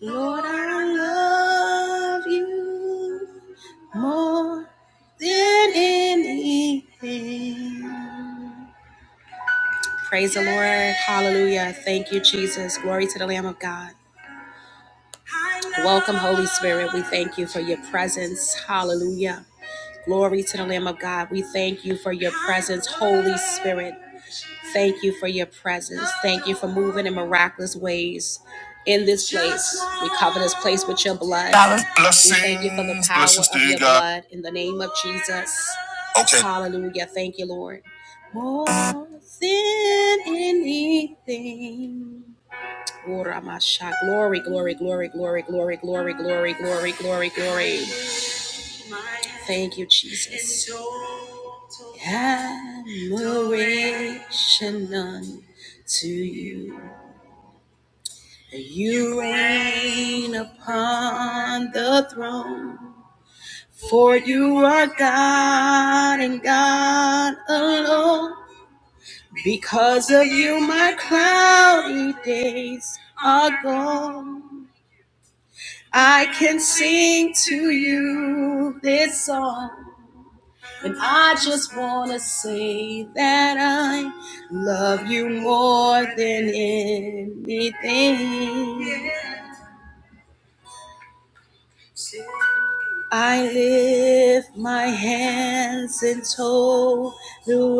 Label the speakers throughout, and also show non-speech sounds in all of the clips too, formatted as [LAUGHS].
Speaker 1: Lord, I love you more than anything. Praise the Lord. Hallelujah. Thank you, Jesus. Glory to the Lamb of God. Welcome, Holy Spirit. We thank you for your presence. Hallelujah. Glory to the Lamb of God. We thank you for your presence, Holy Spirit. Thank you for your presence. Thank you for moving in miraculous ways in this place. We cover this place with your blood. We thank you for the Blessings, power blessings to of you, your God. blood in the name of Jesus. Okay. Hallelujah. Thank you, Lord. More than anything. Ora masha. Glory, glory, glory, glory, glory, glory, glory, glory, glory, glory. Thank you, Jesus. Admiration unto you. You reign upon the throne. For you are God and God alone. Because of you, my cloudy days are gone. I can sing to you this song. And I just want to say that I love you more than anything. I lift my hands in total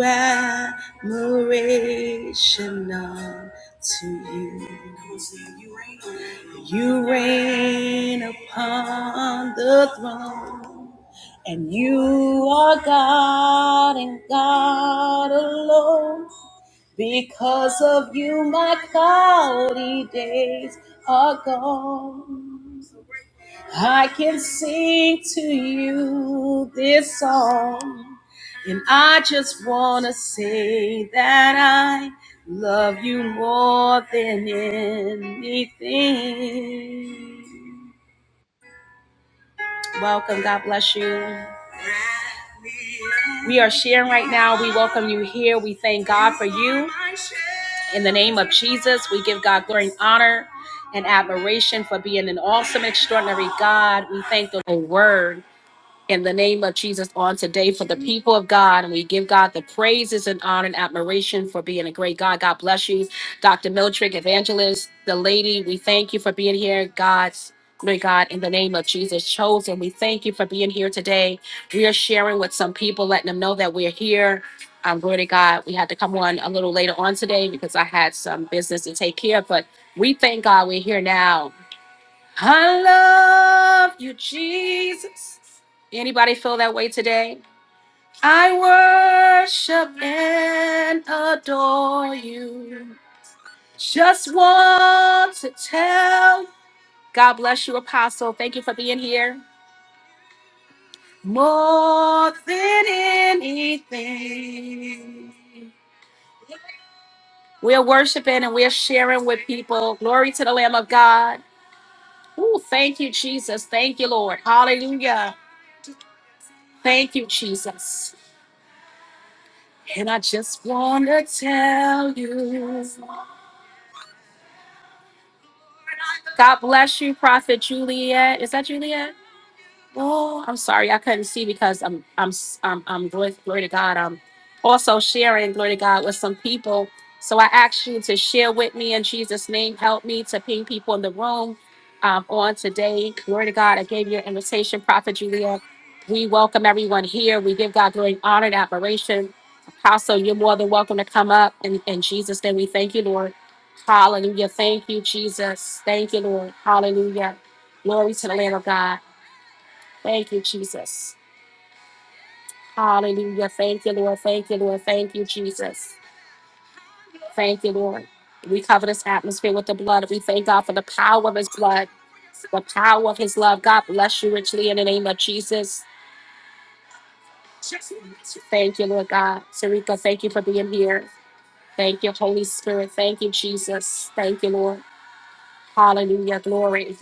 Speaker 1: admiration unto you. You reign upon the throne, and you are God and God alone. Because of you, my cloudy days are gone. I can sing to you this song. And I just want to say that I love you more than anything. Welcome. God bless you. We are sharing right now. We welcome you here. We thank God for you. In the name of Jesus, we give God glory and honor and admiration for being an awesome, extraordinary God. We thank the Lord word in the name of Jesus on today for the people of God. And we give God the praises and honor and admiration for being a great God. God bless you. Dr. Miltrick, evangelist, the lady, we thank you for being here. God's Lord God, in the name of Jesus chosen, we thank you for being here today. We are sharing with some people, letting them know that we're here. Um, glory to God. We had to come on a little later on today because I had some business to take care of, but we thank God we're here now I love you, Jesus. Anybody feel that way today? I worship and adore you. Just want to tell. you, God bless you, Apostle. Thank you for being here. More than anything, we're worshiping and we're sharing with people. Glory to the Lamb of God. Ooh, thank you, Jesus. Thank you, Lord. Hallelujah. Thank you, Jesus. And I just want to tell you. God bless you, Prophet Juliet. Is that Juliet? Oh, I'm sorry, I couldn't see because I'm I'm I'm, I'm glory, glory to God. I'm also sharing glory to God with some people. So I ask you to share with me in Jesus' name. Help me to ping people in the room um, on today. Glory to God. I gave you an invitation, Prophet Julia. We welcome everyone here. We give God glory, honor, and admiration. Apostle, you're more than welcome to come up. And in in Jesus' name, we thank you, Lord. Hallelujah. Thank you, Jesus. Thank you, Lord. Hallelujah. Glory to the Lamb of God. Thank you, Jesus. Hallelujah. Thank you, Lord. Thank you, Lord. Thank you, Jesus. Thank you, Lord. We cover this atmosphere with the blood. We thank God for the power of his blood, the power of his love. God bless you richly in the name of Jesus. Thank you, Lord God. Sarika, thank you for being here. Thank you, Holy Spirit. Thank you, Jesus. Thank you, Lord. Hallelujah. Glory.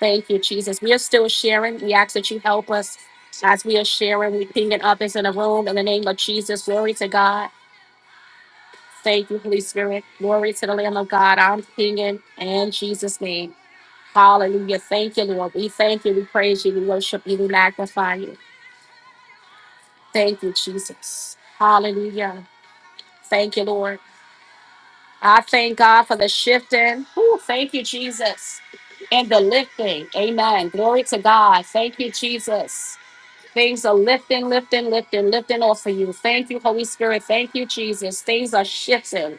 Speaker 1: Thank you, Jesus. We are still sharing. We ask that you help us as we are sharing. We pinging others in the room in the name of Jesus. Glory to God. Thank you, Holy Spirit. Glory to the Lamb of God. I'm singing in Jesus' name. Hallelujah. Thank you, Lord. We thank you. We praise you. We worship you. We magnify you. Thank you, Jesus. Hallelujah. Thank you, Lord. I thank God for the shifting. Ooh, thank you, Jesus. And the lifting. Amen. Glory to God. Thank you, Jesus. Things are lifting, lifting, lifting, lifting off of you. Thank you, Holy Spirit. Thank you, Jesus. Things are shifting.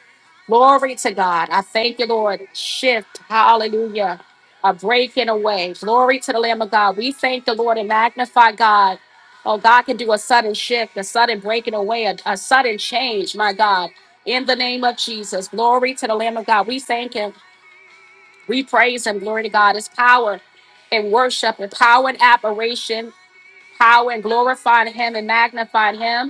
Speaker 1: Glory to God. I thank you, Lord. Shift. Hallelujah. A breaking away. Glory to the Lamb of God. We thank the Lord and magnify God. Oh, God can do a sudden shift, a sudden breaking away, a, a sudden change, my God. In the name of Jesus. Glory to the Lamb of God. We thank Him. We praise Him. Glory to God. His power and worship and power and admiration power and glorified him and magnified him.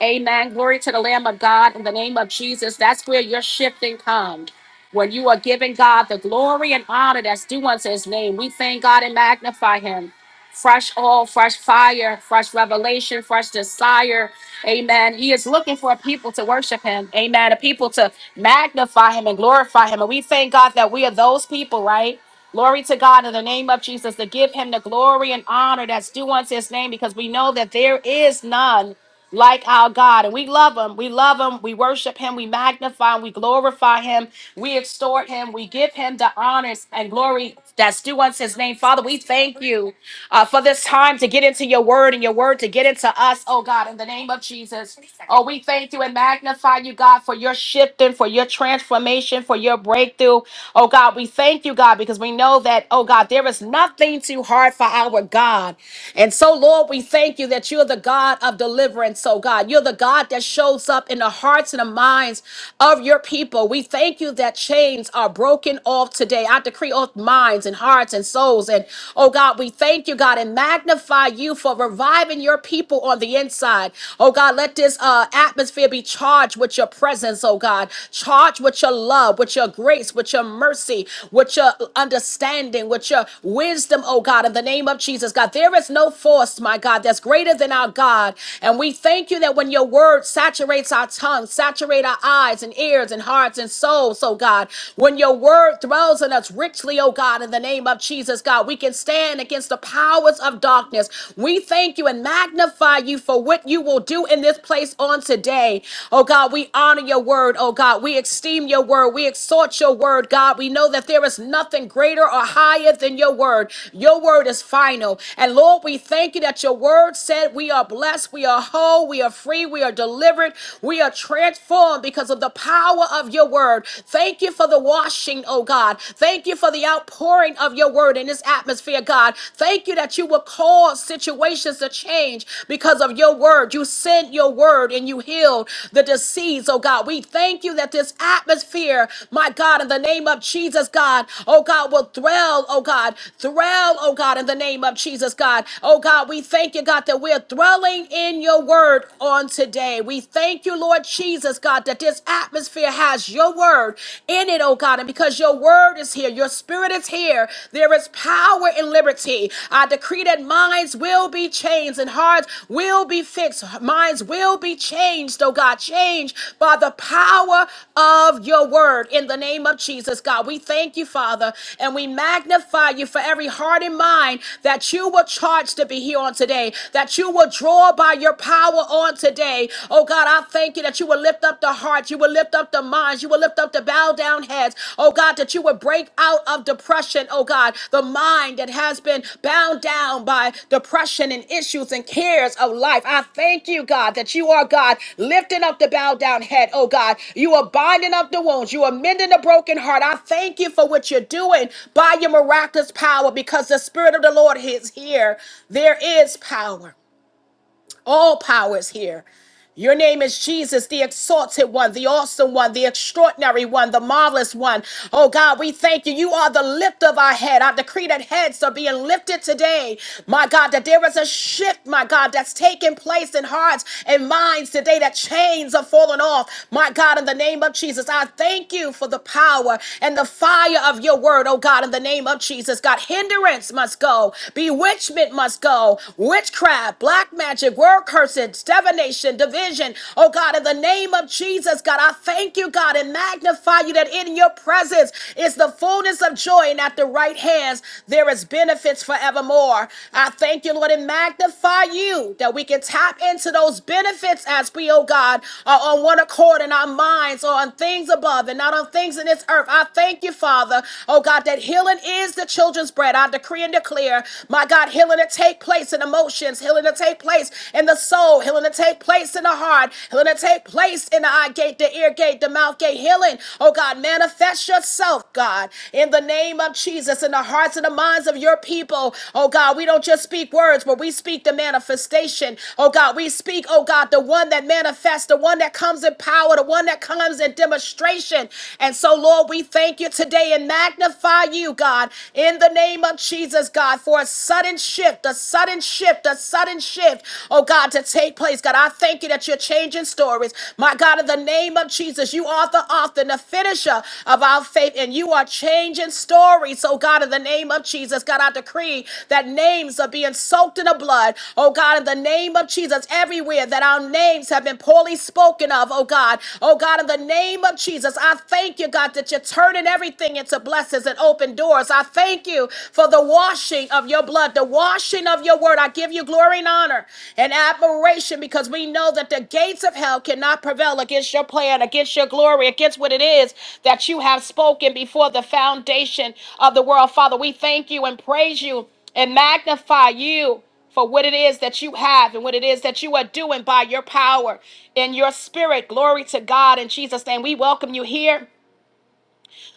Speaker 1: Amen. Glory to the Lamb of God in the name of Jesus. That's where your shifting comes. When you are giving God the glory and honor that's due unto his name, we thank God and magnify him. Fresh oil, fresh fire, fresh revelation, fresh desire. Amen. He is looking for a people to worship him. Amen. A people to magnify him and glorify him. And we thank God that we are those people, right? Glory to God in the name of Jesus to give him the glory and honor that's due unto his name because we know that there is none like our God. And we love him. We love him. We worship him. We magnify him. We glorify him. We extort him. We give him the honors and glory that's due unto his name. Father, we thank you uh, for this time to get into your word and your word to get into us, oh God, in the name of Jesus. Oh, we thank you and magnify you, God, for your shifting, for your transformation, for your breakthrough. Oh God, we thank you, God, because we know that, oh God, there is nothing too hard for our God. And so, Lord, we thank you that you are the God of deliverance deliverance, oh God. You're the God that shows up in the hearts and the minds of your people. We thank you that chains are broken off today. I decree off minds and hearts and souls. And oh God, we thank you, God, and magnify you for reviving your people on the inside. Oh God, let this uh, atmosphere be charged with your presence, oh God. Charged with your love, with your grace, with your mercy, with your understanding, with your wisdom, oh God, in the name of Jesus, God. There is no force, my God, that's greater than our God. And we thank you that when your word saturates our tongues, saturate our eyes and ears and hearts and souls, oh God, when your word dwells in us richly, oh God, in the name of Jesus, God, we can stand against the powers of darkness. We thank you and magnify you for what you will do in this place on today. Oh God, we honor your word, oh God. We esteem your word. We exhort your word, God. We know that there is nothing greater or higher than your word. Your word is final. And Lord, we thank you that your word said we are blessed blessed, we are whole, we are free, we are delivered, we are transformed because of the power of your word. Thank you for the washing, oh God. Thank you for the outpouring of your word in this atmosphere, God. Thank you that you will cause situations to change because of your word. You sent your word and you healed the disease, oh God. We thank you that this atmosphere, my God, in the name of Jesus, God, oh God, will thrill, oh God, thrill, oh God, in the name of Jesus, God. Oh God, we thank you, God, that we're thrilled dwelling in your word on today. We thank you, Lord Jesus, God, that this atmosphere has your word in it, oh God. And because your word is here, your spirit is here, there is power and liberty. I decree that minds will be changed and hearts will be fixed. Minds will be changed, oh God, changed by the power of your word in the name of Jesus, God. We thank you, Father, and we magnify you for every heart and mind that you will charge to be here on today, that you will will draw by your power on today. Oh God, I thank you that you will lift up the hearts, you will lift up the minds, you will lift up the bow down heads. Oh God, that you will break out of depression. Oh God, the mind that has been bound down by depression and issues and cares of life. I thank you, God, that you are God lifting up the bow down head. Oh God, you are binding up the wounds, you are mending the broken heart. I thank you for what you're doing by your miraculous power because the Spirit of the Lord is here. There is power. All power is here. Your name is Jesus, the exalted one, the awesome one, the extraordinary one, the marvelous one. Oh God, we thank you. You are the lift of our head. I decree that heads are being lifted today. My God, that there is a shift, my God, that's taking place in hearts and minds today, that chains are falling off. My God, in the name of Jesus, I thank you for the power and the fire of your word, oh God, in the name of Jesus. God, hindrance must go, bewitchment must go, witchcraft, black magic magic, word curses, divination, division. Oh God, in the name of Jesus, God, I thank you, God, and magnify you that in your presence is the fullness of joy, and at the right hands there is benefits forevermore. I thank you, Lord, and magnify you that we can tap into those benefits as we, oh God, are on one accord in our minds or on things above and not on things in this earth. I thank you, Father, oh God, that healing is the children's bread. I decree and declare, my God, healing is Healing to take place in emotions, healing to take place in the soul, healing to take place in the heart, healing to take place in the eye gate, the ear gate, the mouth gate. Healing, oh God, manifest yourself, God, in the name of Jesus, in the hearts and the minds of your people. Oh God, we don't just speak words, but we speak the manifestation. Oh God, we speak, oh God, the one that manifests, the one that comes in power, the one that comes in demonstration. And so, Lord, we thank you today and magnify you, God, in the name name of Jesus, God, for a sudden shift, a sudden shift, a sudden shift, oh God, to take place. God, I thank you that you're changing stories. My God, in the name of Jesus, you are the author and the finisher of our faith, and you are changing stories. So, God, in the name of Jesus, God, I decree that names are being soaked in the blood. Oh God, in the name of Jesus, everywhere that our names have been poorly spoken of, oh God, oh God, in the name of Jesus, I thank you, God, that you're turning everything into blessing blessings and open doors. I thank you for the washing of your blood, the washing of your word. I give you glory and honor and admiration because we know that the gates of hell cannot prevail against your plan, against your glory, against what it is that you have spoken before the foundation of the world. Father, we thank you and praise you and magnify you for what it is that you have and what it is that you are doing by your power and your spirit. Glory to God in Jesus' name. We welcome you here.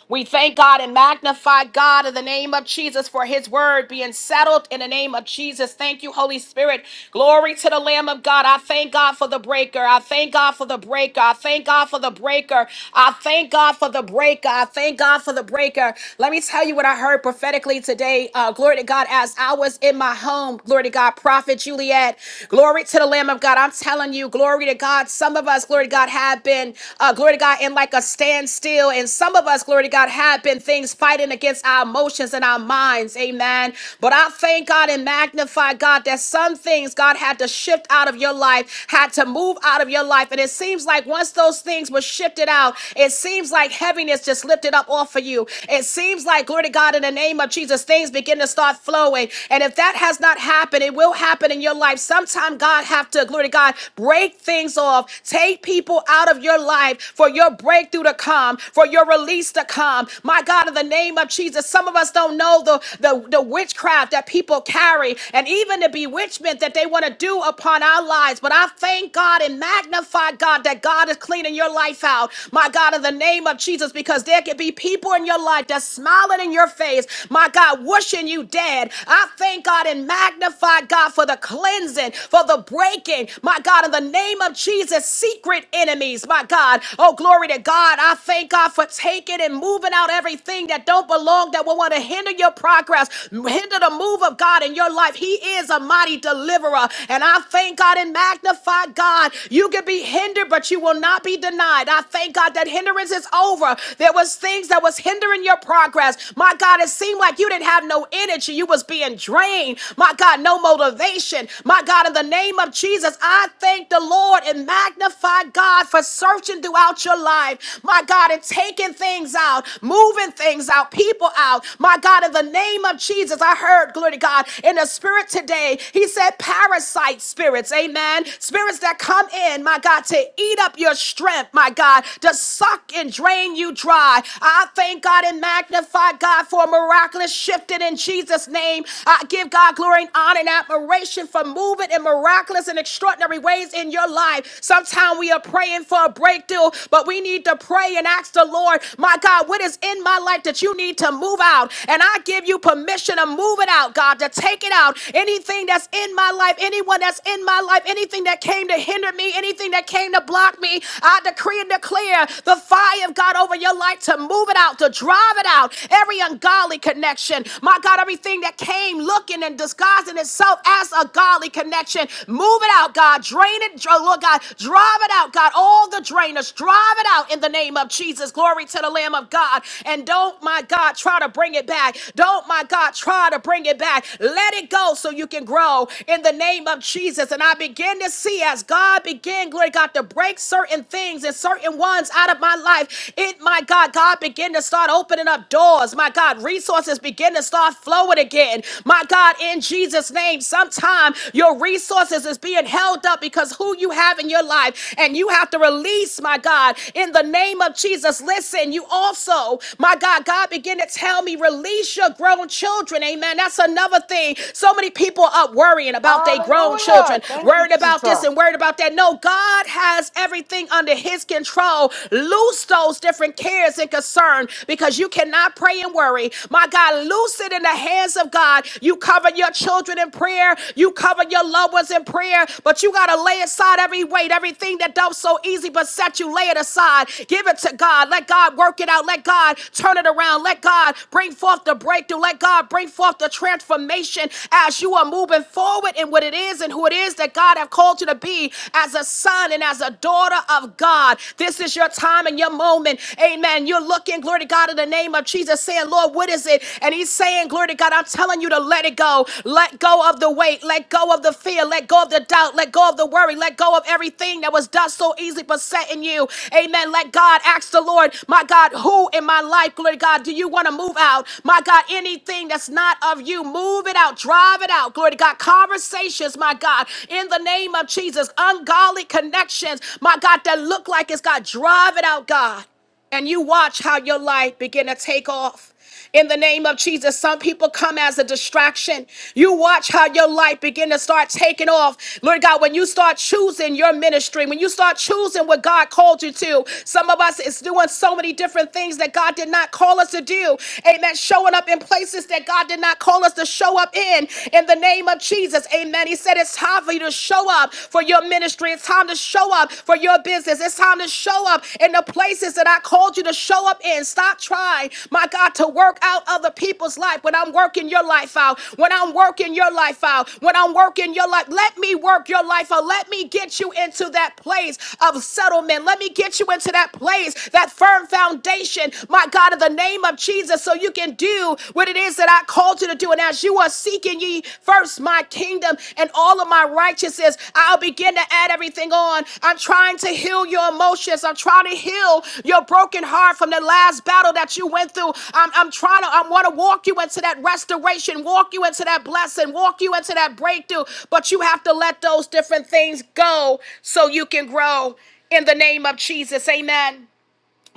Speaker 1: We thank God and magnify God in the name of Jesus for his word being settled in the name of Jesus. Thank you, Holy Spirit. Glory to the Lamb of God. I thank God for the breaker. I thank God for the breaker. I thank God for the breaker. I thank God for the breaker. I thank God for the breaker. Let me tell you what I heard prophetically today. Uh, glory to God. As I was in my home, glory to God, Prophet Juliet. Glory to the Lamb of God. I'm telling you, glory to God. Some of us, glory to God,
Speaker 2: Hallelujah.
Speaker 1: have been, uh, glory to God, in like a stand stand still. And some of us, glory to God, have been things fighting against our emotions and our minds. Amen. But I thank God and magnify God that some things God had to shift out of your life, had to move out of your life. And it seems like once those things were shifted out, it seems like heaviness just lifted up off of you. It seems like, glory to God, in the name of Jesus, things begin to start flowing. And if that has not happened, it will happen in your life. Sometime God have to, glory to God, break things off, take people out of your your life, for your breakthrough to come, for your release to come. My God, in the name of Jesus, some of us don't know the, the, the witchcraft that people carry and even the bewitchment that they want to do upon our lives. But I thank God and magnify God that God is cleaning your life out. My God, in the name of Jesus, because there could be people in your life that's smiling in your face. My God, wishing you dead. I thank God and magnify God for the cleansing, for the breaking. My God, in the name of Jesus enemies as secret enemies, my God. Oh, glory to God. I thank God for taking and moving out everything that don't belong, that will want to hinder your progress, hinder the move of God in your life. He is a mighty deliverer. And I thank God and magnify God. You can be hindered, but you will not be denied. I thank God that hindrance is over. There was things that was hindering your progress. My God, it seemed like you didn't have no energy. You was being drained. My God, no motivation. My God, in the name of Jesus, Jesus, I thank the Lord and magnify God for searching throughout your life, my God, and taking things out, moving things out, people out, my God, in the name of Jesus. I heard, glory to God, in the spirit today, He said, parasite spirits, amen. Spirits that come in, my God, to eat up your strength, my God, to suck and drain you dry. I thank God and magnify God for a miraculous shifting in Jesus' name. I give God glory and honor and admiration for for moving in miraculous and extraordinary ways in your life. Sometimes we are praying for a breakthrough, but we need to pray and ask the Lord, my God, what is in my life that you need to move out? And I give you permission to move it out, God, to take it out. Anything that's in my life, anyone that's in my life, anything that came to hinder me, anything that came to block me, I decree and declare the fire of God over your life to move it out, to drive it out. Every ungodly connection, my God, everything that came looking and Jesus. God's in itself as a godly connection. Move it out, God. Drain it. Oh, Lord God, drive it out, God. All the drainers, drive it out in the name of Jesus. Glory to the Lamb of God. And don't, my God, try to bring it back. Don't, my God, try to bring it back. Let it go so you can grow in the name of Jesus. And I begin to see as God began, glory to God, to break certain things and certain ones out of my life. It, my God, God began to start opening up doors. My God, resources begin to start flowing forward again. My God, in Jesus' name, sometime your resources is being held up because who you have in your life, and you have to release, my God, in the name of Jesus. Listen, you also, my God, God began to tell me, release your grown children. Amen. That's another thing. So many people are worrying about their grown
Speaker 2: Hallelujah.
Speaker 1: children,
Speaker 2: Thank you,
Speaker 1: worried about this
Speaker 2: Jesus.
Speaker 1: and worried about that. No, God has everything under his control. Loose those different cares and concern because you cannot pray and worry territory. My God, loose it in the hands of God. You cover your children in prayer, you cover your loved ones in prayer, but you got to lay aside every weight, everything that don't so easy beset you. Lay it aside, give it to God. Let God work it out. Let God turn it around. Let God bring forth the breakthrough. Let God bring forth the transformation as you are moving forward in what it is and who it is that God have called you to be as a son and as a daughter of God. This is your time and your moment. Amen. You're looking, glory to God. God, in the name of Jesus, saying, Lord, what is it? And he's saying, Glory to God, I'm telling you to let it go. Let go of the weight. Let go of the fear. Let go of the doubt. Let go of the worry. Let go of everything that was done so easily besetting you. Amen. Let God ask the Lord, my God, who in my life, glory to God, do you want to move out? My God, anything that's not of you, move it out. Drive it out. Glory to God. Conversations, my God, in the name of Jesus. Ungodly connections, my God, that look like it's God. Drive it out, God and you watch how your light begin to take off. In the name of Jesus, some people come as a distraction. You watch how your light begin to start taking off. Lord God, when you start choosing your ministry, when you start choosing what God called you to, some of us is doing so many different things that God did not call us to do. Amen. Showing up in places that God did not call us to show up in. In the name of Jesus. Amen. He said it's time for you to show up up for your ministry. It's time to show up for your business. It's time to show up in the places that I called you to show up in. Stop trying, my God, to work out other people's life when I'm working your life out. When I'm working your life out. When I'm working your life. Let me work your life out. Let me get you into that place of settlement. Let me get you into that place, that firm foundation, my God, in the name of Jesus, so you can do what it is that God called you to do. And as you are seeking ye first my kingdom and all of my righteousness, I'll begin to add everything on. I'm trying to heal your emotions. I'm trying to heal your broken heart from the last battle that you went through. I'm, I'm trying to, I want to walk you into that restoration, walk you into that blessing, walk you into that breakthrough. But you have to let those different things go so you can grow in the name of Jesus. Amen.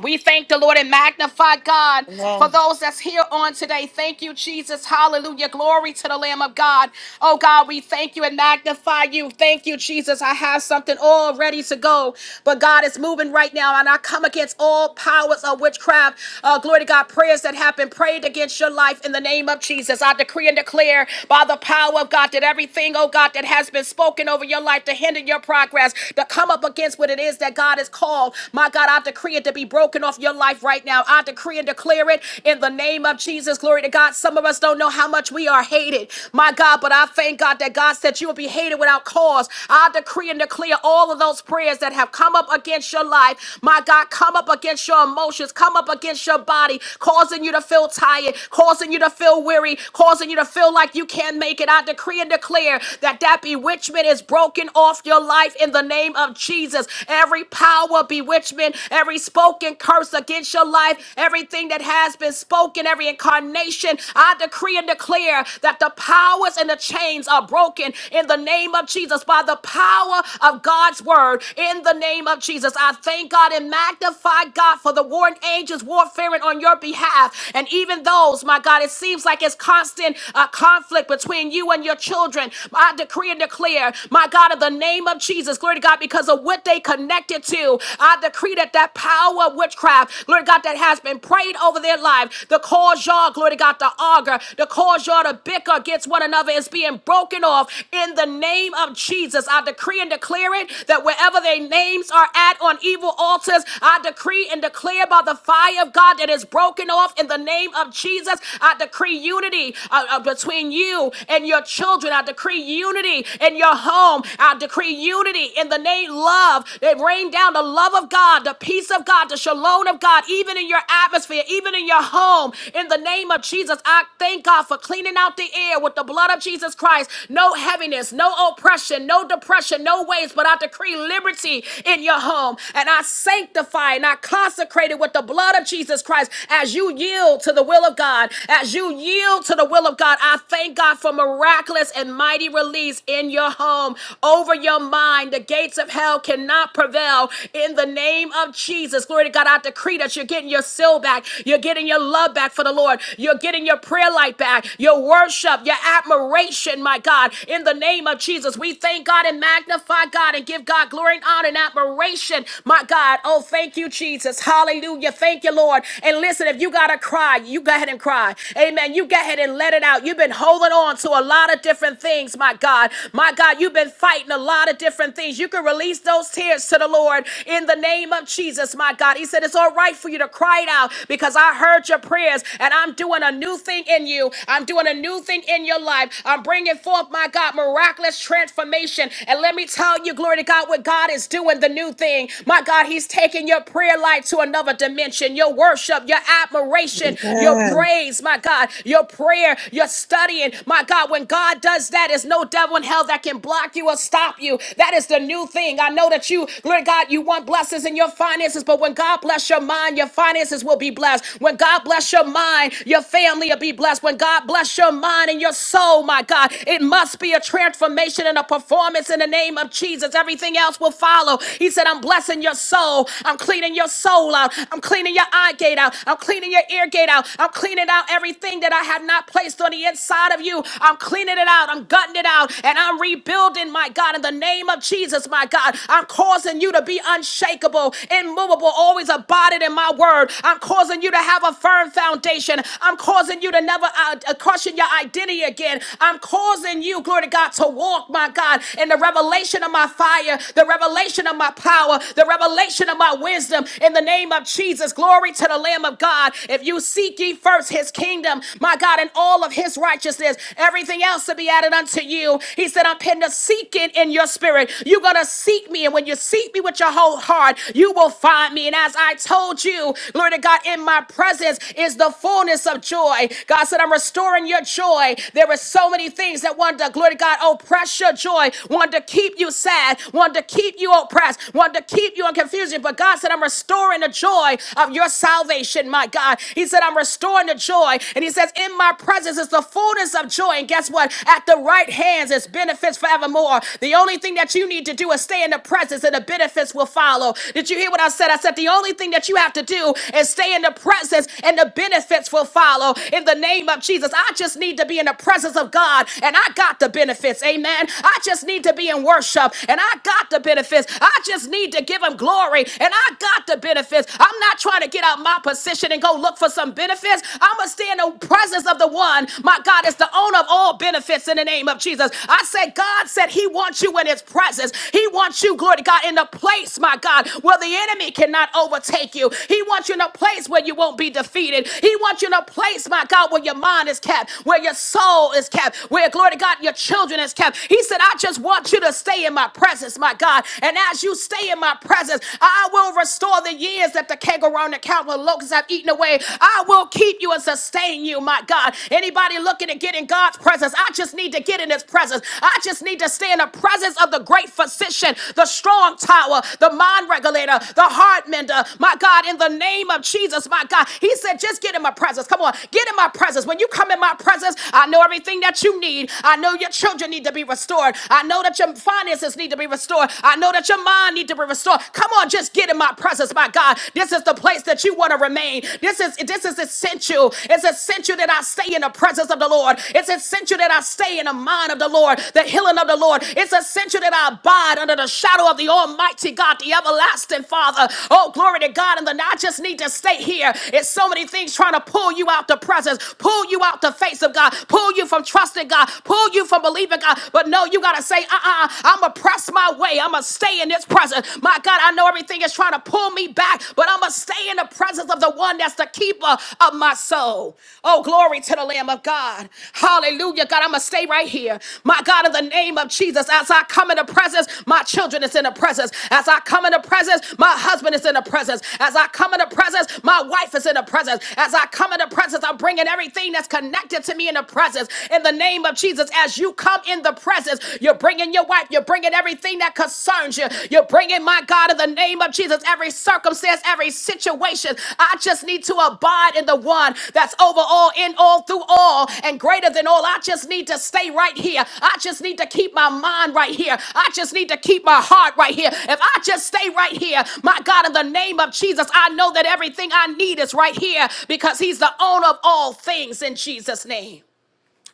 Speaker 1: We thank the Lord and magnify God for
Speaker 2: Amen.
Speaker 1: those that's here on today. Thank you, Jesus. Hallelujah. Glory to the Lamb of God. Oh, God, we thank you and magnify you. Thank you, Jesus. I have something all ready to go, but God is moving right now, and I come against all powers of witchcraft. Uh, glory to God, prayers that have been prayed against your life in the name of Jesus. I decree and declare by the power of God that everything, oh God, that has been spoken over your life to hinder your progress, to come up against what it is that God has called now. My God, I decree it to be broken off your life right now. I decree and declare it in the name of Jesus. Glory to God. Some of us don't know how much we are hated. My God, but I thank God that God said you will be hated without cause. I decree and declare all of those prayers that have come up against your life. My God, come up against your emotions, come up against your body, causing you to feel tired, causing you to feel weary, causing you to feel like you can't make it. I decree and declare that that bewitchment is broken off your life in the name of Jesus. Jesus. Every power, bewitchment, every spoken curse against your life, everything that has been spoken, every incarnation, I decree and declare that the powers and the chains are broken in the name of Jesus by the power of God's word. In the name of Jesus, I thank God and magnify God for the warring angels warfaring on your behalf. And even those, my God, it seems like it's constant uh, conflict between you and your children. I decree and declare, my God, in the name of of Jesus, glory to God, because of what they connected to. I decree that that power of witchcraft, glory to God, that has been prayed over their life, the cause y'all, glory to God, to auger, the cause y'all to bicker against one another is being broken off in the name of Jesus. I decree and declare it that wherever their names are at on evil altars, I decree and declare by the fire of God that is broken off in the name of Jesus. I decree unity uh, uh, between you and your children. I decree unity in your in your home. I decree unity in the name love. They rain down the love of God, the peace of God, the shalom of God, even in your atmosphere, even in your home. In the name of Jesus, I thank God for cleaning out the air with the blood of Jesus Christ. No heaviness, no oppression, no depression, no waste, but I decree liberty in your home. And I sanctify and I consecrate it with the blood of Jesus Christ as you yield to the will of God. As you yield to the will of God, I thank God for miraculous purpose and mighty release in your home, over your mind. The gates of hell cannot prevail in the name of Jesus. Glory to God. I decree that you're getting your soul back. You're getting your love back for the Lord. You're getting your prayer life back, your worship, your admiration, my God. In the name of Jesus, we thank God and magnify God and give God glory and honor and admiration, my God. Oh, thank you, Jesus. Hallelujah. Thank you, Lord. And listen, if you got to cry, you go ahead and cry. Amen. You go ahead and let it out. You've been been holding on to a lot of different things, my God. My God, you've been fighting a lot of different things. You can release those tears to the Lord in the name of Jesus, my God. He said, It's all right for you to cry it out because I heard your prayers and I'm doing a new thing in you. I'm doing a new thing in your life. I'm bringing forth, my God, miraculous transformation. And let me tell you, glory to God, what God is doing the new thing. My God, He's taking your prayer life to another dimension, your worship, your admiration, your
Speaker 3: Amen.
Speaker 1: praise, my God your prayer, your studying. My God, when God does that, there's no devil in hell that can block you or stop you. That is the new thing. I know that you, Lord God, you want blessings in your finances, but when God bless your mind, your finances will be blessed. When God bless your mind, your family will be blessed. When God bless your mind and your soul, my God, it must be a transformation and a performance in the name of Jesus. Everything else will follow. He said, I'm blessing your soul. I'm cleaning your soul out. I'm cleaning your eye gate out. I'm cleaning your ear gate out out. I'm cleaning out everything that I have not placed on the inside of you. I'm cleaning it out. I'm gutting it out. And I'm rebuilding, my God, in the name of Jesus, my God. I'm causing you to be unshakable, immovable, always abiding in my word. I'm causing you to have a firm foundation. I'm causing you to never uh, uh, question your identity again. I'm causing you, glory to God, to walk, my God, in the revelation of my fire, the revelation of my power, the revelation of my wisdom in the name of Jesus. Glory to the the Lamb of God. If you seek ye first his kingdom, my God, and all of his righteousness, everything else to be added unto you. He said, I'm putting a seeking in your spirit. You're going to seek me. And when you seek me with your whole heart, you will find me. And as I told you, glory to God, in my presence is the fullness of joy. God said, I'm restoring your joy. There are so many things that want to, glory to God, oppress your joy, want to keep you sad, want to keep you oppressed, want to keep you in confusion. But God said, I'm restoring restoring the joy of your salvation, my God. He said, I'm restoring the joy. And he says, In my presence is the fullness of joy. And guess what? At the right hands is benefits forevermore. The only thing that you need to do is stay in the presence and the benefits will follow. Did you hear what I said? I said, The only thing that you have to do is stay in the presence and the benefits will follow. In the name of Jesus, I just need to be in the presence of God and I got the benefits. Amen. I just need to be in worship and I got the benefits. I just need to give him glory glory and I got the benefits. I'm not trying to get out my position and go look for some benefits. I'm going to stay in the presence of the one. My God is the owner of all benefits in the name of Jesus. I said, God said he wants you in his presence. He wants you, glory to God, in the place, my God, where the enemy cannot overtake you. He wants you in a place where you won't be defeated. He wants you in a place, my God, where your mind is kept, where your soul is kept, where, glory to God, your children is kept. He said, I just want you to stay in my presence, my God. And as you stay in my presence, I will restore the years that the kangaroo and the cow and locusts have eaten away. I will keep you and sustain you, my God. Anybody looking to get in God's presence, I just need to get in his presence. I just need to stay in the presence of the great physician, the strong tower, the mind regulator, the heart mender. My God, in the name of Jesus, my God, he said, just get in my presence. Come on, get in my presence. When you come in my presence, I know everything that you need. I know your children need to be restored. I know that your finances finances need to be restored. I know that your mind need to be restored. Come on, just get in my presence, my God. This is the place that you want to remain. This is this is essential. It's essential that I stay in the presence of the Lord. It's essential that I stay in the mind of the Lord, the healing of the Lord. It's essential that I abide under the shadow of the Almighty God, the everlasting Father. Oh, glory to God. And then I just need to stay here. It's so many things trying to pull you out the presence, pull you out the face of God, pull you from trusting God, pull you from believing God. But but no, you got to say, uh uh i am going to press my way. I'm going to stay in this presence. My God, I know everything is trying to pull me back, but I'm going to stay in the presence of the one that's the keeper of my soul. Oh, glory to the Lamb of God. Hallelujah. God, I'm going to stay right here. My God, in the name of Jesus, as I come in the presence, my children is in the presence. As I come in the presence, my husband is in the presence. As I come in the presence, my wife is in the presence. As I come in the presence, I'm bringing everything that's connected to me in the presence. In the name of Jesus. Jesus, as you come in the presence, you're bringing your wife, you're bringing everything that concerns you. You're bringing, my God, in the name of Jesus, every circumstance, every situation. I just need to abide in the one that's over all, in all, through all, and greater than all. I just need to stay right here. I just need to keep my mind right here. I just need to keep my heart right here. If I just stay right here, my God, in the name of Jesus, I know that everything I need is right here because He's the owner of all things in Jesus' name.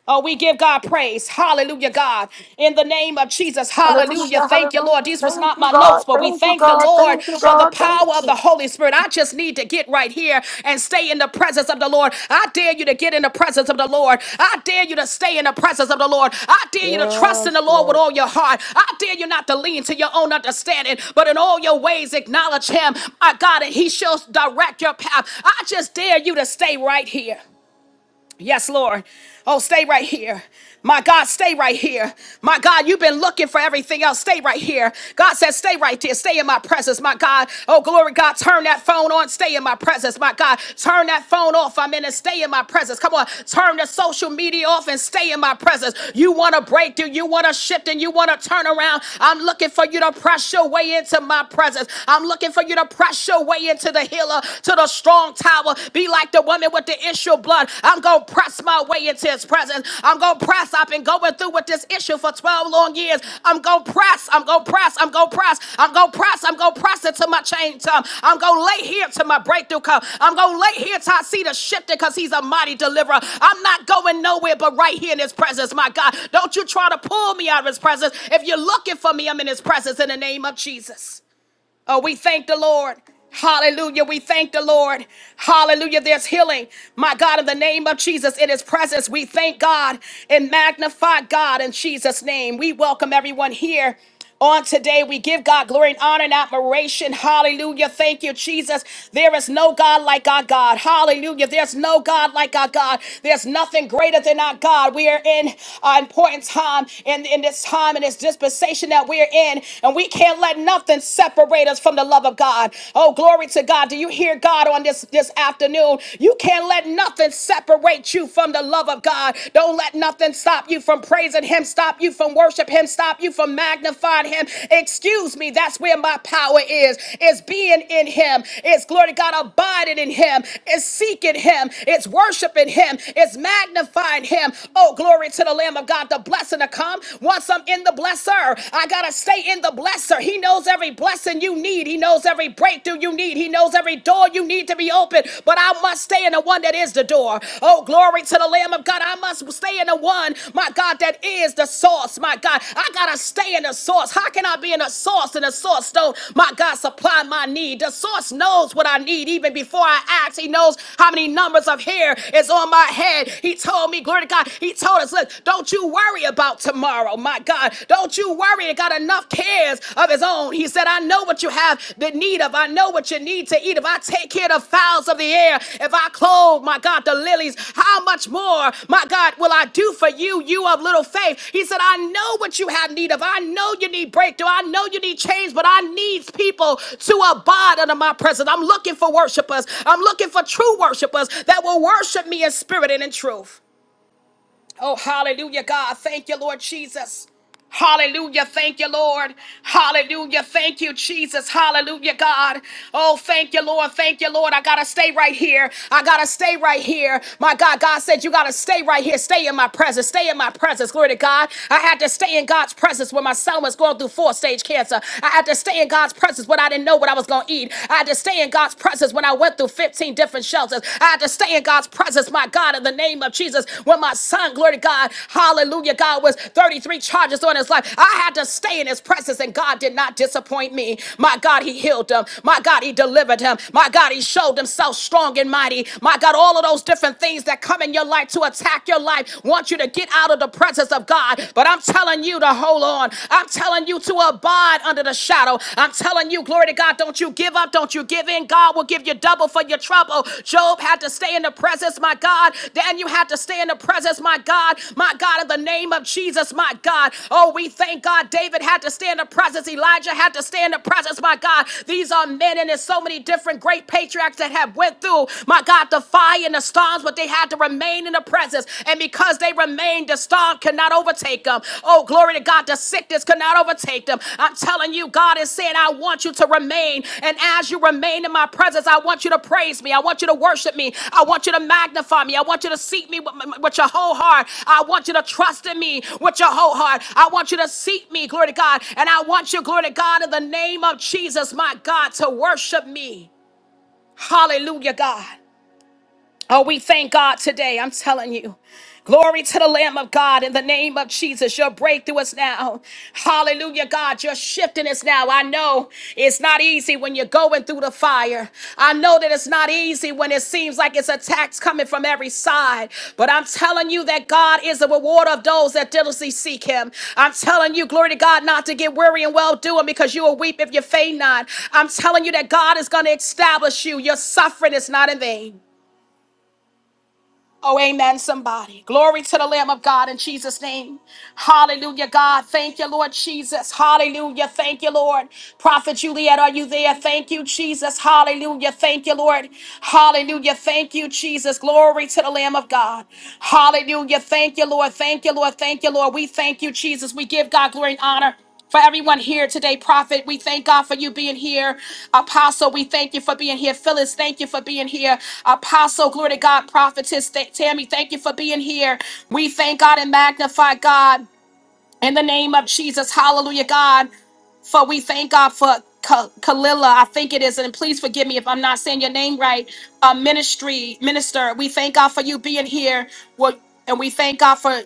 Speaker 1: Oh, we give God praise. Hallelujah, God. In the name of Jesus. Hallelujah.
Speaker 2: Hallelujah.
Speaker 1: Thank you, Lord.
Speaker 2: Hallelujah.
Speaker 1: These was
Speaker 2: Thank
Speaker 1: not
Speaker 2: you,
Speaker 1: my
Speaker 2: God.
Speaker 1: notes, but we
Speaker 2: Thank you,
Speaker 1: thank the
Speaker 2: God.
Speaker 1: Lord
Speaker 2: Thank you,
Speaker 1: for the
Speaker 2: God. Thank
Speaker 1: power of the
Speaker 2: you.
Speaker 1: Holy Spirit. I just need to get right here and stay in the presence of the Lord. I dare you to get in the presence of the Lord. I dare you to stay in the presence of the Lord. I dare you to trust in the
Speaker 3: Yes,
Speaker 1: Lord with
Speaker 3: Lord.
Speaker 1: all your heart. I dare you not to lean to your own understanding, but in all your ways acknowledge him, my God, and he shall direct your path. I just dare you to stay right here. Yes, Lord. Oh, stay right here. My God, stay right here. My God, you've been looking for everything else. Stay right here. God says, stay right there. Stay in my presence, my God. Oh, glory, God, turn that phone on. Stay in my presence, my God. Turn that phone off. I'm in it. Stay in my presence. Come on. Turn the social media off and stay in my presence. You want to break through. You want to shift and you want to turn around. I'm looking for you to press your way into my presence. I'm looking for you to press your way into the healer, to the build a strong tower. Be like the woman with the issue of blood. I'm going to press my way into his presence. I'm going to press. I've been going through with this issue for 12 long years. I'm going to press. I'm going to press. I'm going to press. I'm going to press. I'm going to press into my change time. I'm going to lay here till my breakthrough come. I'm going to lay here till I see the shifting because he's a mighty deliverer. I'm not going nowhere but right here in his presence, my God. Don't you try to pull me out of his presence. If you're looking for me, I'm in his presence in the name of Jesus. Oh, we thank the Lord. Hallelujah. We thank the Lord. Hallelujah. There's healing. My God, in the name of Jesus, in his presence, we thank God and magnify God in Jesus' name. We welcome everyone here. On today, we give God glory and honor and admiration. Hallelujah. Thank you, Jesus. There is no God like our God. Hallelujah. There's no God like our God. There's nothing greater than our God. We are in an important time in, in this time, in this dispensation that we're in and we can't let nothing separate us from the love of God. Oh, glory to God. Do you hear God on this this afternoon? You can't let nothing separate you from the love of God. Don't let nothing stop you from praising him, stop you from worship him, stop you from magnifying him. Excuse me, that's where my power is. It's being in him. It's glory to God abiding in him. It's seeking him. It's worshiping him. It's magnifying him. Oh, glory to the Lamb of God. The blessing to come. Once I'm in in the blesser. I got to stay in the blesser. He knows every blessing you need. He knows every breakthrough you need. He knows every door you need to be open. But I must stay in the one that is the door. Oh, glory to the Lamb of God. I must stay in the one, my God, that is the source, my God. I got to stay in the source. How can I be in the source and the source don't, my God, supply my need? The source knows what I need even before I ask. He knows how many numbers of hair is on my head. He told me, glory to God, He told us, look, don't don't you worry about tomorrow, my God. Don't you worry. He got enough cares of his own. He said, I know what you have the need of. I know what you need to eat. If I take care of the fowls of the air, if I clothe, my God, the lilies, how much more, my God, will I do for you, you of little faith? He said, I know what you have need of. I know you need breakthrough. I know you need change, but I need people to abide under my presence. I'm looking for worshipers. I'm looking for true worshipers that will worship me in spirit and in truth. Oh, hallelujah, God. Thank you, Lord Jesus. Hallelujah. Thank you, Lord. Hallelujah. Thank you, Jesus. Hallelujah, God. Oh, thank you, Lord. Thank you, Lord. I got to stay right here. I got to stay right here. My God, God said, You got to stay right here. Stay in my presence. Stay in my presence. Glory to God. I had to stay in God's presence when my son was going through four stage cancer. I had to stay in God's presence when I didn't know what I was going to eat. I had to stay in God's presence when I went through 15 different shelters. I had to stay in in God's presence, my God, in the name of Jesus. When my son, glory to God, hallelujah, God was 33 charges on his life. I had to stay in his presence, and God did not disappoint me. My God, he healed him. My God, he delivered him. My God, he showed himself strong and mighty. My God, all of those different things that come in your life to attack your life want you to get out of the presence of God. But I'm telling you to hold on. I'm telling you to abide under the shadow battle. I'm telling you, glory to God, don't you give up, don't you give in. God will give you double for your trouble. Job had to stay in the presence, my God. Daniel had to stay in the presence, my God. My God, in the name of Jesus, my God. Oh, we thank God. David had to stay in the presence. Elijah had to stay in the presence, my God. These are men, and there's so many different great patriarchs that have went through, my God, the fire and the storms, but they had to remain in the presence. And because they they remained. The storm could not overtake them. Oh, glory to God. The sickness could not overtake them. I'm telling you, God is saying, I want you to remain. And as you remain in my presence, I want you to praise me. I want you to worship me. I want you to magnify me. I want you to seek me with, with your whole heart. I want you to trust in me with your whole heart. I want you to seek me, glory to God. And I want you, glory to God, in the name of Jesus, my God, to worship me. Hallelujah, God. Oh, we thank God today. I'm telling you. Glory to the Lamb of God in the name of Jesus. Your breakthrough is now. Hallelujah, God. Your shifting is now. I know it's not easy when you're going through the fire. I know that it's not easy when it seems like it's attacks coming from every side. But I'm telling you that God is the rewarder of those that diligently seek Him. I'm telling you, glory to God, not to get weary and well doing because you will weep if you faint not. I'm telling you that God is going to establish you. Your suffering is not in vain. Oh, amen, somebody. Glory to the Lamb of God in Jesus' name. Hallelujah, God. Thank you, Lord Jesus. Hallelujah. Thank you, Lord. Prophet Juliet, are you there? Thank you, Jesus. Hallelujah. Thank you, Lord. Hallelujah. Thank you, Jesus. Glory to the Lamb of God. Hallelujah. Thank you, Lord. Thank you, Lord. Thank you, Lord. We thank you, Jesus. We give God glory and honor for everyone here today, Prophet. We thank God for you being here. Apostle, we thank you for being here. Phyllis, thank you for being here. Apostle, glory to God. Prophetess Th- Tammy, thank you for being here. We thank God and magnify God in the name of Jesus. Hallelujah, God. For we thank God for Ka- Kalila, I think it is, and please forgive me if I'm not saying your name right. Uh, ministry, minister, we thank God for you being here. Well, and we thank God for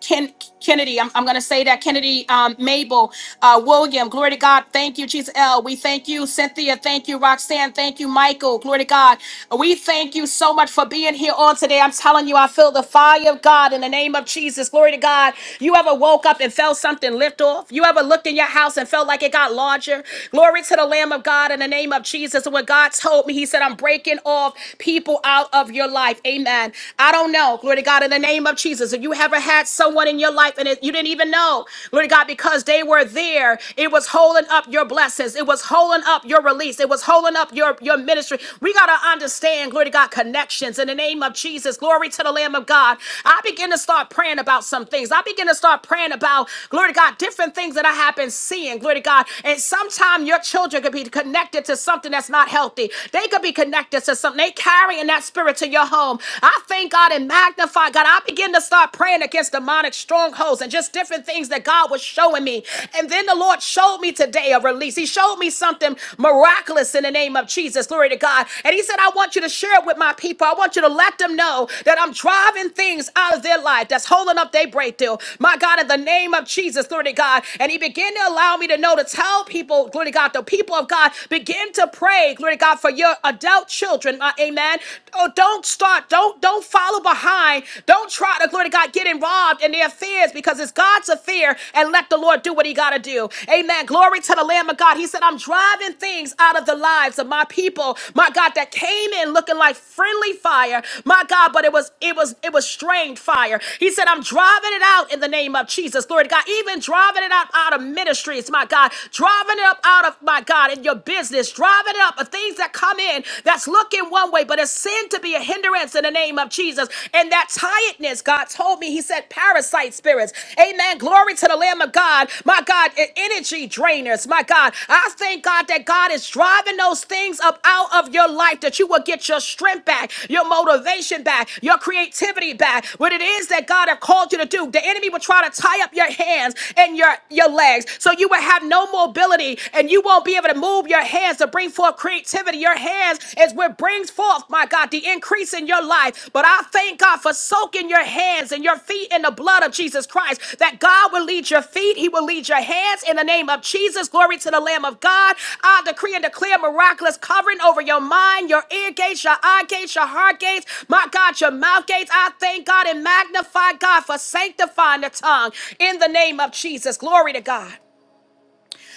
Speaker 1: Ken, Kennedy, I'm, I'm going to say that Kennedy, um, Mabel, uh, William, glory to God. Thank you, Jesus. L. We thank you, Cynthia. Thank you, Roxanne. Thank you, Michael. Glory to God. We thank you so much for being here on today. I'm telling you, I feel the fire of God in the name of Jesus. Glory to God. You ever woke up and felt something lift off? You ever looked in your house and felt like it got larger? Glory to the Lamb of God in the name of Jesus. And what God told me, He said, I'm breaking off people out of your life. Amen. I don't know. Glory to God. God, in the name of Jesus. If you ever had someone in your life and it, you didn't even know, Lord God, because they were there, it was holding up your blessings. It was holding up your release. It was holding up your, your ministry. We got to understand, glory to God, connections in the name of Jesus. Glory to the Lamb of God. I begin to start praying about some things. I begin to start praying about, glory to God, different things that I have been seeing, glory to God. And sometimes your children could be connected to something that's not healthy. They could be connected to something. They carrying that spirit to your home home. I thank God and magnify God. I begin to start praying against demonic strongholds and just different things that God was showing me. And then the Lord showed me today a release. He showed me something miraculous in the name of Jesus. Glory to God. And He said, I want you to share it with my people. I want you to let them know that I'm driving things out of their life that's holding up their breakthrough. My God, in the name of Jesus, glory to God. And He began to allow me to know to tell people, glory to God, the people of God, begin to pray, glory to God, for your adult children children. Uh, amen. Oh, don't start. Don't don't follow behind. Don't try to glory to God get involved in their affairs because it's God's affair and let the Lord do what He got to do. Amen. Glory to the Lamb of God. He said, "I'm driving things out of the lives of my people." My God, that came in looking like friendly fire. My God, but it was it was it was strained fire. He said, "I'm driving it out in the name of Jesus." Glory to God. Even driving it out out of ministries. My God, driving it up out of my God in your business. Driving giving up of things that come in that's looking one way, but it's sin to be a hindrance in the name of Jesus. And that tiredness, God told me, He said, parasite spirits. Amen. Glory to the Lamb of God. My God, e- energy drainers. My God, I thank God that God is driving those things up out of your life that you will get your strength back, your motivation back, your creativity back. What it is that God have called you to do, the enemy will try to tie up your hands and your, your legs so you will have no mobility and and you won't be able to move your hands to bring forth creativity. Your hands is what brings forth, my God, the increase in your life. But I thank God for soaking your hands and your feet in the blood of Jesus Christ, that God will lead your feet, He will lead your hands in the name of Jesus. Glory to the Lamb of God. I decree and declare miraculous covering over your mind, your ear gates, your eye gates, your heart gates, my God, your mouth gates. I thank God and magnify God for sanctifying the tongue in the name of Jesus. Glory to God.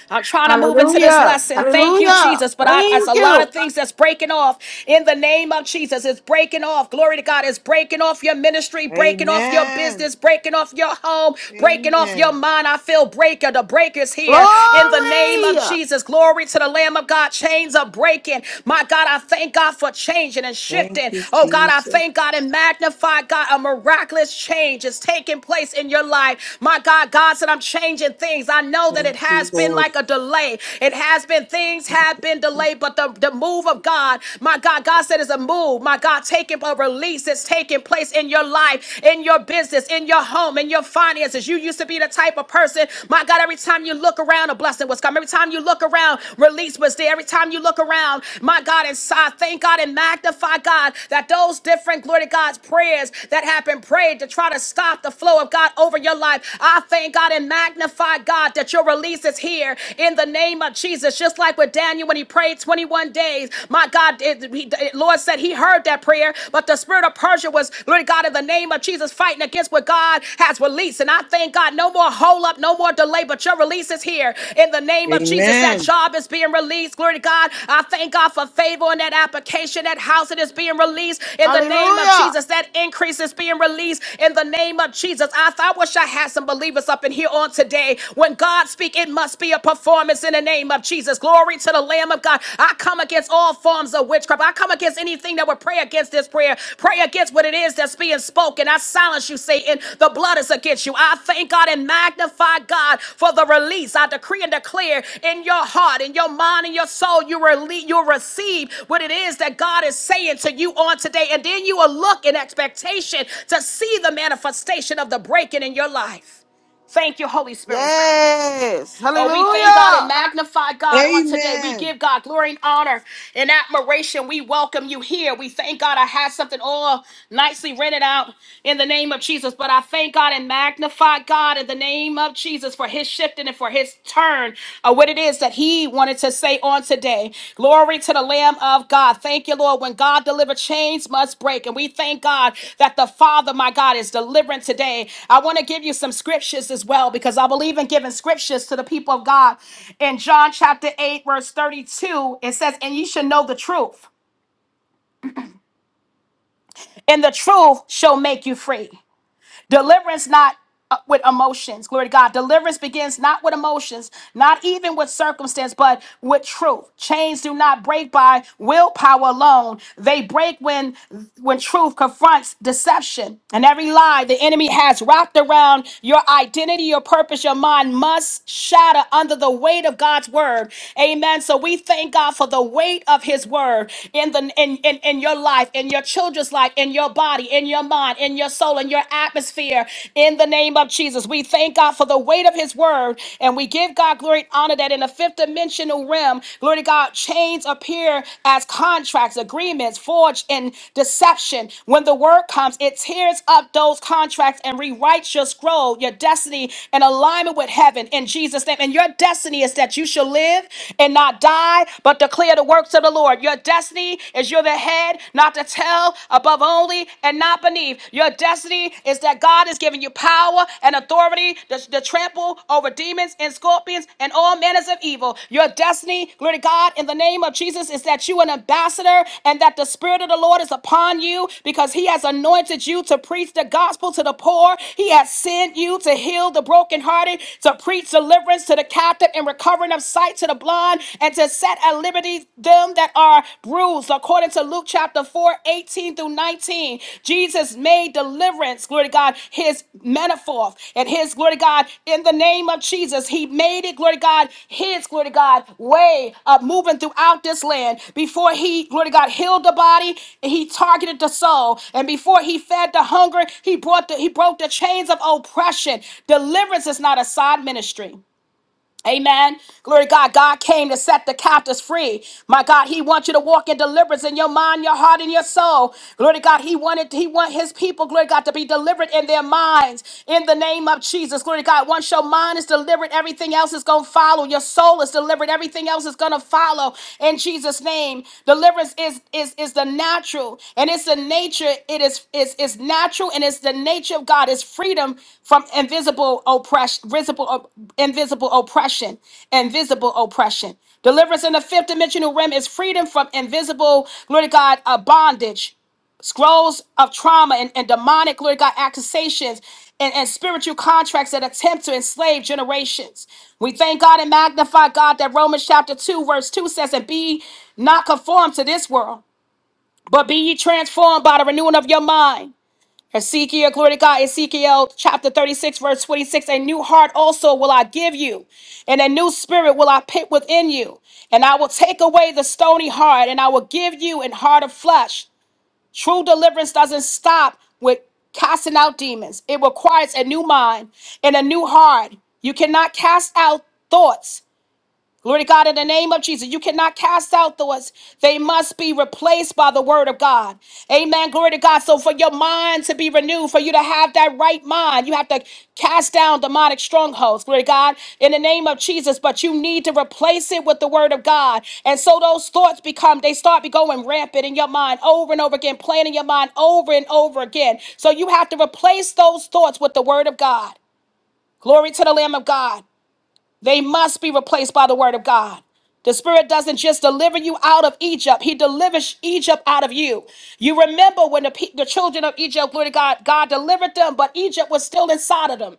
Speaker 1: I'm trying to move into this
Speaker 2: Hallelujah.
Speaker 1: lesson. Thank you,
Speaker 2: Hallelujah.
Speaker 1: Jesus. But I, that's a
Speaker 2: Thank
Speaker 1: lot of
Speaker 2: you.
Speaker 1: things that's breaking off in the name of Jesus. It's breaking off. Glory to God. It's breaking off your ministry, breaking off your
Speaker 3: Amen.
Speaker 1: business, breaking off your home, breaking off your
Speaker 3: Amen.
Speaker 1: mind. I feel breaker. The breaker's here in the name
Speaker 2: Glory.
Speaker 1: of Jesus. Glory to the Lamb of God. Chains are breaking. My God, I thank God for changing and
Speaker 3: Thank
Speaker 1: shifting.
Speaker 3: you,
Speaker 1: Oh God, I
Speaker 3: Jesus.
Speaker 1: thank God and magnify God. A miraculous change is taking place in your life. My God, God said, I'm changing things. I know that it
Speaker 3: Thank
Speaker 1: it
Speaker 3: you,
Speaker 1: has been
Speaker 3: Lord.
Speaker 1: like a delay. It has been, things have been delayed, but the, the move of God, my God, God said it's a move. My God, taking a release is taking place in your life, in your business, in your home, in your finances. You used to be the type of person, my God, every time you look around, a blessing was coming. Every time you look around, release was there. Every time you look around, my God, inside, thank God and magnify God that those different, glory to God's prayers that have been prayed to try to stop the flow of God over your life. I thank God and magnify God God, that your release is here in the name of Jesus. Just like with Daniel when he prayed 21 days, my God, it- he- it- Lord said he heard that prayer, but the spirit of Persia was, Lord God, in the name of Jesus, fighting against what God has released. And I thank God, no more hold up, no more delay, but your release is here in the name of Jesus. That
Speaker 3: Amen.
Speaker 1: job is being released. Glory to God. I thank God for favor on that application, that house it is being released in the name of
Speaker 2: Hallelujah.
Speaker 1: Jesus. That increase is being released in the name of Jesus. I, I wish I had some believers up in here on today. When God speaks, it must be a performance in the name of Jesus. Glory to the Lamb of God. I come against all forms of witchcraft. I come against anything that would pray against this prayer. Pray against what it is that's being spoken. I silence you, Satan. The blood is against you. I thank God and magnify God for the release. I decree and declare in your heart, in your mind, in your soul, you rele- you'll receive what it is that God is saying to you on today. And then you will look in expectation to see the manifestation of the breaking in your life. Thank you, Holy Spirit.
Speaker 2: Yes.
Speaker 1: Oh, we thank God and
Speaker 2: Hallelujah.
Speaker 1: magnify God on today. We
Speaker 3: Amen.
Speaker 1: give God glory and honor and admiration. We welcome you here. We thank God. I had something all nicely rented out in the name of Jesus, but I thank God and magnify God in the name of Jesus for his shifting and for his turn of what it is that he wanted to say on today. Glory to the Lamb of God. Thank you, Lord. When God delivered, chains must break. And we thank God that the Father, my God, is delivering today. I want to give you some scriptures as well because I believe in giving scriptures to the people of God. In John chapter 8, verse 32, it says, And ye shall know the truth, and the truth shall make you free. Deliverance not uh, with emotions. Glory to God. Deliverance begins not with emotions, not even with circumstance, but with truth. Chains do not break by willpower alone. They break when when truth confronts deception. And every lie the enemy has wrapped around your identity, your purpose, your mind must shatter under the weight of God's word. Amen. So we thank God for the weight of his word in the in in, in your life, in your children's life, in your body, in your mind, in your soul, in your atmosphere. In the name of Jesus, we thank God for the weight of His word, and we give God glory and honor that in the fifth dimensional realm, glory to God, chains appear as contracts, agreements forged in deception. When the word comes, it tears up those contracts and rewrites your scroll, your destiny, in alignment with heaven in Jesus' name. And your destiny is that you shall live and not die, but declare the works of the Lord. Your destiny destiny is you're the head, not the tail, above only and not beneath. Your destiny is that God is giving you power and authority to, to trample over demons and scorpions and all manners of evil. Your destiny, glory to God, in the name of Jesus, is that you an ambassador and that the Spirit of the Lord is upon you because He has anointed you to preach the gospel to the poor. He has sent you to heal the brokenhearted, to preach deliverance to the captive and recovering of sight to the blind, and to set at liberty them that are bruised, according to Luke chapter four, eighteen through 19. Jesus made deliverance, glory to God, his manifold and his, glory to God, in the name of Jesus. He made it, glory to God, his, glory to God, way of moving throughout this land. Before he, glory to God, healed the body, he targeted the soul. And before he fed the hunger, he brought the, he broke the chains of oppression. Deliverance is not a side ministry. Amen. Glory to God. God came to set the captives free. My God, He wants you to walk in deliverance in your mind, your heart, and your soul. Glory to God. He wanted, He want His people, glory to God, to be delivered in their minds. In the name of Jesus. Glory to God. Once your mind is delivered, everything else is gonna follow. Your soul is delivered, everything else is gonna follow. In Jesus' name. Deliverance is is is the natural, and it's the nature. It is is is natural, and it's the nature of God. It's freedom from invisible oppression, visible invisible oppression, invisible oppression. Deliverance in the fifth dimensional realm is freedom from invisible, glory to God, uh, bondage scrolls of trauma and, and demonic, Lord God, accusations and, and spiritual contracts that attempt to enslave generations. We thank God and magnify God that Romans chapter 2, verse 2 says, And be not conformed to this world, but be ye transformed by the renewing of your mind. Ezekiel, glory to God, Ezekiel chapter 36, verse 26. A new heart also will I give you, and a new spirit will I put within you. And I will take away the stony heart, and I will give you an heart of flesh True deliverance doesn't stop with casting out demons, it requires a new mind and a new heart. You cannot cast out thoughts Glory to God in the name of Jesus. You cannot cast out those. They must be replaced by the word of God. Amen. Glory to God. So for your mind to be renewed, for you to have that right mind, you have to cast down demonic strongholds. Glory to God in the name of Jesus. But you need to replace it with the word of God. And so those thoughts become, they start be going rampant in your mind over and over again, playing in your mind over and over again. So you have to replace those thoughts with the word of God. Glory to the Lamb of God. They must be replaced by the word of God. The Spirit doesn't just deliver you out of Egypt, He delivers Egypt out of you. You remember when the, pe- the children of Egypt, glory to God, God delivered them, but Egypt was still inside of them.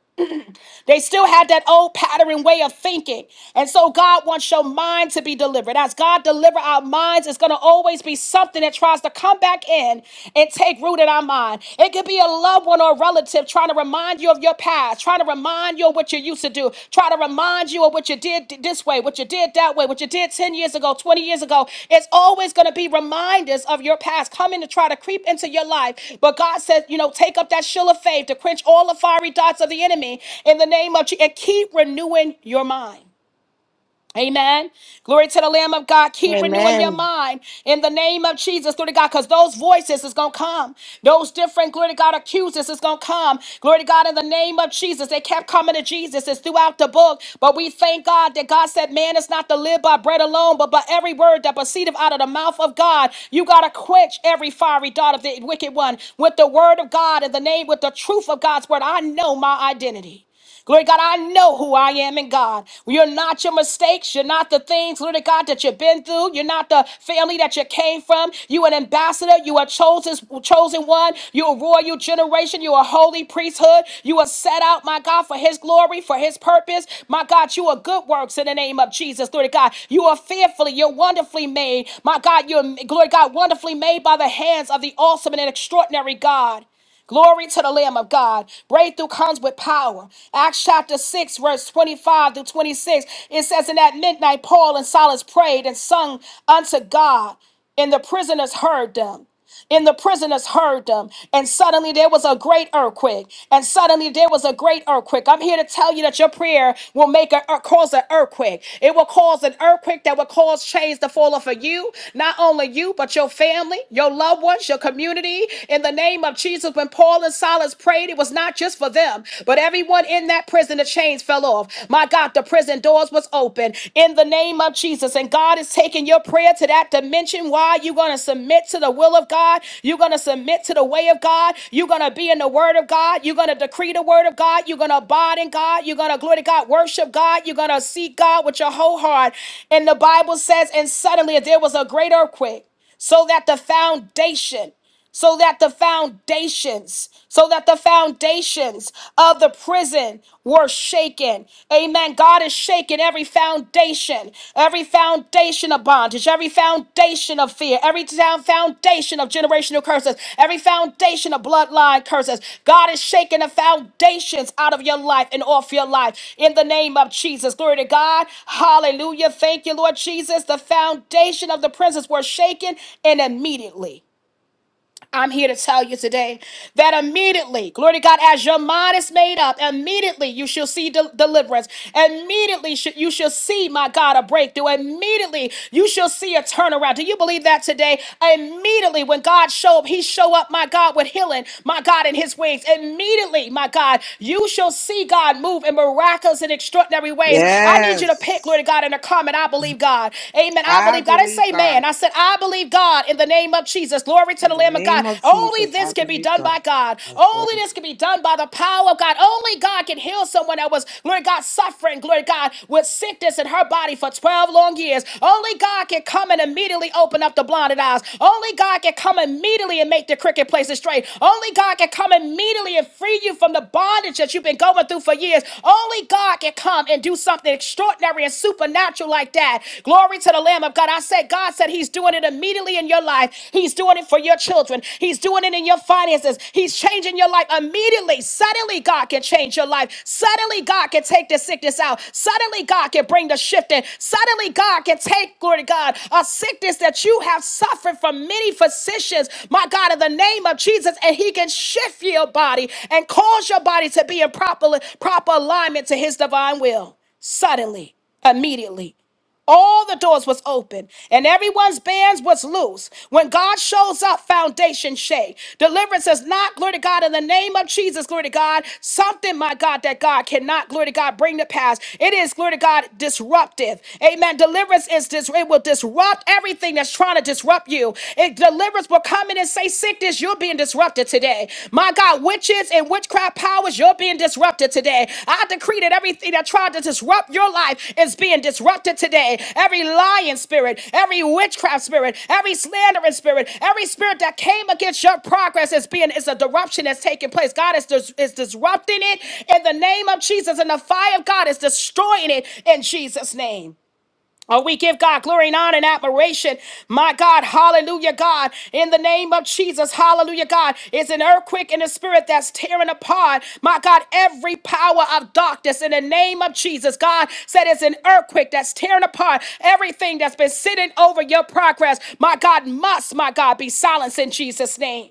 Speaker 1: They still had that old pattern way of thinking. And so God wants your mind to be delivered. As God deliver our minds, it's going to always be something that tries to come back in and take root in our mind. It could be a loved one or a relative trying to remind you of your past, trying to remind you of what you used to do, try to remind you of what you did this way, what you did that way, what you did 10 years ago, 20 years ago. It's always going to be reminders of your past coming to try to creep into your life. But God says, you know, take up that shield of faith to quench all the fiery darts of the enemy in the name of Jesus and keep renewing your mind. Amen. Glory to the Lamb of God. Keep renewing your
Speaker 2: Amen.
Speaker 1: mind in the name of Jesus. Glory to God, because those voices is going to come. Those different, glory to God, accusers is going to come. Glory to God, in the name of Jesus. They kept coming to Jesus. It's throughout the book. But we thank God that God said, man is not to live by bread alone, but by every word that proceedeth out of the mouth of God. You got to quench every fiery dart of the wicked one with the word of God in the name, with the truth of God's word. I know my identity. Glory to God, I know who I am in God. You're not your mistakes. You're not the things, glory to God, that you've been through. You're not the family that you came from. You an ambassador. You are chosen, chosen one. You're a royal generation. You're a holy priesthood. You are set out, my God, for his glory, for his purpose. My God, you are good works in the name of Jesus. Glory to God. You are fearfully, you're wonderfully made. My God, you're glory to God, wonderfully made by the hands of the awesome and extraordinary God. Glory to the Lamb of God. Breakthrough comes with power. Acts chapter 6, verse 25 to 26. It says, And at midnight, Paul and Silas prayed and sung unto God, and the prisoners heard them and the prisoners heard them. And suddenly there was a great earthquake. And suddenly there was a great earthquake. I'm here to tell you that your prayer will make a, uh, cause an earthquake. It will cause an earthquake that will cause chains to fall off of you, not only you, but your family, your loved ones, your community. In the name of Jesus, when Paul and Silas prayed, it was not just for them, but everyone in that prison, the chains fell off. My God, out, the prison doors was open in the name of Jesus. And God is taking your prayer to that dimension. Why? You're going to submit to the will of God. You're going to submit to the way of God. You're going to be in the word of God. You're going to decree the word of God. You're going to abide in God. You're going to glory to God, worship God. You're going to seek God with your whole heart. And the Bible says, and suddenly there was a great earthquake so that the foundation so that the foundations, so that the foundations of the prison were shaken. Amen. God is shaking every foundation, every foundation of bondage, every foundation of fear, every down foundation of generational curses, every foundation of bloodline curses. God is shaking the foundations out of your life and off your life in the name of Jesus. Glory to God. Hallelujah. Thank you, Lord Jesus. The foundations foundation of the presence were shaken and immediately. I'm here to tell you today that immediately, glory to God, as your mind is made up, immediately you shall see del- deliverance. Immediately sh- you shall see, my God, a breakthrough. Immediately you shall see a turnaround. Do you believe that today? Immediately when God show up, he show up, my God, with healing, my God, in his wings. Immediately, my God, you shall see God move in miraculous and extraordinary ways. I need you to pick, glory
Speaker 3: Yes.
Speaker 1: to God, in a comment. I believe God. Amen. I
Speaker 3: I
Speaker 1: believe God. I didn't
Speaker 3: believe
Speaker 1: say man.
Speaker 3: God.
Speaker 1: I said, I believe God God, in the name of Jesus. Glory to
Speaker 3: In
Speaker 1: the
Speaker 3: the
Speaker 1: Lamb of God.
Speaker 3: name of
Speaker 1: Only
Speaker 3: Jesus,
Speaker 1: this
Speaker 3: I
Speaker 1: can be
Speaker 3: believe
Speaker 1: done by
Speaker 3: God.
Speaker 1: God.
Speaker 3: That's
Speaker 1: Only
Speaker 3: right.
Speaker 1: this can be done by the power of God. Only God can heal someone that was, glory God, suffering, glory God, with sickness in her body for 12 long years. Only God can come and immediately open up the blinded eyes. Only God can come immediately and make the crooked places straight. Only God can come immediately and free you from the bondage that you've been going through for years. Only God can come and do something extraordinary and supernatural like that. Glory to the Lamb of God. I said, God said He's doing it immediately in your life. He's doing it for your children. He's doing it in your finances. He's changing your life immediately. Suddenly, God can change your life. Suddenly, God can take the sickness out. Suddenly, God can bring the shift in. Suddenly, God can take, glory to God, a sickness that you have suffered from many physicians, my God, in the name of Jesus, and He can shift your body and cause your body to be in proper, proper alignment to His divine will. Suddenly, immediately. All the doors was open and everyone's bands was loose. When God shows up, foundation shake. Deliverance is not, glory to God, in the name of Jesus, glory to God. Something, my God, that God cannot, glory to God, bring to pass. It is, glory to God, disruptive. Amen. Deliverance is, dis- it will disrupt everything that's trying to disrupt you. It, deliverance will come in and say, sickness, you're being disrupted today. My God, witches and witchcraft powers, you're being disrupted today. I decree that everything that tried to disrupt your life is being disrupted today. Every lying spirit, every witchcraft spirit, every slandering spirit, every spirit that came against your progress is being is a disruption that's taking place. God is, dis- is disrupting it in the name of Jesus, and the fire of God is destroying it in Jesus' name. Oh, we give God glory and honor and admiration. My God, hallelujah, God. In the name of Jesus, hallelujah, God. It's an earthquake in the spirit that's tearing apart, my God, every power of darkness in the name of Jesus. God said it's an earthquake that's tearing apart everything that's been sitting over your progress. My God must, my God, be silenced in Jesus' name.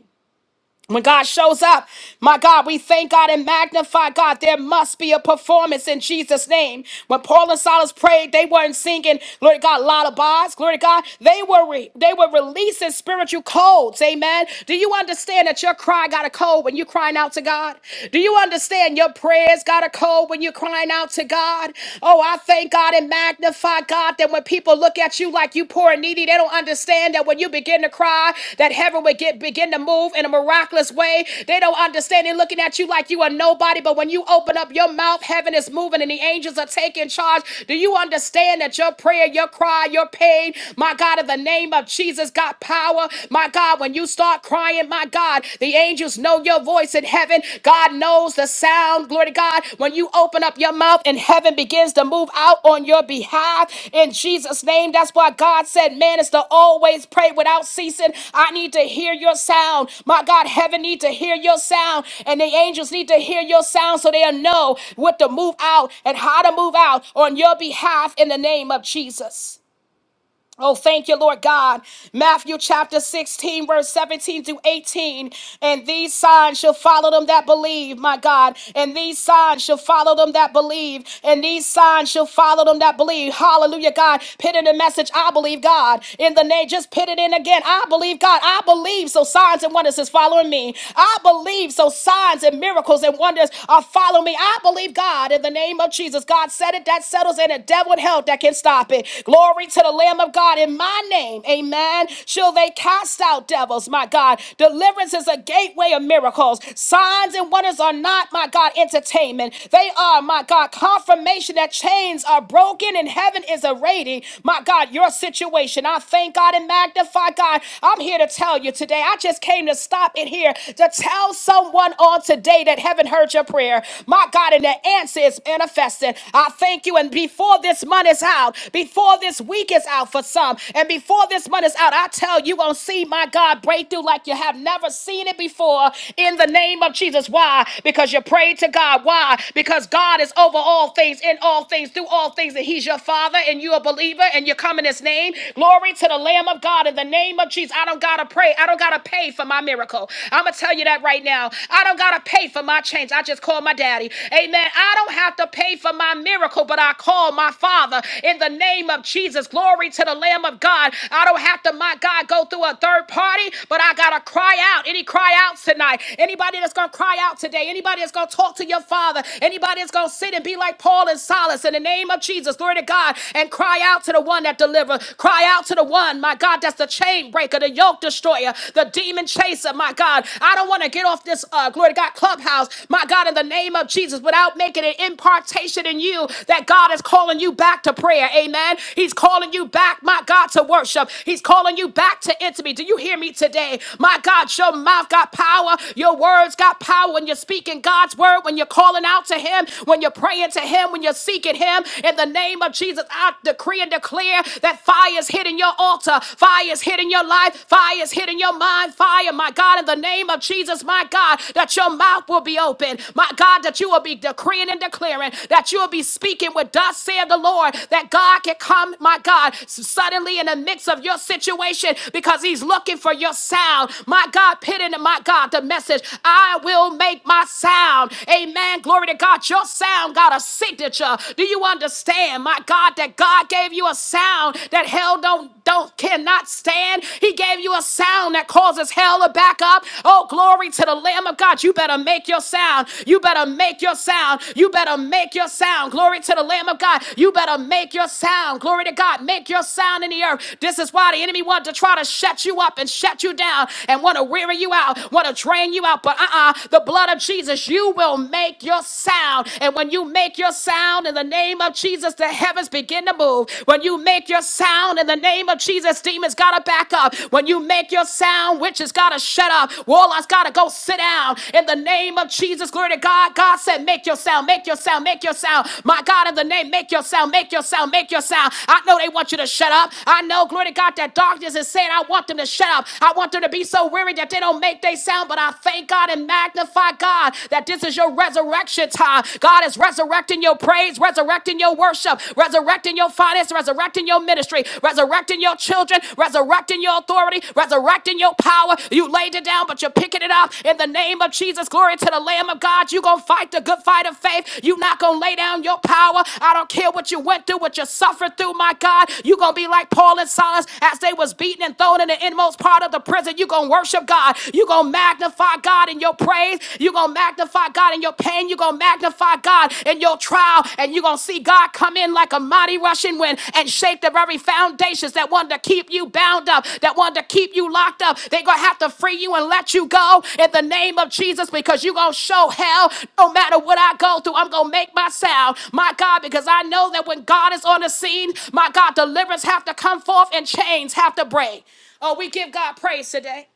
Speaker 1: When God shows up, my God, we thank God and magnify God. There must be a performance in Jesus' name. When Paul and Silas prayed, they weren't singing, glory to God, lullabies. Glory to God. They were re- they were releasing spiritual codes. Amen. Do you understand that your cry got a code when you're crying out to God? Do you understand your prayers got a code when you're crying out to God? Oh, I thank God and magnify my God, that when people look at you like you poor and needy, they don't understand that when you begin to cry, that heaven would get begin to move in a miraculous way. They don't understand they're looking at you like you are nobody, but when you open up your mouth, heaven is moving and the angels are taking charge. Do you understand that your prayer, your cry, your pain, my God, in the name of Jesus, got power? My God, when you start crying, my God, the angels know your voice your voice in heaven. God knows the sound. Glory to God. When you open up your mouth and heaven begins to move out on your behalf in Jesus' name. That's why God said, man, is to always pray without ceasing. I need to hear your sound. My God, heaven need to hear your sound and the angels need to hear your sound so they'll know what to move out and how to move out on your behalf in the name of Jesus. Oh, thank you, Lord God. Matthew chapter 16, verse 17 through 18. And these signs shall follow them that believe, my God. And these signs shall follow them that believe. And these signs shall follow them that believe. Hallelujah, God. Put in the message, I believe God. In the name, just put it in again. I believe God. I believe. So signs and wonders is following me. I believe. So signs and miracles and wonders are following me. I believe God in the name of Jesus. God said it. That settles it. And the devil devil in hell that can stop it. Glory to the Lamb of God in my name. Amen. Shall they cast out devils, my God. Deliverance is a gateway of miracles. Signs and wonders are not, my God, entertainment. They are, my God, confirmation that chains are broken and heaven is awaiting, my God, your situation. I thank God and magnify God. I'm here to tell you today. I just came to stop in here to tell someone on today that heaven heard your prayer. My God, and the answer currency is manifested. I thank you. And before this month is out, before this week is out for some, and before this month is out, I tell you, you're going to see my God breakthrough like you have never seen it before in the name of Jesus. Why? Because you prayed to God. Why? Because God is over all things, in all things, through all things, and He's your Father, and you're a believer, and you come in His name. Glory to the Lamb of God in the name of Jesus. I don't got to pray. I don't got to pay for my miracle. I'm going to tell you that right now. I don't got to pay pay for my change. I just call my daddy. Amen. I don't have to pay for my miracle, but I call my father in the name of Jesus. Glory to the Lamb of God. I don't have to, my God, go through a third party, but I gotta cry out. Any cry outs tonight? Anybody that's gonna cry out today? Anybody that's gonna talk to your father? Anybody that's gonna sit and be like Paul and Silas in the name of Jesus? Glory to God and cry out to the one that delivers. Cry out to the one, my God, that's the chain breaker, the yoke destroyer, the demon chaser said, My God, I don't want to get off this, uh, glory to God, clubhouse, my God, in the name of Jesus, without making an impartation in you that God is calling you back to prayer. Amen. He's calling you back, my God, to worship. He's calling you back to intimacy. Do you hear me today? My God, your mouth got power. Your words got power when you're speaking God's word, when you're calling out to Him, when you're praying to Him, when you're seeking Him. In the name of Jesus, I decree and declare that fire is hitting your altar, fire is hitting hitting your life. Fire is hitting your mind. Fire, my God, in the name of Jesus, my God, that your mouth will be open. My God, that you will be decreeing and declaring, that you will be speaking with thus said the Lord, that God can come, my God, s- suddenly in the midst of your situation because he's looking for your sound. My God, put in my God the message, I will make my sound. Amen. Glory to God. Your sound got a signature. Do you understand, my God, that God gave you a sound? sound that hell don't don't cannot stand. He gave you a sound that causes hell to back up. Oh, glory to the Lamb of God. You better make your sound. You better make your sound. You better make your sound. Glory to the Lamb of God. You better make your sound. Glory to God. Make your sound in the earth. This is why the enemy wanted to try to shut you up and shut you down and want to weary you out, want to drain you out. But uh-uh, the blood of Jesus, you will make your sound. And when you make your sound in the name name of Jesus, the heavens begin to move. When you make your sound in the name of Jesus, demons gotta back up. When you make your sound, witches gotta shut up. Warlocks gotta go sit down. In the name of Jesus, glory to God. God said, make your sound, make your sound, make your sound. My God, in the name, make your sound, make your sound, make your sound. I know they want you to shut up. I know, glory to God, that darkness is saying, I want them to shut up. I want them to be so weary that they don't make their sound. But I thank God and magnify God that this is your resurrection time. God is resurrecting your praise, resurrecting your worship, resurrecting your finance, resurrecting your ministry, resurrecting your children, resurrecting your authority, resurrecting your power. You laid it down, but you're picking it up in the name of Jesus. Glory to the Lamb of God. You're going to fight the good fight of faith. You're not going to lay down your power. I don't care what you went through, what you suffered through, my God. You're going to be like Paul and Silas as they was beaten and thrown in the inmost part of the prison. You're going to worship God. You're going to magnify God in your praise. You're going to magnify God in your pain. You're going to magnify God in your trial. And you're going to see God come in like a mighty rushing wind and shake the very foundations that wanted to keep you bound up, that wanted to keep you locked up. They're going to have to free you and let you go in the name of Jesus because you're going to show hell no matter what I go through. I'm going to make my sound, my God, because I know that when God is on the scene, my God, deliverance have to come forth and chains have to break. Oh, we give God praise today.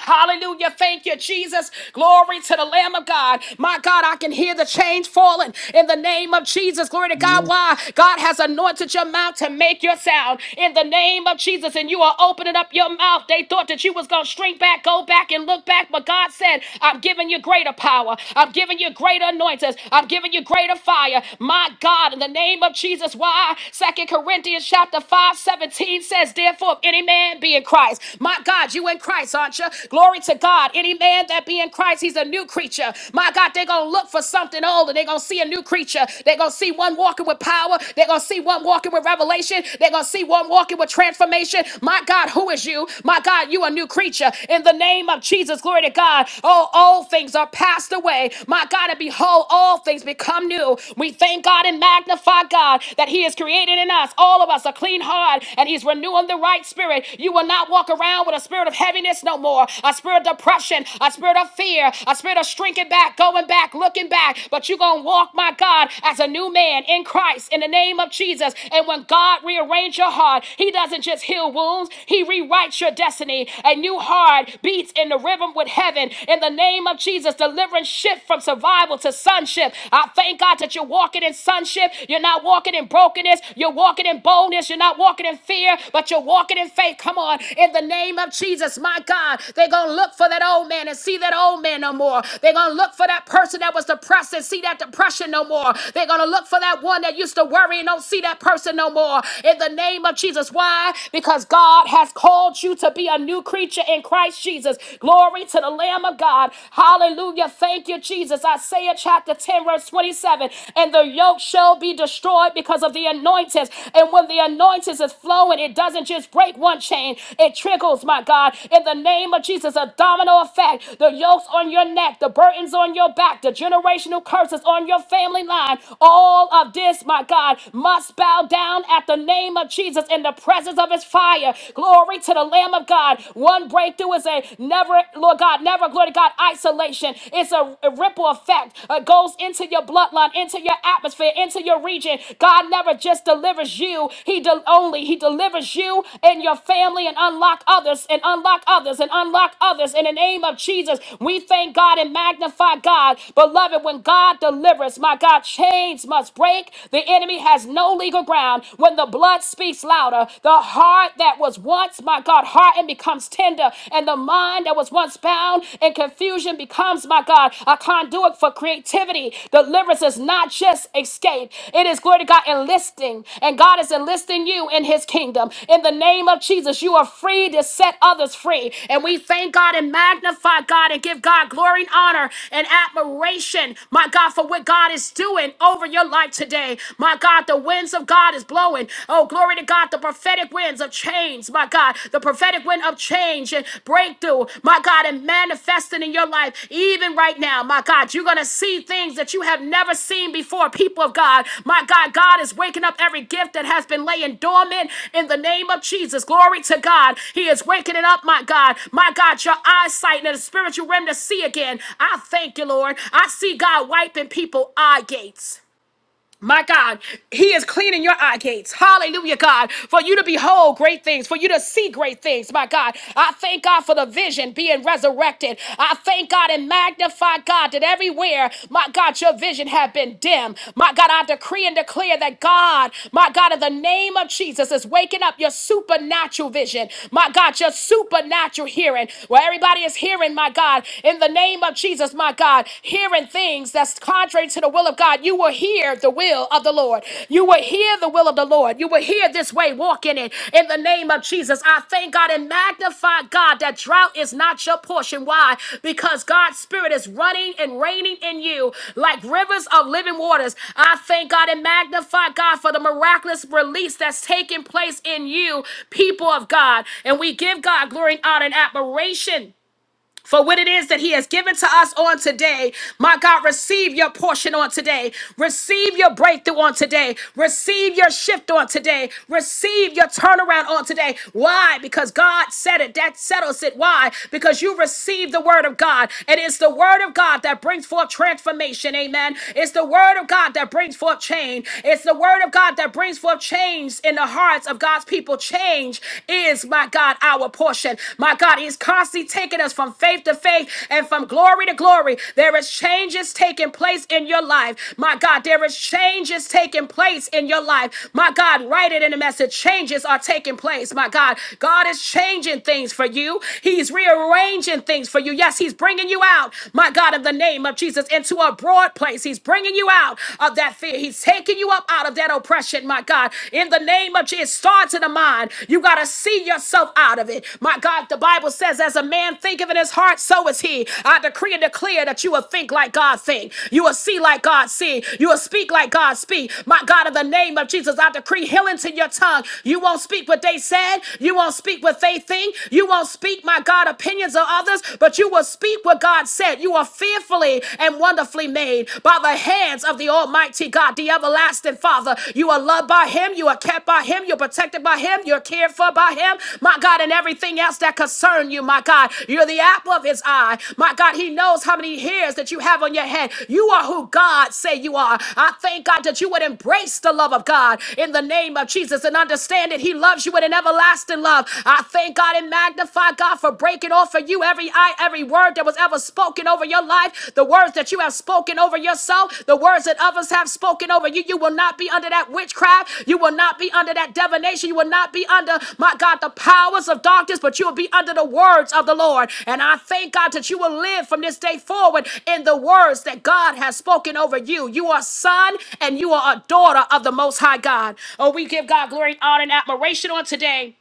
Speaker 1: Hallelujah. Thank you, Jesus. Glory to the Lamb of God. My God, I can hear the change falling in the name of Jesus. Glory to God.
Speaker 3: Mm.
Speaker 1: Why? God has anointed your mouth to make your sound in the name of Jesus. And you are opening up your mouth. They thought that you was going to shrink back, go back, and look back. But God said, I'm giving you greater power. I'm giving you greater anointings. I'm giving you greater fire. My God, in the name of Jesus. Why? Second Corinthians chapter five seventeen says, Therefore, if any man be in Christ. My God, you in Christ, aren't you? Glory to God. Any man that be in Christ, he's a new creature. My God, they're going to look for something old and they're going to see a new creature. They're going to see one walking with power. They're going to see one walking with revelation. They're going to see one walking with transformation. My God, who is you? My God, you a new creature. In the name of Jesus, glory to God. Oh, old things are passed away. My God, and behold, all things become new. We thank God and magnify God that He is created in us in us, all of us, a clean heart, and He's renewing the right spirit. You will not walk around with a spirit of heaviness no more, a spirit of depression, a spirit of fear, a spirit of shrinking back, going back, looking back. But you're going to walk, my God, as a new man in Christ in the name of Jesus. And when God rearranges your heart, He doesn't just heal wounds, He rewrites your destiny. A new heart beats in the rhythm with heaven in the name of Jesus, delivering shift from survival to sonship. I thank God that you're you're walking in sonship. You're not walking in brokenness. You're walking in boldness. You're not walking in fear, but you're walking in faith. Come on. In the name of Jesus, my God, they're going to look for that old man and see that old man no more. They're going to look for that person that was depressed and see that depression no more. They're going to look for that one that used to worry and don't see that person no more. In the name of Jesus. Why? Because God has called you to be a new creature in Christ Jesus. Glory to the Lamb of God. Hallelujah. Thank Thank you, Jesus. Isaiah chapter 10, verse 27. And the yoke shall be destroyed because of the anointings. And when the anointings is flowing, it doesn't just break one chain, it trickles, my God. In the name of Jesus, a domino effect. The yokes on your neck, the burdens on your back, the generational curses on your family line. All of this, my God, must bow down at the name of Jesus in the presence of his fire. Glory to the Lamb of God. One breakthrough is a Never, Lord God, never, glory to God, isolation. It's a, a ripple effect. It goes into your bloodline, into your atmosphere, into your region. God never just delivers you. He del- only He delivers you and your family and unlock others and unlock others and unlock others in the name of Jesus. We thank God and magnify God. Beloved, when God delivers, my God, chains must break. The enemy has no legal ground. When the blood speaks louder, the heart that was once once, my God, hardened becomes tender, and the mind that was once bound in confusion becomes, my God, a conduit for creativity. Deliverance is not just escape, it is glory to God enlisting, and God is enlisting you in His kingdom. In the name of Jesus, you are free to set others free, and we thank God and magnify God and give God glory and honor and admiration, my God, for what God is doing over your life today. My God, the winds of God is blowing blowing. Oh, glory to God, the prophetic winds of change, my God, the prophetic wind of change and breakthrough, my God, and manifesting in your life, even right now, my God. You're going to see things that you have never seen before, people of God. My God, God is waking up every gift that has been laying dormant in the name of Jesus. Glory to God. He is waking it up, my God. My God, your eyesight and the spiritual realm to see again. I thank you, Lord. I see God wiping people eye gates. My God, He is cleaning your eye gates. Hallelujah, God, for you to behold great things, for you to see great things. My God, I thank God for the vision being resurrected. I thank God and magnify God that everywhere, my God, your vision had been dim. My God, I decree and declare that God, my God, in the name of Jesus, is waking up your supernatural vision. My God, your supernatural hearing, where everybody is hearing, my God, in the name of Jesus, my God hearing things that's contrary to the will of God, you will hear the will of the Lord. You will hear the will of the Lord. You will hear this way, walk in it. In the name of Jesus, I thank God and magnify God that drought is not your portion. Why? Because God's Spirit is running and reigning in you like rivers of living waters. I thank God and magnify God for the miraculous release that's taking place in you, people of God. And we give God glory and honor and admiration for what it is that He has given to us on today. My God, receive your portion on today. Receive your breakthrough on today. Receive your shift on today. Receive your turnaround on today. Why? Because God said it. That settles it. Why? Because you receive the word of God. And it's the word of God that brings forth transformation. Amen. It's the word of God that brings forth change. It's the word of God that brings forth change in the hearts of God's people. Change is, my God, our portion. My God, He's constantly taking us from faith to faith and from glory to glory. There is changes taking place in your life. My God, there is changes taking place in your life. My God, write it in the message. Changes are taking place. My God, God is changing things for you. He's rearranging things for you. Yes, He's bringing you out, my God, in the name of Jesus, into a broad place. He's bringing you out of that fear. He's taking you up out of that oppression, my God. In the name of Jesus, it starts in the mind. You got to see yourself out of it. My God, the Bible says, as a man thinketh in his heart, so is he. I decree and declare that you will think like God think. You will see like God see. You will speak like God speak. My God, in the name of Jesus, I decree healing to your tongue. You won't speak what they said. You won't speak what they think. You won't speak, my God, opinions of others, but you will speak what God said. You are fearfully and wonderfully made made by the hands of the Almighty God, the everlasting Father. You are loved by Him, you are kept by Him, you're protected by Him, you're cared for by Him, my God, and everything else that concern you, my God. You're the apple of His eye, my God. He knows how many hairs that you have on your head. You are who God say you are. I thank God that you would embrace the love of God in the name of Jesus and understand that He loves you with an everlasting love. I thank God and magnify God for breaking off for you every every eye, every word that was ever spoken over your life, the words that you have spoken over yourself, the words that others have spoken over you. You will not be under that witchcraft. You will not be under that divination. You will not be under, my God, the powers of darkness, but you will be under the words of the Lord. And I thank God that you will live from this day forward in the words that God has spoken over you. You are a son and you are a daughter of the Most High God. Oh, we give God glory, honor, and admiration on today.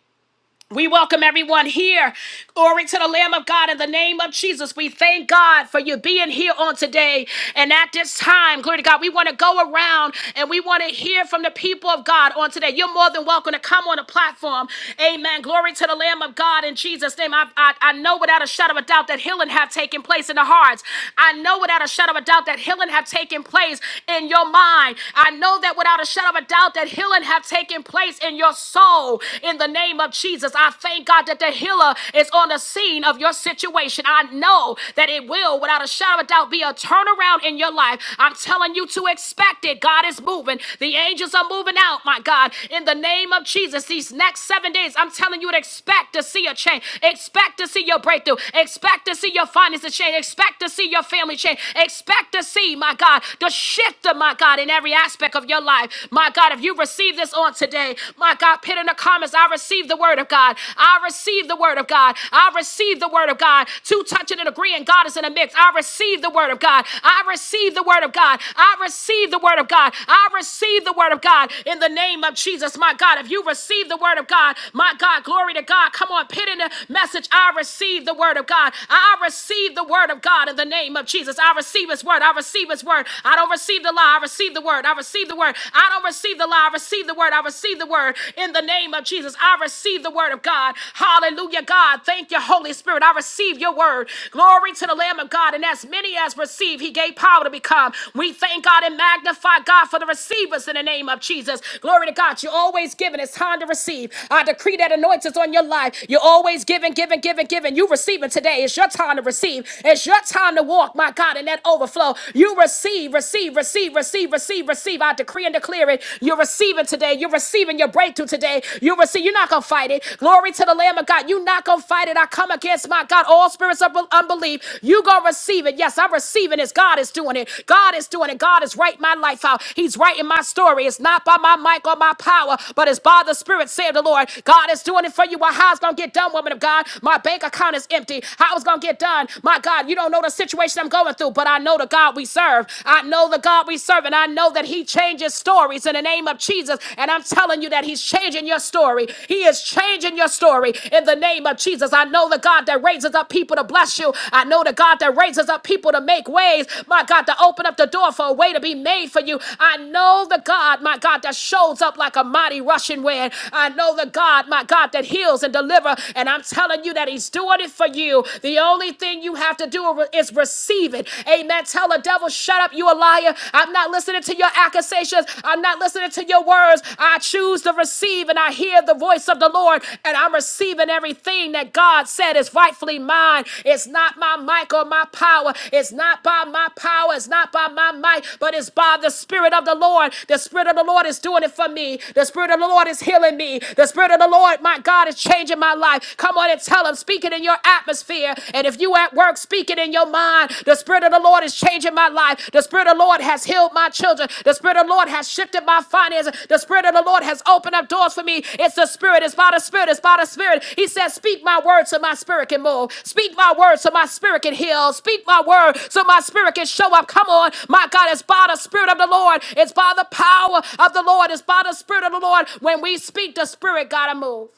Speaker 1: We welcome everyone here. Glory to the Lamb of God in the name of Jesus. We thank God for you being here on today. And at this time, glory to God, we want to go around and we want to hear from the people of God on today. You're more than welcome to come on the platform. Amen. Glory to the Lamb of God in Jesus' name. I, I, I know without a shadow of a doubt that healing have taken place in the hearts. I know without a shadow of a doubt that healing have taken place in your mind. I know that without a shadow of a doubt that healing have taken place in your soul soul in the name of Jesus. I thank God that the healer is on the scene of your situation. I know that it will, without a shadow of a doubt, be a turnaround in your life. I'm telling you to expect it. God is moving. The angels are moving out, my God, in the name of Jesus. These next seven days, I'm telling you to expect to see a change. Expect to see your breakthrough. Expect to see your finances change. Expect to see your family change. Expect to see, my God, the shift of my God in every aspect of your life. My God, if you you receive this on today, my God, put in the comments, I receive the word of God. I receive the word of God. I receive the word of God. Two touching and agreeing, God is in a mix. I receive the word of God. I receive the word of God. I receive the word of God. I receive the word of God in the name of Jesus, my God. If you receive the word of God, my God, glory to God. Come on, put in the message. I receive the word of God. I receive the word of God in the name of Jesus. I receive his word. I receive his word. I don't receive the lie. I receive the word word. I receive the word. I don't receive the lie. I receive the word. I receive the word in the name of Jesus. I receive the word of God. Hallelujah, God. Thank you, Holy Spirit. I receive your word. Glory to the Lamb of God. And as many as receive, he gave power to become. We thank God and magnify God for the receivers in the name of Jesus. Glory to God. You're always giving. It's time to receive. I decree that anointings on your life. You're always giving, giving, giving, giving. You receiving today. It's your time to receive. It's your time to walk, my God, in that overflow. You receive, receive, receive, receive, receive, receive. I decree and declare it. You're receiving today. You're receiving your breakthrough today. You receive. You're not gonna fight it. Glory to the Lamb of God. You're not gonna fight it. I come against my God. All spirits of unbelief. You gonna receive it. Yes, I'm receiving this. God is doing it. God is doing it. God is writing my life out. He's writing my story. It's not by my might or my power, but it's by the Spirit, save the Lord. God is doing it for you. Well, how's gonna get done, woman of God? My bank account is empty. How it's gonna get done? My God, you don't know the situation situation I'm going through, but I know the God we serve. I know the God we serve, and I know that He changes stories in the name of Jesus. And I'm telling you that He's changing your story. He is changing your story in the name of Jesus. I know the God that raises up people to bless you. I know the God that raises up people to make ways. My God, to open up the door for a way to be made for you. I know the God, my God, that shows up like a mighty rushing wind. I know the God, my God, that heals and delivers. And I'm telling you that He's doing it for you. The the only thing you have to do is receive it. Amen. Tell the devil, shut up, you a liar. I'm not listening to your accusations. I'm not listening to your words. I choose to receive and I hear the voice of the Lord and I'm receiving everything that God said is rightfully mine. It's not my mic or my power. It's not by my power. It's not by my might, but it's by the Spirit of the Lord. The Spirit of the Lord is doing it for me. The Spirit of the Lord is healing me. The Spirit of the Lord, my God, is changing my life. Come on and Tell them, speak it in your atmosphere. And if you at work, speak it in your mind. The Spirit of the Lord is changing my life. The Spirit of the Lord has healed my children. The Spirit of the Lord has shifted my finances. The Spirit of the Lord has opened up doors for me. It's the Spirit. It's by the Spirit. It's by the Spirit. He says, speak my word so my spirit can move. Speak my word so my spirit can heal. Speak my word so my spirit can show up. Come on. My God, it's by the Spirit of the Lord. It's by the power of the Lord. It's by the Spirit of the Lord. When we speak, the Spirit got to move.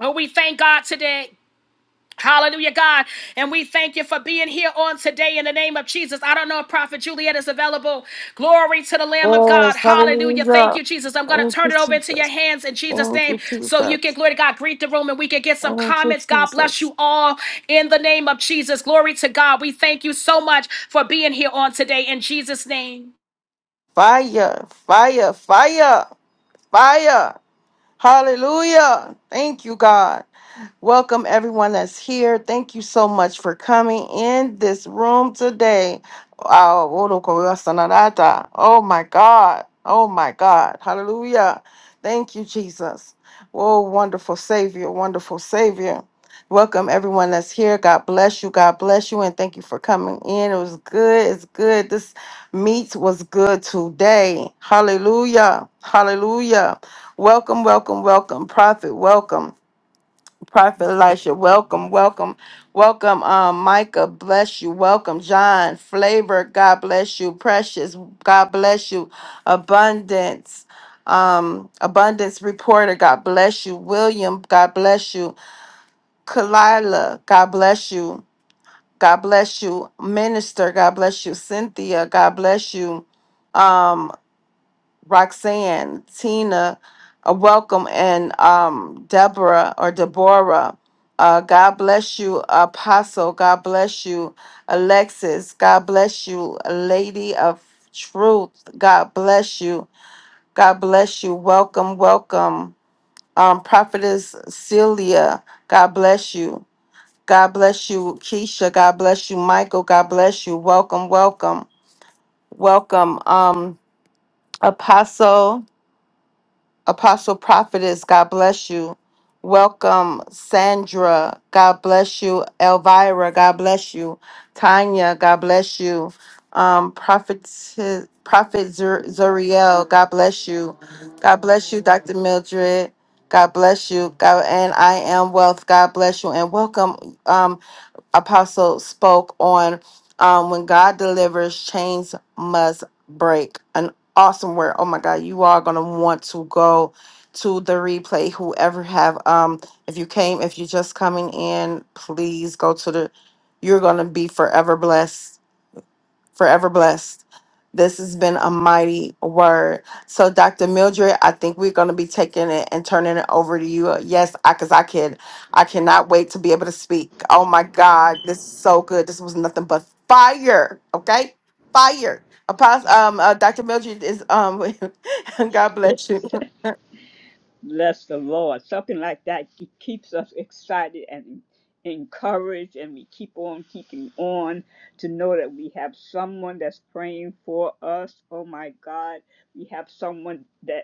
Speaker 1: Oh, we thank God today. Hallelujah, God. And we thank you for being here on today in the name of Jesus. I don't know if Prophet Juliet is available. Glory to the Lamb of God.
Speaker 2: Yes.
Speaker 1: Hallelujah. Thank
Speaker 2: Hallelujah.
Speaker 1: you, Jesus. I'm going to
Speaker 2: Thank
Speaker 1: turn
Speaker 2: you,
Speaker 1: it over into your
Speaker 2: Jesus.
Speaker 1: hands in Jesus'
Speaker 2: Thank
Speaker 1: name
Speaker 2: you,
Speaker 1: so you can,
Speaker 2: Jesus.
Speaker 1: glory to God, greet the room and we can get some
Speaker 2: Thank you,
Speaker 1: comments. God bless
Speaker 2: Jesus.
Speaker 1: you all in the name of Jesus. Glory to God. We thank you so much for being here on today in Jesus' name.
Speaker 2: Fire, fire, fire, fire. Hallelujah. Thank you, God. Welcome everyone that's here. Thank you so much for coming in this room today. Ah, Orokoyasanarata. Oh my God. Oh my God. Hallelujah. Thank you, Jesus. Oh, wonderful Savior, wonderful Savior. Welcome everyone that's here. God bless you. God bless you. And thank you for coming in. It was good. It's good. This meet was good today. Hallelujah. Hallelujah. Welcome, welcome, welcome. Prophet, welcome. Prophet Elisha, welcome, welcome, welcome. Um, Micah, bless you. Welcome, John. Flavor, God bless you. Precious, God bless you. Abundance, um, abundance reporter, God bless you. William, God bless you. Kalila, God bless you. God bless you. Minister, God bless you. Cynthia, God bless you. um, Roxanne, Tina, uh, welcome, and um, Deborah or Deborah. Uh, God bless you, Apostle. God bless you, Alexis. God bless you, Lady of Truth. God bless you. God bless you. Welcome, welcome. Um, Prophetess Celia. God bless you. God bless you, Keisha. God bless you, Michael. God bless you. Welcome, welcome, welcome. Um, Apostle. Apostle Prophetess, God bless you. Welcome, Sandra. God bless you. Elvira, God bless you. Tanya, God bless you. Um, Prophet, Prophet Zur- Zuriel, God bless you. God bless you, Dr. Mildred. God bless you. God, and I am wealth. God bless you. And welcome, um, Apostle spoke on um, when God delivers, chains must break. An awesome word. Oh my God, you are gonna want to go to the replay. Whoever have um, if you came, if you're just coming in, please go to the. You're gonna be forever blessed forever blessed. This has been a mighty word. So, Dr. Mildred, I think we're going to be taking it and turning it over to you. Yes, I because I can, I cannot wait to be able to speak. Oh my God, this is so good. This was nothing but fire. Okay, fire. Apostle, um, uh, Dr. Mildred is um. [LAUGHS] God bless you.
Speaker 4: Bless the Lord. Something like that It keeps us excited and encouraged, and we keep on keeping on to know that we have someone that's praying for us. Oh my God, we have someone that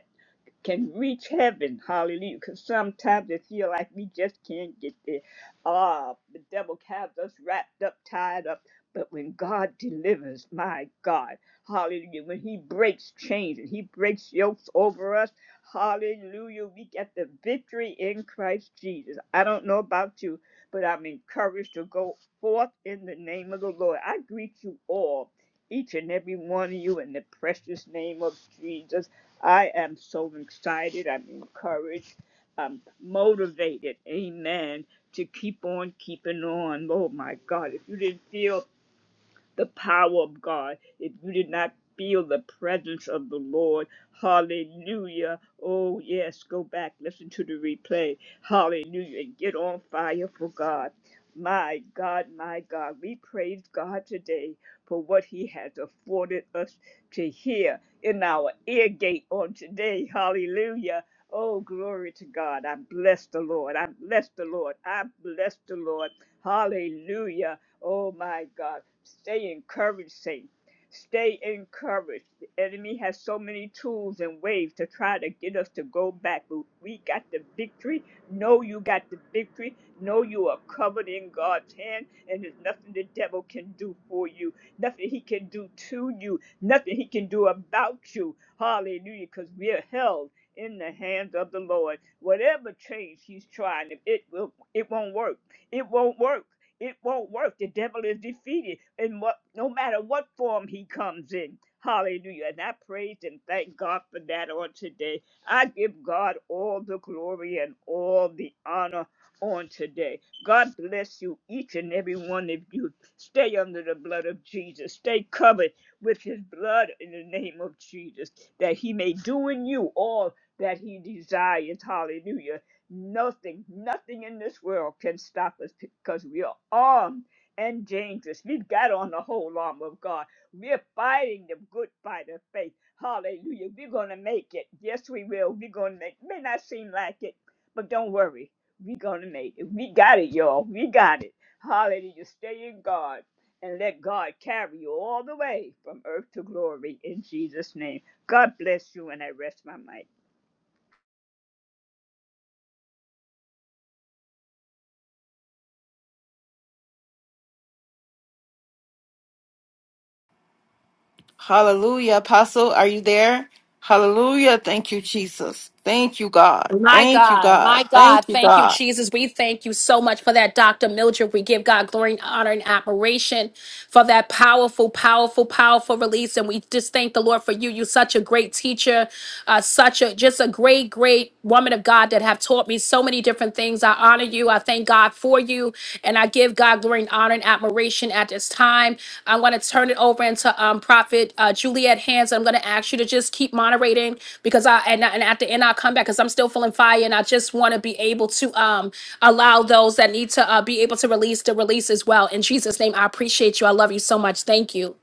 Speaker 4: can reach heaven. Hallelujah. Because sometimes it feel like we just can't get there. Ah, the devil has us wrapped up, tied up. But when God delivers, my God, hallelujah, when He breaks chains and He breaks yokes over us, hallelujah, we get the victory in Christ Jesus. I don't know about you, but I'm encouraged to go forth in the name of the Lord. I greet you all, each and every one of you, in the precious name of Jesus. I am so excited. I'm encouraged. I'm motivated. Amen. To keep on keeping on. Oh my God. If you didn't feel the power of God, if you did not feel the presence of the Lord, hallelujah. Oh, yes, go back, listen to the replay, hallelujah, and get on fire for God. My God, my God, we praise God today for what He has afforded us to hear in our ear gate on today. Hallelujah. Oh, glory to God. I bless the Lord. I bless the Lord. I bless the Lord. Hallelujah. Oh, my God. Stay encouraged, Saint. Stay encouraged. The enemy has so many tools and ways to try to get us to go back, but we got the victory. Know you got the victory. Know you are covered in God's hand, and there's nothing the devil can do for you, nothing he can do to you, nothing he can do about you. Hallelujah, because we are held in the hands of the Lord. Whatever change he's trying, it will it won't work. It won't work. It won't work. The devil is defeated in what no matter what form he comes in. Hallelujah. And I praise and thank God for that on today. I give God all the glory and all the honor on today. God bless you, each and every one of you. Stay under the blood of Jesus. Stay covered with his blood in the name of Jesus, that he may do in you all that he desires. Hallelujah Nothing, nothing in this world can stop us because we are armed and dangerous. We've got on the whole armor of God. We're fighting the good fight of faith. Hallelujah. We're going to make it. Yes, we will. We're going to make it. May not seem like it, but don't worry. We're going to make it. We got it, y'all. We got it. Hallelujah. Stay in God and let God carry you all the way from earth to glory in Jesus' name. God bless you, and I rest my mic.
Speaker 2: Hallelujah, Apostle. Are you there? Hallelujah. Thank you, Jesus. Thank you, God.
Speaker 1: My
Speaker 2: Thank you,
Speaker 1: God,
Speaker 2: God.
Speaker 1: my
Speaker 2: Thank
Speaker 1: God,
Speaker 2: you,
Speaker 1: thank you,
Speaker 2: God.
Speaker 1: Jesus. We thank you so much for that, Dr. Mildred. We give God glory and honor and admiration for that powerful, powerful, powerful release. And we just thank the Lord for you. You're such a great teacher, uh, such a just a great, great woman of God that have taught me so many different things. I honor you. I thank God for you. And I give God glory and honor and admiration at this time. I'm going to turn it over into um, Prophet uh, Juliet Hands. I'm going to ask you to just keep moderating because I and, and at the end I'll come back because I'm still feeling fire and I just want to be able to um, allow those that need to uh, be able to release to release as well. In Jesus' name, I appreciate you. I love you so much. Thank you.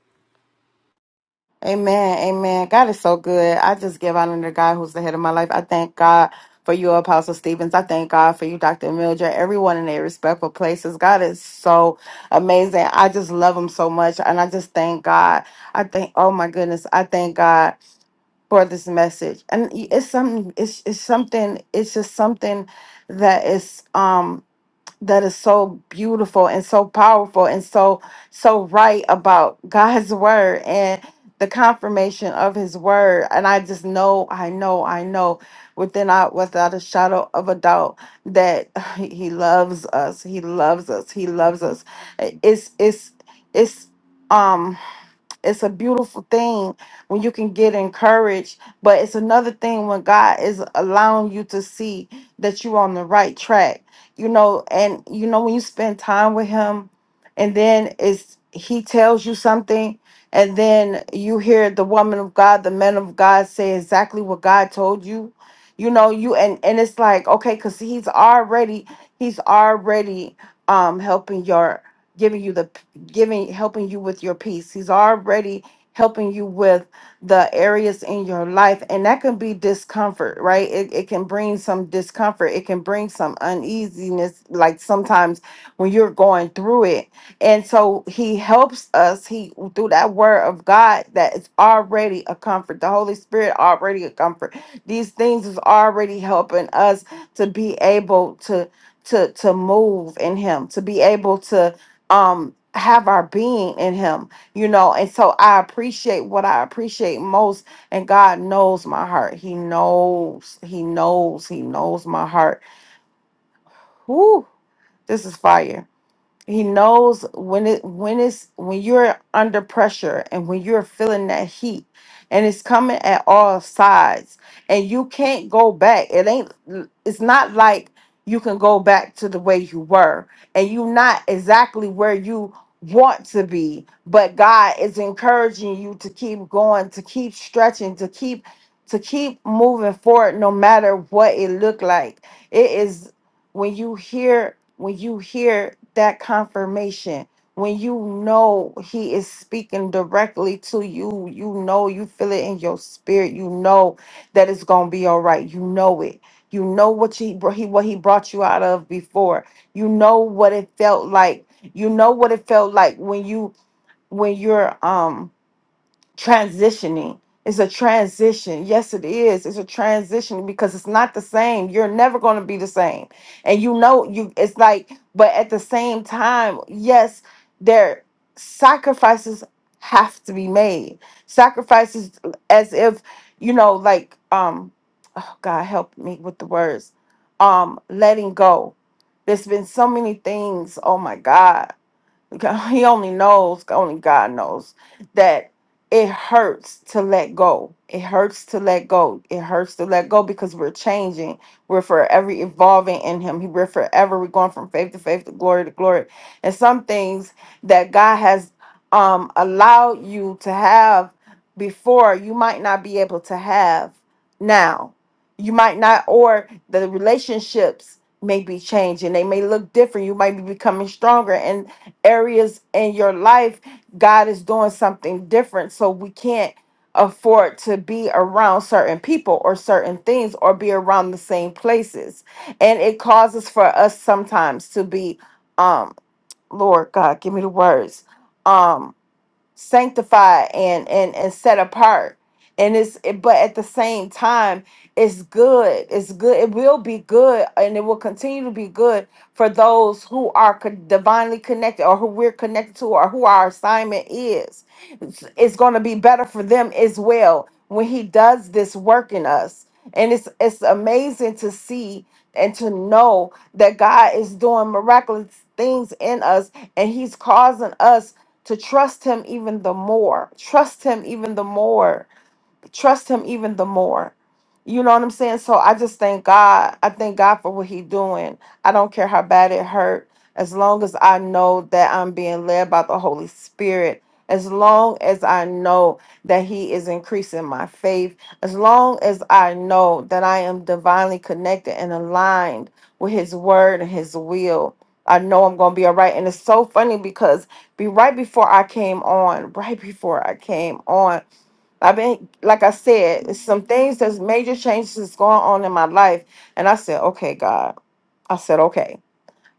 Speaker 2: Amen. Amen. God is so good. I just give honor to God who's the head of my life. I thank God for you, Apostle Stevens. I thank God for you, Dr. Mildred, everyone in their respectful places. God is so amazing. I just love him so much. And I just thank God. I thank, oh my goodness, I thank God for this message. And it's something, it's, it's something, it's just something that is, um, that is so beautiful and so powerful and so so right about [LAUGHS] God's word and the confirmation of his word and I just know I know I know within out without a shadow of a doubt that [SIGHS] he loves us he loves us he loves us it's it's it's um it's a beautiful thing when you can get encouraged but it's another thing when god is allowing you to see that you're on the right track you know and you know when you spend time with him and then it's he tells you something and then you hear the woman of god the man of god say exactly what god told you you know you and and it's like okay because he's already he's already um helping your giving you the giving helping you with your peace he's already helping you with the areas in your life and that can be discomfort right it, it can bring some discomfort it can bring some uneasiness like sometimes when you're going through it and so he helps us he through that word of god that is already a comfort the holy spirit already a comfort these things is already helping us to be able to to to move in him to be able to um have our being in him you know and so i appreciate what i appreciate most and god knows my heart he knows he knows he knows my heart Whoo, this is fire he knows when it when it's when you're under pressure and when you're feeling that heat and it's coming at all sides and you can't go back. It ain't it's not like you can go back to the way you were and you're not exactly where you want to be, but God is encouraging you to keep going, to keep stretching, to keep to keep moving forward no matter what it look like. It is when you hear when you hear that confirmation when you know he is speaking directly to you you know you feel it in your spirit you know that it's going to be all right you know it you know what he, br- he what he brought you out of before you know what it felt like you know what it felt like when you when you're um transitioning. It's a transition. Yes, it is. It's a transition because it's not the same. You're never going to be the same. And you know, you it's like, but at the same time, yes, there sacrifices have to be made. Sacrifices as if, you know, like um oh God help me with the words. Um letting go. There's been so many things. Oh my God God- he only knows only god knows that it hurts to let go it hurts to let go it hurts to let go because we're changing we're forever evolving in him we're forever we're going from faith to faith to glory to glory and some things that god has um allowed you to have before you might not be able to have now you might not or the relationships may be changing they may look different you might be becoming stronger areas in your life, God is doing something different. So we can't afford to be around certain people or certain things or be around the same places. And it causes for us sometimes to be um Lord God, give me the words. Um sanctified and and and set apart and it's it- but at the same time it's good it's good it will be good and it will continue to be good for those who are con- divinely connected or who we're connected to or who our assignment is it's, it's going to be better for them as well when he does this work in us and it's it's amazing to see and to know that God is doing miraculous things in us and he's causing us to trust him even the more. Trust him even the more trust him even the more. You know what I'm saying? So I just thank God. I thank God for what He's doing. I don't care how bad it hurt. As long as I know that I'm being led by the Holy Spirit, as long as I know that He is increasing my faith, as long as I know that I am divinely connected and aligned with His word and His will, I know I'm going to be all right. And it's so funny because be right before I came on, right before I came on. I've been, like I said, some things, there's major changes that's going on in my life. And I said, okay, God. I said, okay.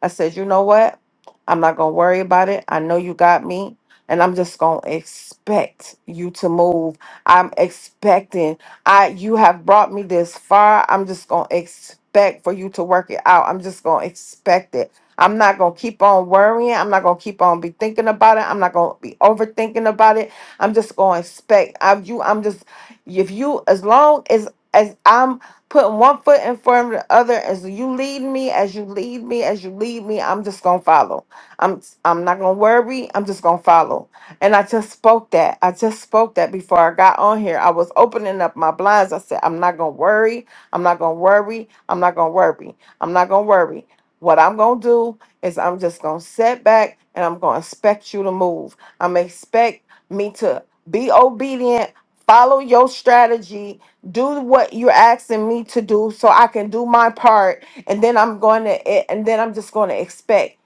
Speaker 2: I said, you know what? I'm not going to worry about it. I know you got me. And I'm just going to expect you to move. I'm expecting. I you have brought me this far. I'm just going to expect for you to work it out. I'm just going to expect it. I'm not going to keep on worrying. I'm not going to keep on be thinking about it. I'm not going to be overthinking about it. I'm just going to expect. i you I'm just if you as long as as I'm putting one foot in front of the other. As you lead me, as you lead me, as you lead me, I'm just gonna follow. I'm I'm not gonna worry. I'm just gonna follow. And I just spoke that. I just spoke that before I got on here. I was opening up my blinds. I said, I'm not gonna worry. I'm not gonna worry. I'm not gonna worry. I'm not gonna worry. What I'm gonna do is I'm just gonna sit back and I'm gonna expect you to move. I'm expect me to be obedient, follow your strategy, do what you're asking me to do so I can do my part and then I'm going to and then I'm just going to expect.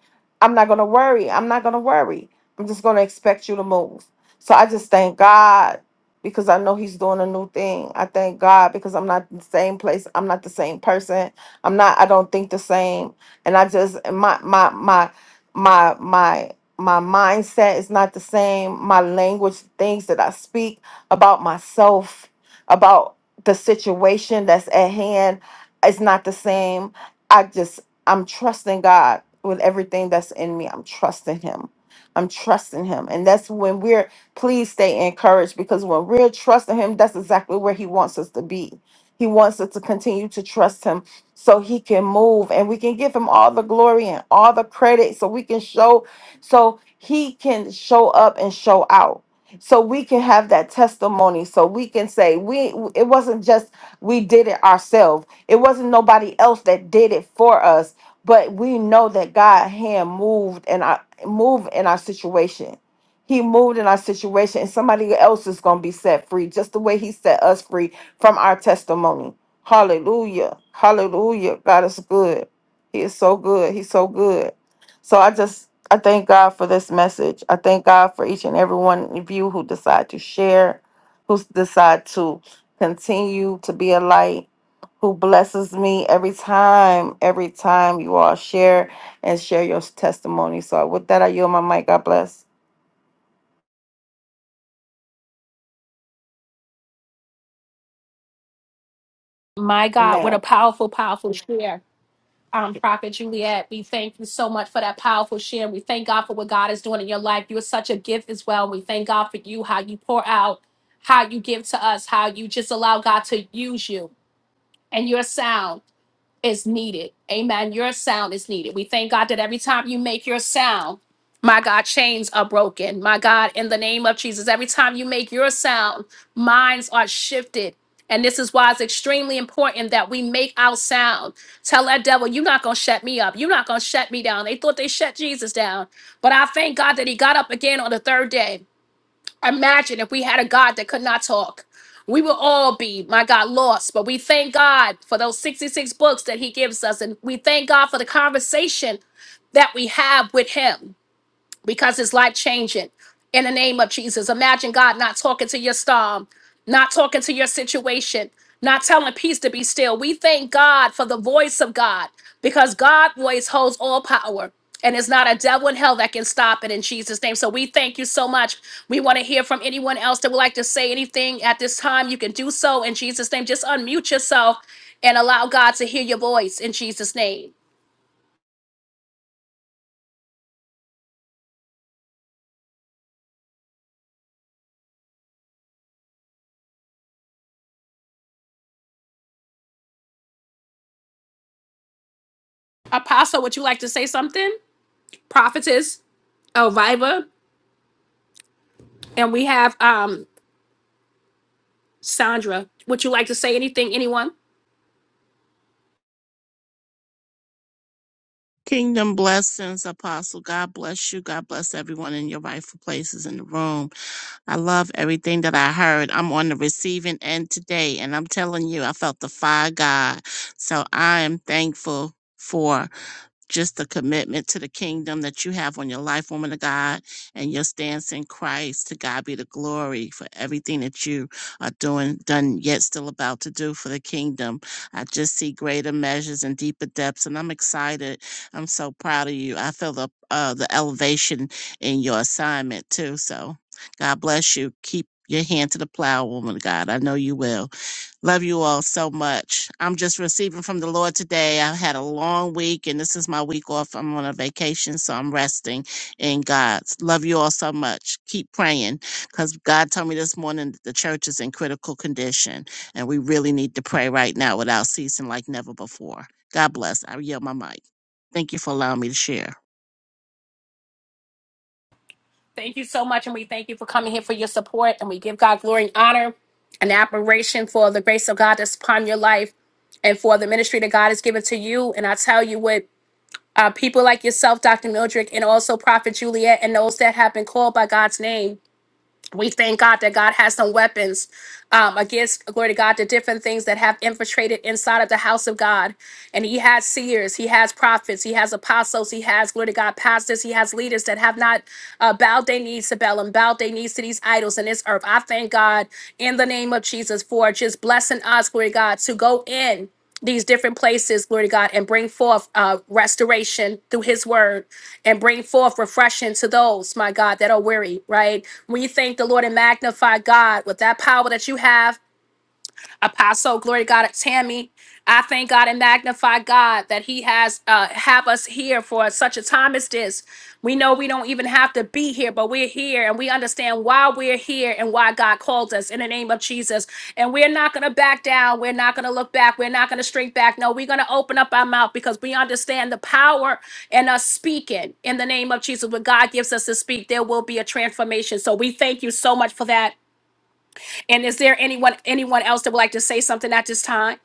Speaker 2: I'm not going to worry. I'm not going to worry. I'm just going to expect you to move. So I just thank God because I know he's doing a new thing. I thank God because I'm not in the same place. I'm not the same person. I'm not I don't think the same and I just my my my my my my mindset is not the same. My language, things that I speak about myself about the situation that's at hand is not the same. I just I'm trusting God with everything that's in me. I'm trusting him. I'm trusting him. And that's when we're please stay encouraged because when we're trusting him, that's exactly where he wants us to be. He wants us to continue to trust him so he can move and we can give him all the glory and all the credit so we can show so he can show up and show out so we can have that testimony so we can say we it wasn't just we did it ourselves it wasn't nobody else that did it for us but we know that god hand moved and i moved in our situation he moved in our situation and somebody else is going to be set free just the way he set us free from our testimony hallelujah hallelujah god is good he is so good he's so good so i just I thank God for this message. I thank God for each and every one of you who decide to share, who s- decide to continue to be a light, who blesses me every time, every time you all share and share your testimony. So with that, I yield my mic. God bless.
Speaker 1: My God, what
Speaker 2: Amen.
Speaker 1: a powerful, powerful share. um, Prophet Juliet. We thank you so much for that powerful share. We thank God for what God is doing in your life. You are such a gift as well. We thank God for you, how you pour out, how you give to us, how you just allow God to use you and your sound is needed. Amen. Your sound is needed. We thank God that every time you make your sound, my God, chains are broken. My God, in the name of Jesus, every time you make your sound, minds are shifted. And this is why it's extremely important that we make our sound. Tell that devil, you're not going to shut me up. You're not going to shut me down. They thought they shut Jesus down. But I thank God that he got up again on the third day. Imagine if we had a God that could not talk. We would all be, my God, lost. But we thank God for those 66 books that He gives us. And we thank God for the conversation that we have with Him because it's life changing in the name of Jesus. Imagine God not talking to your storm, not talking to your situation, not telling peace to be still. We thank God for the voice of God because God's voice holds all power. And it's not a devil in hell that can stop it in Jesus' name. So we thank you so much. We want to hear from anyone else that would like to say anything at this time. You can do so in Jesus' name. Just unmute yourself and allow God to hear your voice in Jesus' name. Apostle, would you like to say something? Prophetess Elvira? And we have um Sandra. Would you like to say anything, anyone?
Speaker 5: Kingdom blessings, Apostle. God bless you. God bless everyone in your rightful places in the room. I love everything that I heard. I'm on the receiving end today, and I'm telling you, I felt the fire, of God. So I am thankful for just the commitment to the kingdom that you have on your life, woman of God, and your stance in Christ. To God be the glory for everything that you are doing, done yet still about to do for the kingdom. I just see greater measures and deeper depths, and I'm excited. I'm so proud of you. I feel the uh, the elevation in your assignment too. So God bless you. Keep your hand to the plow, woman of God. I know you will. Love you all so much. I'm just receiving from the Lord today. I've had a long week and this is my week off. I'm on a vacation, so I'm resting in God. Love you all so much. Keep praying because God told me this morning that the church is in critical condition and we really need to pray right now without ceasing like never before. God bless. I yield my mic. Thank you for allowing me to share.
Speaker 1: Thank you so much, and we thank you for coming here for your support. And we give God glory and honor and admiration for the grace of God that's upon your life and for the ministry that God has given to you. And I tell you what, uh, people like yourself, Dr. Mildred, and also Prophet Juliet, and those that have been called by God's name we thank God that God has some weapons um, against, glory to God, the different things that have infiltrated inside of the house of God. And He has seers, He has prophets, He has apostles, He has, glory to God, pastors, He has leaders that have not uh, bowed their knees to Balaam, bowed their knees to these idols in this earth. I thank God in the name of Jesus for just blessing us, glory to God, to go in these different places, glory to God, and bring forth uh, restoration through His word and bring forth refreshing to those, my God, that are weary, right? We thank the Lord and magnify God with that power that you have Apostle, glory to God, Tammy. I thank God and magnify God that He has uh, have us here for such a time as this. We know we don't even have to be here, but we're here and we understand why we're here and why God called us in the name of Jesus. And we're not going to back down. We're not going to look back. We're not going to shrink back. No, we're going to open up our mouth because we understand the power in us speaking in the name of Jesus. When God gives us to speak, there will be a transformation. So we thank you so much for that. And is there anyone anyone else that would like to say something at this time?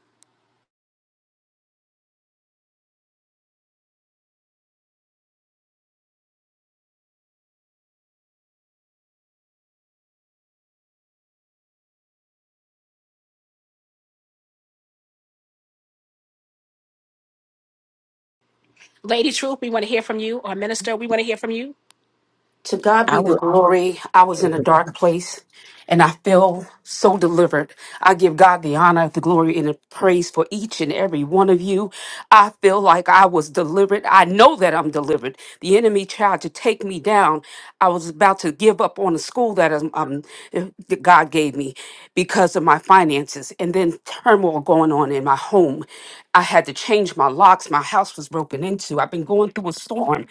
Speaker 1: Lady Truth, we want to hear from you, or Minister, we want to hear from you.
Speaker 6: To God
Speaker 7: I
Speaker 6: be the
Speaker 7: will
Speaker 6: glory. I was in a
Speaker 7: say
Speaker 6: dark place and I feel so delivered. I give God the honor, the glory, and the praise for each and every one of you. I feel like I was delivered. I know that I'm delivered. The enemy tried to take me down. I was about to give up on the school that um, um, that God gave me because of my finances and then turmoil going on in my home. I had to change my locks. My house was broken into. I've been going through a storm.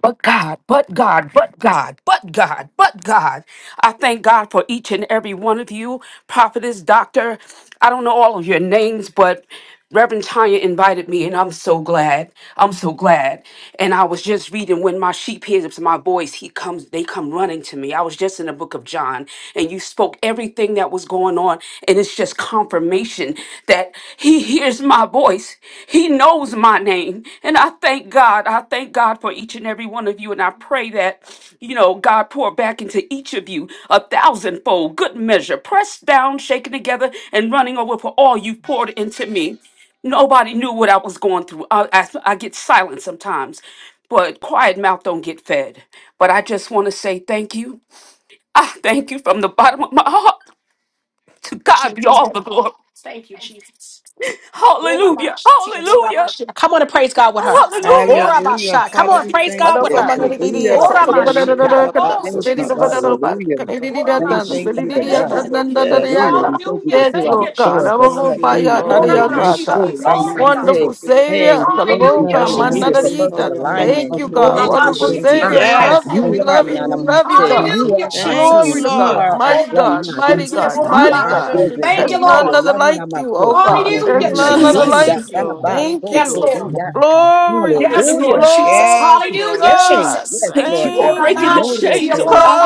Speaker 6: But God, but God, but God, but God, but God. I thank God for each and every one of you, prophetess, doctor. I don't know all of your names, but Reverend Tanya invited me, and I'm so glad. I'm so glad. And I was just reading when my sheep hears my voice, he comes, they come running to me. I was just in the book of John, and you spoke everything that was going on, and it's just confirmation that he hears my voice. He knows my name. And I thank God. I thank God for each and every one of you. And I pray that, you know, God pour back into each of you a thousandfold, good measure, pressed down, shaken together, and running over for all you've poured into me. Nobody knew what I was going through. I, I, I get silent sometimes, but quiet mouth don't get fed. But I just want to say thank you. I thank you from the bottom of my heart. To God be
Speaker 1: Jesus,
Speaker 6: all the glory.
Speaker 1: thank you, Jesus.
Speaker 6: Hallelujah. Hallelujah.
Speaker 1: Come on and praise God with her.
Speaker 6: Hallelujah.
Speaker 3: Hallelujah.
Speaker 1: Orabasha. Come
Speaker 3: Father,
Speaker 1: on,
Speaker 3: we
Speaker 1: praise
Speaker 3: thank
Speaker 1: God
Speaker 3: you.
Speaker 1: with
Speaker 3: We
Speaker 1: her.
Speaker 2: the
Speaker 3: thank you.
Speaker 7: hallelujah.
Speaker 2: the So to the
Speaker 7: Yes,
Speaker 6: Hallelujah.
Speaker 2: Banana
Speaker 7: Lord
Speaker 1: Oramashia.
Speaker 7: God.
Speaker 1: Glory,
Speaker 2: conducts,
Speaker 7: Thank
Speaker 2: lady
Speaker 7: you,
Speaker 2: the
Speaker 1: Jesus.
Speaker 2: Banana Pat,
Speaker 7: hallelujah.
Speaker 2: Canadian
Speaker 3: Likadabasotalabasotalabas. Father, we
Speaker 7: Thank
Speaker 2: Datan,
Speaker 7: you,
Speaker 3: thank
Speaker 1: Oramashi.
Speaker 3: you.
Speaker 7: Father
Speaker 1: Thank you,
Speaker 2: Sididia,
Speaker 3: Thank you,
Speaker 7: God.
Speaker 1: Lord.
Speaker 3: Lord.
Speaker 2: Nanda
Speaker 3: Yes,
Speaker 7: Hallelujah.
Speaker 3: Lord.
Speaker 2: Diaka.
Speaker 7: We thank you
Speaker 1: Hallelujah.
Speaker 7: that
Speaker 2: Yes,
Speaker 7: you are
Speaker 1: Thank
Speaker 7: the
Speaker 1: you,
Speaker 2: Lord God.
Speaker 3: We
Speaker 7: source
Speaker 2: I'm
Speaker 7: of
Speaker 1: Jesus.
Speaker 3: thank
Speaker 2: a
Speaker 7: all
Speaker 6: Glory
Speaker 3: you, O
Speaker 6: be to
Speaker 7: things. Hey,
Speaker 3: God.
Speaker 6: God.
Speaker 3: We
Speaker 6: Thank
Speaker 7: you
Speaker 3: thank
Speaker 6: you,
Speaker 5: Yeah,
Speaker 3: you.
Speaker 2: by
Speaker 3: We
Speaker 1: Oramasha.
Speaker 7: too.
Speaker 5: thank
Speaker 7: I'm
Speaker 3: thank
Speaker 6: Jesus.
Speaker 7: not
Speaker 1: Glory,
Speaker 3: you.
Speaker 5: you,
Speaker 3: We
Speaker 1: God.
Speaker 5: Jesus.
Speaker 7: saying.
Speaker 2: Wonderful
Speaker 3: thank you, O Lord.
Speaker 7: Hey,
Speaker 2: Savior.
Speaker 7: we
Speaker 5: We
Speaker 7: thank you,
Speaker 5: bless
Speaker 1: Hallelujah,
Speaker 2: Kalaloka,
Speaker 3: We
Speaker 5: God.
Speaker 7: hallelujah,
Speaker 6: Hallelujah.
Speaker 7: for
Speaker 1: Jesus.
Speaker 5: Amen.
Speaker 3: glorify
Speaker 7: perfect
Speaker 3: your
Speaker 5: Cover
Speaker 2: mananarita.
Speaker 5: you in
Speaker 3: name
Speaker 5: the
Speaker 2: Thank
Speaker 5: blood
Speaker 3: for
Speaker 7: alignment.
Speaker 2: you,
Speaker 5: of
Speaker 7: You
Speaker 3: the
Speaker 5: Jesus.
Speaker 2: God.
Speaker 3: Lord.
Speaker 7: said
Speaker 3: We
Speaker 2: Wonderful
Speaker 7: today,
Speaker 3: thank you.
Speaker 2: Savior.
Speaker 7: mine.
Speaker 2: We
Speaker 1: Oramashi.
Speaker 5: Father,
Speaker 2: love
Speaker 3: Yes.
Speaker 2: you. We
Speaker 5: thank
Speaker 7: You
Speaker 3: Thank
Speaker 5: you
Speaker 7: are
Speaker 2: love
Speaker 3: you,
Speaker 6: Hallelujah.
Speaker 2: you.
Speaker 5: for
Speaker 7: none
Speaker 2: We
Speaker 7: of
Speaker 3: Lord.
Speaker 7: my
Speaker 5: keeping us
Speaker 2: love
Speaker 5: with
Speaker 2: you,
Speaker 7: said.
Speaker 2: God.
Speaker 5: strength and
Speaker 7: You
Speaker 1: Hallelujah,
Speaker 7: are
Speaker 5: power
Speaker 7: our
Speaker 5: in
Speaker 3: Thank you,
Speaker 2: Glory
Speaker 1: Jesus.
Speaker 7: king.
Speaker 2: to
Speaker 5: Jesus'
Speaker 7: You
Speaker 3: Lord.
Speaker 2: God,
Speaker 5: name.
Speaker 7: are our
Speaker 2: mighty
Speaker 7: one
Speaker 2: God,
Speaker 7: master.
Speaker 2: mighty
Speaker 5: Thank you,
Speaker 6: Yes,
Speaker 2: God,
Speaker 5: Father.
Speaker 7: You
Speaker 6: God.
Speaker 2: mighty
Speaker 7: are
Speaker 3: Glory
Speaker 2: God.
Speaker 5: Rabbi,
Speaker 3: to
Speaker 7: present
Speaker 5: Rabbi,
Speaker 1: Thank
Speaker 2: There's
Speaker 1: you,
Speaker 7: help.
Speaker 2: none
Speaker 1: Lord.
Speaker 2: other
Speaker 3: Jesus.
Speaker 2: like
Speaker 7: Hallelujah. my
Speaker 2: you,
Speaker 7: said.
Speaker 2: oh God.
Speaker 7: In
Speaker 5: Rabbi,
Speaker 2: There's
Speaker 1: Hallelujah,
Speaker 7: time of
Speaker 6: I
Speaker 2: none
Speaker 3: Hallelujah.
Speaker 2: other
Speaker 5: Rabbi,
Speaker 7: need,
Speaker 6: like
Speaker 5: Rabbi,
Speaker 1: Jesus.
Speaker 7: I
Speaker 2: like
Speaker 3: Yes,
Speaker 6: you.
Speaker 7: bow,
Speaker 2: you.
Speaker 3: Lord.
Speaker 5: Rabbi,
Speaker 7: bow,
Speaker 3: Thank
Speaker 2: Thank
Speaker 3: you,
Speaker 7: so,
Speaker 1: Yes,
Speaker 2: you.
Speaker 7: so,
Speaker 3: Lord.
Speaker 1: Lord.
Speaker 7: yeah.
Speaker 5: Rabbi, Rabbi,
Speaker 2: Glory,
Speaker 1: Yes,
Speaker 7: Hallelujah.
Speaker 6: Hallelujah.
Speaker 1: Lord Jesus.
Speaker 3: Yes,
Speaker 2: glory to
Speaker 3: Lord.
Speaker 1: Hallelujah,
Speaker 7: Hey,
Speaker 2: God.
Speaker 1: Jesus.
Speaker 7: yes,
Speaker 6: Thank you
Speaker 7: Lord
Speaker 6: for
Speaker 7: God.
Speaker 2: Thank
Speaker 6: breaking the
Speaker 2: you.
Speaker 7: Glory to
Speaker 6: chains, oh
Speaker 7: you.
Speaker 6: God.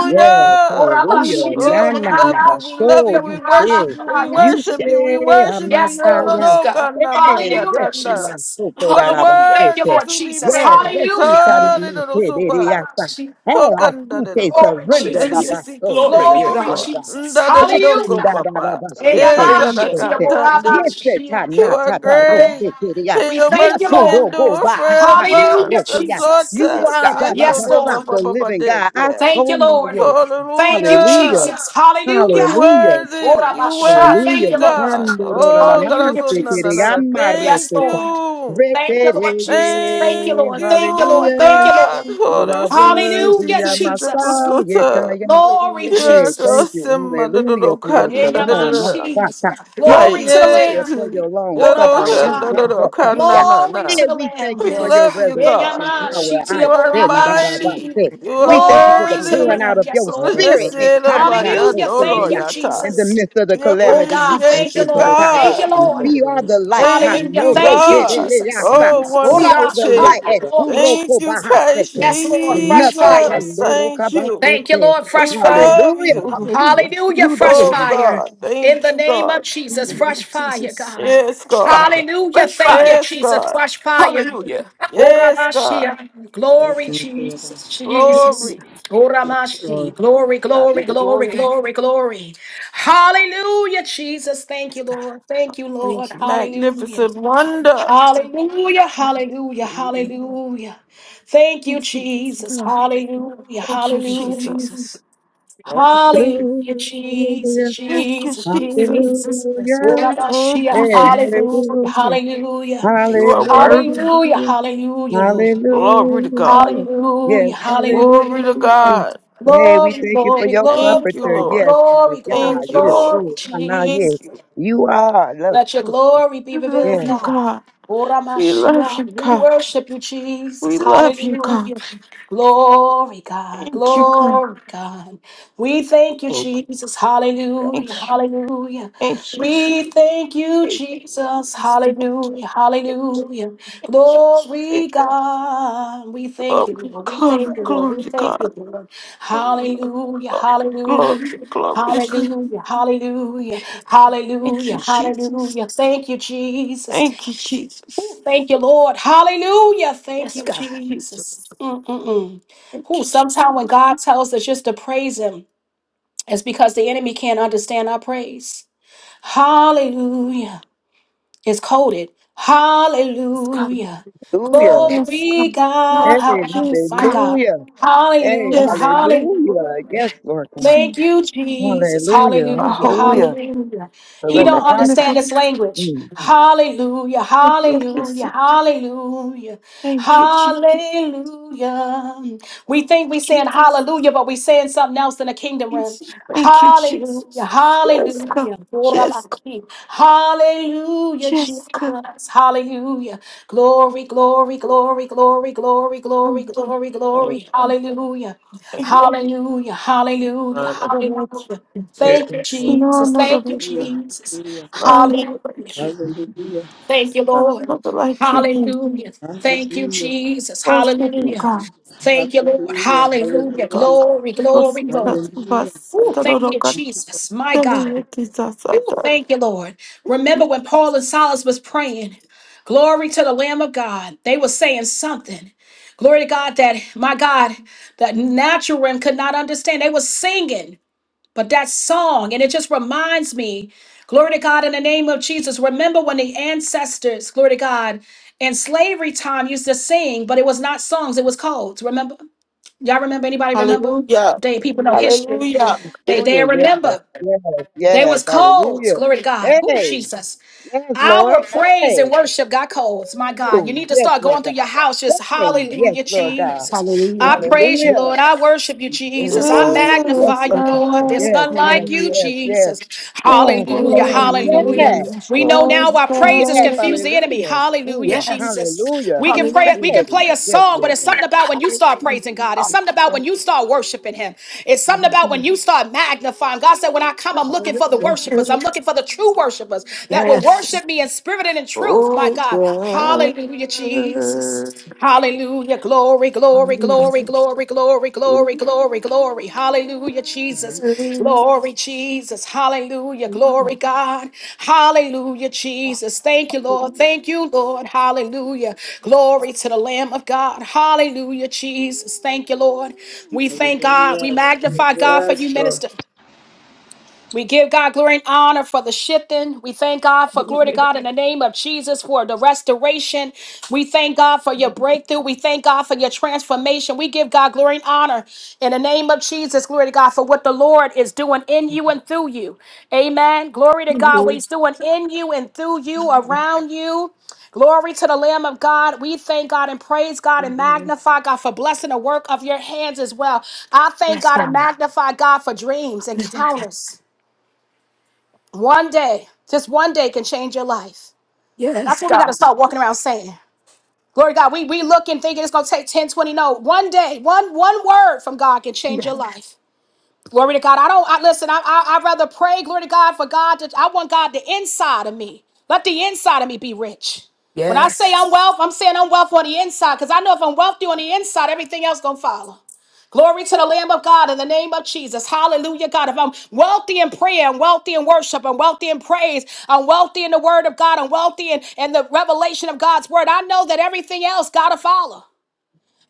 Speaker 7: Yes, hallelujah.
Speaker 6: Hallelujah.
Speaker 7: Na
Speaker 2: Oh, we
Speaker 7: na na
Speaker 2: love you.
Speaker 7: but
Speaker 2: We love
Speaker 7: so
Speaker 2: you.
Speaker 7: you
Speaker 2: We
Speaker 7: say.
Speaker 2: worship you. We
Speaker 6: Hallelujah.
Speaker 7: You
Speaker 2: worship you. We
Speaker 7: say
Speaker 2: worship you.
Speaker 1: Yes,
Speaker 2: No, no, no,
Speaker 1: Lord.
Speaker 7: Amasaya.
Speaker 6: Yes,
Speaker 2: no,
Speaker 6: God.
Speaker 2: God, no, my,
Speaker 7: Hey,
Speaker 2: yeah,
Speaker 1: Hallelujah,
Speaker 2: God,
Speaker 7: rescue
Speaker 2: no.
Speaker 7: us,
Speaker 1: Jesus.
Speaker 7: so
Speaker 2: You
Speaker 7: called
Speaker 2: are
Speaker 6: Hallelujah.
Speaker 1: Thank you,
Speaker 2: worthy
Speaker 7: Alabasete.
Speaker 1: Lord
Speaker 2: to be
Speaker 1: Jesus.
Speaker 7: Yes,
Speaker 2: praised.
Speaker 7: rescue
Speaker 1: Hallelujah.
Speaker 7: Tanamate de
Speaker 2: Hallelujah.
Speaker 7: Yasa. Hey, I see they
Speaker 2: Hokandadadaba.
Speaker 1: Glory,
Speaker 7: surrender
Speaker 2: And
Speaker 1: Jesus.
Speaker 2: he
Speaker 6: Hallelujah.
Speaker 2: siki
Speaker 7: Labasote,
Speaker 6: Glory be to
Speaker 7: yes,
Speaker 1: Glory,
Speaker 6: God.
Speaker 2: dedoko.
Speaker 7: Lord God.
Speaker 1: Jesus.
Speaker 7: Rescue
Speaker 2: Ndadadidoko,
Speaker 1: Hallelujah.
Speaker 2: Papa. Yes,
Speaker 7: Dadabasote, yes,
Speaker 6: Hallelujah.
Speaker 7: yes. Yes,
Speaker 2: Anakantandi.
Speaker 1: Eyamashikiyaborabashia.
Speaker 2: You are
Speaker 7: Tanata Rose,
Speaker 1: Oh,
Speaker 6: Um,
Speaker 2: great.
Speaker 7: yes,
Speaker 2: And
Speaker 1: We
Speaker 2: your
Speaker 1: thank you,
Speaker 2: mercy
Speaker 1: Lord.
Speaker 7: Kodo Go
Speaker 2: endure
Speaker 7: back
Speaker 6: God.
Speaker 2: forever.
Speaker 1: Hallelujah,
Speaker 2: The
Speaker 7: Bahata
Speaker 1: Jesus.
Speaker 7: you
Speaker 2: sota.
Speaker 6: Yes,
Speaker 7: are
Speaker 6: God.
Speaker 7: the
Speaker 2: Sito
Speaker 1: Yes,
Speaker 2: de
Speaker 7: Labasa,
Speaker 2: Papa,
Speaker 1: Lord.
Speaker 7: the
Speaker 2: Baba
Speaker 7: living God. I
Speaker 2: Deke.
Speaker 1: Thank
Speaker 7: so
Speaker 1: you,
Speaker 7: know
Speaker 1: Lord.
Speaker 7: you.
Speaker 1: Thank you,
Speaker 2: Hallelujah.
Speaker 7: Hallelujah.
Speaker 1: Jesus.
Speaker 2: We
Speaker 1: Hallelujah.
Speaker 7: Hallelujah.
Speaker 2: worthy. You
Speaker 1: Orabasha. Thank
Speaker 2: worthy,
Speaker 1: you,
Speaker 7: Hallelujah.
Speaker 1: Lord.
Speaker 2: God.
Speaker 7: Cuando rola la
Speaker 2: Oh,
Speaker 7: mano,
Speaker 2: God,
Speaker 1: Hallelujah,
Speaker 2: so
Speaker 7: se
Speaker 2: na na
Speaker 7: quiere
Speaker 2: na.
Speaker 1: Jesus.
Speaker 2: na.
Speaker 7: llamar,
Speaker 1: Yes,
Speaker 2: Thank
Speaker 7: Rosetta.
Speaker 1: Lord.
Speaker 2: you.
Speaker 6: Thank you,
Speaker 1: Thank you,
Speaker 7: Retere,
Speaker 6: God.
Speaker 1: Lord Jesus. Thank you,
Speaker 2: Thank
Speaker 7: yeah.
Speaker 1: Lord. Thank you,
Speaker 2: you,
Speaker 1: Lord.
Speaker 7: Hallelujah.
Speaker 1: Thank you,
Speaker 2: God.
Speaker 1: Lord.
Speaker 7: You are
Speaker 2: Holy see, see, see,
Speaker 1: Hallelujah,
Speaker 7: worthy, Amasa,
Speaker 1: Jesus.
Speaker 2: see, see,
Speaker 1: Glory,
Speaker 6: Hallelujah.
Speaker 7: Hey,
Speaker 1: Jesus.
Speaker 7: thank you.
Speaker 2: Yaragasema
Speaker 7: Hallelujah for your
Speaker 1: Eh,
Speaker 2: Dadokanda
Speaker 7: shalom. my God,
Speaker 1: Yamashi.
Speaker 6: Yes,
Speaker 7: God.
Speaker 6: God.
Speaker 7: Hey,
Speaker 1: Glory
Speaker 7: we
Speaker 1: to the
Speaker 7: thank you
Speaker 1: Lamb.
Speaker 7: for
Speaker 2: Hayeti
Speaker 7: your long suffering. God,
Speaker 1: Orabasha.
Speaker 7: God,
Speaker 6: Hallelujah.
Speaker 7: God, God, God,
Speaker 2: Dadokanda
Speaker 7: yeah.
Speaker 1: Glory
Speaker 7: Hey,
Speaker 1: to
Speaker 2: Nana.
Speaker 1: the
Speaker 7: we thank
Speaker 1: Lamb.
Speaker 7: you
Speaker 2: We
Speaker 7: for
Speaker 6: Yes,
Speaker 7: your
Speaker 6: God.
Speaker 2: love you,
Speaker 1: Eh,
Speaker 2: God.
Speaker 7: resurrection
Speaker 3: Yes.
Speaker 7: power.
Speaker 1: Yamashi,
Speaker 2: You
Speaker 7: I
Speaker 2: are
Speaker 7: said
Speaker 3: Father, we
Speaker 7: that
Speaker 3: thank
Speaker 7: about
Speaker 3: you.
Speaker 2: mighty.
Speaker 1: Tiaborabashi.
Speaker 7: that.
Speaker 3: Thank
Speaker 2: You
Speaker 7: We
Speaker 2: are
Speaker 7: thank you for the
Speaker 1: Glory to the
Speaker 7: pouring
Speaker 2: worthy.
Speaker 6: Hallelujah.
Speaker 7: out
Speaker 1: Lamb.
Speaker 7: of
Speaker 1: Yes,
Speaker 7: your
Speaker 1: Lord.
Speaker 2: just
Speaker 7: spirit. Hey, God, nah, no,
Speaker 1: Hallelujah.
Speaker 7: say that,
Speaker 1: Thank you,
Speaker 2: Gojesedobayadoloyata.
Speaker 7: yeah. In
Speaker 3: you,
Speaker 7: the
Speaker 1: Jesus.
Speaker 7: midst of the
Speaker 2: We
Speaker 1: Oh,
Speaker 7: calamity, we
Speaker 1: God.
Speaker 7: shout,
Speaker 3: Thank
Speaker 1: Thank
Speaker 2: appreciate
Speaker 1: you,
Speaker 3: you,
Speaker 2: you,
Speaker 7: God,
Speaker 3: Father.
Speaker 1: Lord.
Speaker 3: We
Speaker 7: God, yeah.
Speaker 1: Thank
Speaker 3: thank
Speaker 1: you,
Speaker 2: God.
Speaker 3: you for
Speaker 1: Lord.
Speaker 3: the
Speaker 7: we are
Speaker 3: Lord.
Speaker 7: the light. God,
Speaker 2: Thank
Speaker 1: Hallelujah.
Speaker 7: no,
Speaker 2: you,
Speaker 3: Thank
Speaker 7: ro,
Speaker 3: you.
Speaker 1: Thank
Speaker 3: We
Speaker 7: say
Speaker 1: you,
Speaker 7: that,
Speaker 3: Thank
Speaker 2: God.
Speaker 7: yeah,
Speaker 3: you. We
Speaker 7: yeah,
Speaker 1: Jesus.
Speaker 3: Thank you.
Speaker 7: yeah.
Speaker 2: Oh,
Speaker 3: We Thank
Speaker 7: We
Speaker 3: you.
Speaker 7: are
Speaker 3: We
Speaker 2: wonderful
Speaker 7: the
Speaker 1: Orabasha.
Speaker 3: Thank
Speaker 7: light.
Speaker 3: you,
Speaker 7: Eh,
Speaker 2: Savior.
Speaker 3: O God.
Speaker 7: who,
Speaker 1: Glory,
Speaker 7: ro,
Speaker 2: Thank
Speaker 7: ko,
Speaker 2: you,
Speaker 7: bah,
Speaker 1: Jesus.
Speaker 7: ah, say
Speaker 2: Christ
Speaker 7: that.
Speaker 3: Thank
Speaker 1: Yes,
Speaker 3: you,
Speaker 1: Lord.
Speaker 3: Jesus.
Speaker 1: Fresh
Speaker 7: Nothing
Speaker 1: fire.
Speaker 2: Jesus. Thank you.
Speaker 1: Thank you,
Speaker 7: can
Speaker 1: Lord.
Speaker 2: We
Speaker 1: Fresh fire.
Speaker 2: love
Speaker 7: Hallelujah.
Speaker 3: Thank
Speaker 2: you.
Speaker 3: you, thank you,
Speaker 6: Hallelujah.
Speaker 1: Hallelujah,
Speaker 6: New
Speaker 1: fresh
Speaker 2: Oh
Speaker 6: day.
Speaker 1: fire.
Speaker 2: God,
Speaker 1: In the
Speaker 2: thank you,
Speaker 1: name of
Speaker 2: God.
Speaker 6: In
Speaker 1: Jesus,
Speaker 6: the name
Speaker 1: fresh
Speaker 6: of
Speaker 1: fire,
Speaker 6: Jesus.
Speaker 1: God.
Speaker 2: Yes,
Speaker 6: Fresh
Speaker 2: God.
Speaker 6: fire.
Speaker 1: Hallelujah,
Speaker 6: Fresh
Speaker 1: thank
Speaker 6: fire.
Speaker 1: you,
Speaker 2: Yes,
Speaker 1: Jesus,
Speaker 2: God.
Speaker 1: fresh fire.
Speaker 6: Hallelujah.
Speaker 2: Yes, God.
Speaker 1: Oramashia,
Speaker 3: thank
Speaker 1: glory,
Speaker 3: you, thank you, so thank
Speaker 1: Jesus, Jesus.
Speaker 2: Glory.
Speaker 6: Hallelujah.
Speaker 3: you.
Speaker 1: Oramashi,
Speaker 3: Lord.
Speaker 1: glory,
Speaker 6: God
Speaker 1: glory,
Speaker 6: be the
Speaker 1: glory,
Speaker 6: glory.
Speaker 1: glory, glory. Hallelujah, Jesus, thank you,
Speaker 6: Yes, God.
Speaker 1: Lord. Thank you, Lord.
Speaker 6: Thank you.
Speaker 1: Hallelujah.
Speaker 2: Magnificent wonder.
Speaker 1: Hallelujah, hallelujah,
Speaker 6: Hallelujah.
Speaker 1: hallelujah. Thank you,
Speaker 2: Jesus,
Speaker 1: Jesus.
Speaker 2: God.
Speaker 1: Hallelujah,
Speaker 2: Thank you,
Speaker 6: Thank you,
Speaker 1: hallelujah.
Speaker 2: Jesus.
Speaker 6: Jesus.
Speaker 2: Thank you.
Speaker 1: Hallelujah, Jesus,
Speaker 7: Hallelujah.
Speaker 2: Thank you,
Speaker 1: Jesus,
Speaker 2: Jesus.
Speaker 1: Jesus.
Speaker 6: Yes, God.
Speaker 7: Hallelujah.
Speaker 2: Thank you,
Speaker 1: Urabashia,
Speaker 7: Hey,
Speaker 2: Jesus.
Speaker 1: hallelujah,
Speaker 7: hallelujah.
Speaker 1: hallelujah,
Speaker 2: You are worthy.
Speaker 1: hallelujah,
Speaker 7: Hallelujah.
Speaker 1: hallelujah, Lord.
Speaker 2: Glory to God.
Speaker 7: Hallelujah. Yes,
Speaker 1: Hallelujah,
Speaker 2: Glory to
Speaker 1: hallelujah.
Speaker 7: hallelujah.
Speaker 2: God.
Speaker 7: Hey, we
Speaker 1: Glory,
Speaker 7: thank you for
Speaker 1: glory,
Speaker 7: your
Speaker 1: glory,
Speaker 2: Thank you,
Speaker 7: comforter.
Speaker 1: glory,
Speaker 2: Lord.
Speaker 7: Yes, Father
Speaker 1: glory, glory,
Speaker 7: God.
Speaker 2: Thank you,
Speaker 7: Yes,
Speaker 6: Yes.
Speaker 2: Lord.
Speaker 1: glory,
Speaker 7: Lord. Now, yes.
Speaker 2: Thank
Speaker 1: Jesus.
Speaker 2: you.
Speaker 7: You are love.
Speaker 1: Let your glory be
Speaker 2: We love
Speaker 1: revealed,
Speaker 7: Yes.
Speaker 2: you,
Speaker 1: God.
Speaker 2: God.
Speaker 1: Ora
Speaker 2: We love
Speaker 1: Mashiach,
Speaker 2: you,
Speaker 1: We
Speaker 2: God.
Speaker 1: worship you, Jesus.
Speaker 2: We love you, God.
Speaker 1: Hallelujah. Glory, God.
Speaker 2: Thank you, God.
Speaker 1: Glory, God. We thank you, Jesus. Hallelujah.
Speaker 2: Thank you.
Speaker 1: Hallelujah.
Speaker 2: Thank you.
Speaker 1: We thank you,
Speaker 2: Thank
Speaker 1: Jesus.
Speaker 6: Yes.
Speaker 2: you.
Speaker 1: Hallelujah.
Speaker 2: Thank you.
Speaker 1: Hallelujah.
Speaker 2: Thank you.
Speaker 1: Glory,
Speaker 2: Thank
Speaker 1: God. We
Speaker 2: you.
Speaker 1: thank you,
Speaker 2: Glory,
Speaker 1: Lord. We
Speaker 6: Thank you,
Speaker 1: thank
Speaker 2: glory,
Speaker 1: you,
Speaker 6: God.
Speaker 1: Lord. We
Speaker 2: glory to
Speaker 1: thank you,
Speaker 2: God.
Speaker 1: Lord.
Speaker 6: Glory.
Speaker 1: Hallelujah.
Speaker 2: Glory, glory,
Speaker 1: Hallelujah.
Speaker 2: glory to God.
Speaker 1: Hallelujah. Hallelujah.
Speaker 2: Thank you,
Speaker 1: Hallelujah.
Speaker 2: Jesus.
Speaker 1: Hallelujah. Thank you, Jesus.
Speaker 2: Thank you,
Speaker 1: Ooh,
Speaker 2: Jesus.
Speaker 1: thank you, Lord. Hallelujah. Thank
Speaker 6: Yes,
Speaker 2: Thank
Speaker 1: you,
Speaker 6: God.
Speaker 2: you, Jesus.
Speaker 1: Jesus. Mm-mm-mm.
Speaker 2: Thank
Speaker 1: Ooh,
Speaker 2: you,
Speaker 1: sometimes when God tells us just to praise Him, it's because the enemy can't understand our praise. Hallelujah. It's coded.
Speaker 2: Jesus. God.
Speaker 1: Hallelujah.
Speaker 7: Hallelujah.
Speaker 2: Yes,
Speaker 1: Glory
Speaker 2: God.
Speaker 7: Hey,
Speaker 1: God.
Speaker 2: Yes,
Speaker 1: My
Speaker 2: God.
Speaker 1: God.
Speaker 7: hallelujah. Hey,
Speaker 2: Yes, God.
Speaker 1: Hallelujah.
Speaker 7: hallelujah. Yes, Lord
Speaker 2: Yes,
Speaker 7: God.
Speaker 1: Thank
Speaker 2: you
Speaker 1: you, Jesus.
Speaker 7: Hallelujah.
Speaker 2: are
Speaker 1: Hallelujah.
Speaker 2: holy
Speaker 7: Hallelujah.
Speaker 1: Hallelujah.
Speaker 7: The
Speaker 1: He
Speaker 2: and
Speaker 1: don't
Speaker 7: reciprocity.
Speaker 1: understand this
Speaker 2: magnificent.
Speaker 1: language.
Speaker 7: Mm.
Speaker 1: Hallelujah. Hallelujah.
Speaker 2: Magnificent.
Speaker 1: Hallelujah.
Speaker 2: Thank you, Jesus.
Speaker 1: Hallelujah. We think we saying hallelujah, but we saying something else in the kingdom realm.
Speaker 2: Jesus. Thank you,
Speaker 1: Hallelujah.
Speaker 2: Jesus. Yes, God.
Speaker 1: Hallelujah.
Speaker 2: Yes,
Speaker 1: Gorabaki. Hallelujah,
Speaker 2: God.
Speaker 1: Jesus. Hallelujah. Glory, glory, glory, glory, glory, glory, glory, glory. Hallelujah.
Speaker 2: Thank
Speaker 1: Hallelujah, hallelujah,
Speaker 2: you.
Speaker 1: hallelujah.
Speaker 3: Yes,
Speaker 1: Thank you,
Speaker 3: Lord. Yes, Lord.
Speaker 2: No,
Speaker 1: Jesus.
Speaker 2: another
Speaker 1: Thank you,
Speaker 2: like
Speaker 3: Hallelujah.
Speaker 2: you.
Speaker 1: Jesus.
Speaker 3: Hallelujah.
Speaker 1: Hallelujah.
Speaker 2: Another like you.
Speaker 1: Thank you, Lord.
Speaker 2: Another like you.
Speaker 1: Hallelujah.
Speaker 3: Hallelujah.
Speaker 1: Thank you,
Speaker 3: Hallelujah.
Speaker 1: Jesus.
Speaker 2: Worship you,
Speaker 1: Hallelujah.
Speaker 2: God.
Speaker 1: Thank you, Lord.
Speaker 3: Hallelujah.
Speaker 1: Hallelujah.
Speaker 3: Hallelujah.
Speaker 1: Glory,
Speaker 2: me
Speaker 1: glory, glory.
Speaker 2: that
Speaker 3: Hallelujah.
Speaker 1: Ooh,
Speaker 2: I don't
Speaker 1: thank
Speaker 2: know
Speaker 1: you,
Speaker 2: God.
Speaker 1: Jesus. My
Speaker 2: Tell me
Speaker 1: God.
Speaker 2: what is that,
Speaker 1: Ooh,
Speaker 2: Satan.
Speaker 1: Thank you, Lord. Remember when Paul and Silas was praying, glory to the Lamb of God. They were saying something. Glory to God that my God, that natural realm could not understand. They were singing, but that song, and it just reminds me, glory to God, in the name of Jesus. Remember when the ancestors, glory to God, in slavery time used to sing, but it was not songs, it was codes. Remember? Y'all remember? Anybody remember?
Speaker 2: Hallelujah.
Speaker 1: They people know history.
Speaker 2: Hallelujah.
Speaker 1: They they
Speaker 7: Hallelujah. Yes.
Speaker 1: remember
Speaker 7: Yes. Yes.
Speaker 1: codes.
Speaker 7: Hallelujah.
Speaker 1: Glory to God. Ooh,
Speaker 7: Hey.
Speaker 1: Jesus.
Speaker 7: Yes,
Speaker 1: Our
Speaker 7: Lord.
Speaker 1: praise and
Speaker 7: Hey.
Speaker 1: worship got colds. My God, you
Speaker 7: Ooh,
Speaker 1: need to
Speaker 7: yes,
Speaker 1: start
Speaker 7: Lord
Speaker 1: going through
Speaker 7: God.
Speaker 1: your house. Just
Speaker 7: Hey. Yes,
Speaker 1: hallelujah,
Speaker 7: Lord God.
Speaker 1: Jesus. I
Speaker 6: Hallelujah.
Speaker 1: pray,
Speaker 7: Hallelujah.
Speaker 1: Lord, I
Speaker 6: Yes,
Speaker 7: Ooh,
Speaker 6: God.
Speaker 7: yes,
Speaker 2: Yes,
Speaker 1: worship
Speaker 7: Lord
Speaker 1: you
Speaker 7: God.
Speaker 1: just
Speaker 2: God.
Speaker 7: Yes. Yes.
Speaker 1: like you,
Speaker 6: Hallelujah.
Speaker 7: Yes. Yes.
Speaker 1: Jesus.
Speaker 7: Yes.
Speaker 2: Oh,
Speaker 7: Yes.
Speaker 6: Hallelujah.
Speaker 1: Hallelujah.
Speaker 7: Yes.
Speaker 6: Hallelujah. Hallelujah.
Speaker 2: Yes,
Speaker 7: Ooh, Yes.
Speaker 2: God.
Speaker 7: Hallelujah. Mm,
Speaker 6: Yes.
Speaker 7: hallelujah.
Speaker 1: We
Speaker 6: Hallelujah.
Speaker 1: can
Speaker 7: Hey. Yes, Lord
Speaker 6: Hallelujah. Hallelujah. Hallelujah. Hallelujah. Yes.
Speaker 1: worship you, my
Speaker 2: Oh,
Speaker 1: God. Hallelujah. Jesus. Hallelujah. Glory, glory,
Speaker 6: Hallelujah.
Speaker 1: glory, glory, glory, glory, glory, glory. Hallelujah, Jesus.
Speaker 2: God.
Speaker 1: Glory, Jesus. Hallelujah. Glory, God. Hallelujah, Jesus. Thank you, Lord. Thank you, Lord. Hallelujah. Glory to the Lamb of God. Hallelujah, Jesus. Thank you, Lord. We thank God. We
Speaker 3: Hallelujah.
Speaker 1: magnify God for
Speaker 3: Yes,
Speaker 1: you,
Speaker 3: Lord.
Speaker 1: minister. We give God glory and honor for the shifting. We thank God for glory to God in the name of Jesus for the restoration. We thank God for your breakthrough. We thank God for your transformation. We give God glory and honor in the name of Jesus. Glory to God for what the Lord is doing in you and through you. Amen. Glory to God. What He's doing in you and through you, around you. Glory to the Lamb of God. We thank God and praise God and magnify God for blessing the work of your hands as well. I thank
Speaker 6: Yes,
Speaker 1: God and
Speaker 6: God.
Speaker 1: magnify God for dreams, encounters. One day, just one day can change your life. That's
Speaker 6: Yes,
Speaker 1: what we got to
Speaker 6: God.
Speaker 1: start walking around saying. Glory to God. We, we look and thinking it's going to take ten twenty. No, one day, one, one word from God can change your
Speaker 6: Yes.
Speaker 1: life. Glory to God. I don't, I listen, I, I, I'd rather pray, glory to God, for God to, I want God the inside of me. Let the inside of me be rich.
Speaker 6: Yes.
Speaker 1: When I say I'm wealth, I'm saying I'm wealth on the inside because I know if I'm wealthy on the inside, everything else going to follow. Glory to the Lamb of God in the name of Jesus. Hallelujah, God. If I'm wealthy in prayer and wealthy in worship and wealthy in praise, I'm wealthy in the word of God and wealthy in, in the revelation of God's word, I know that everything else got to follow.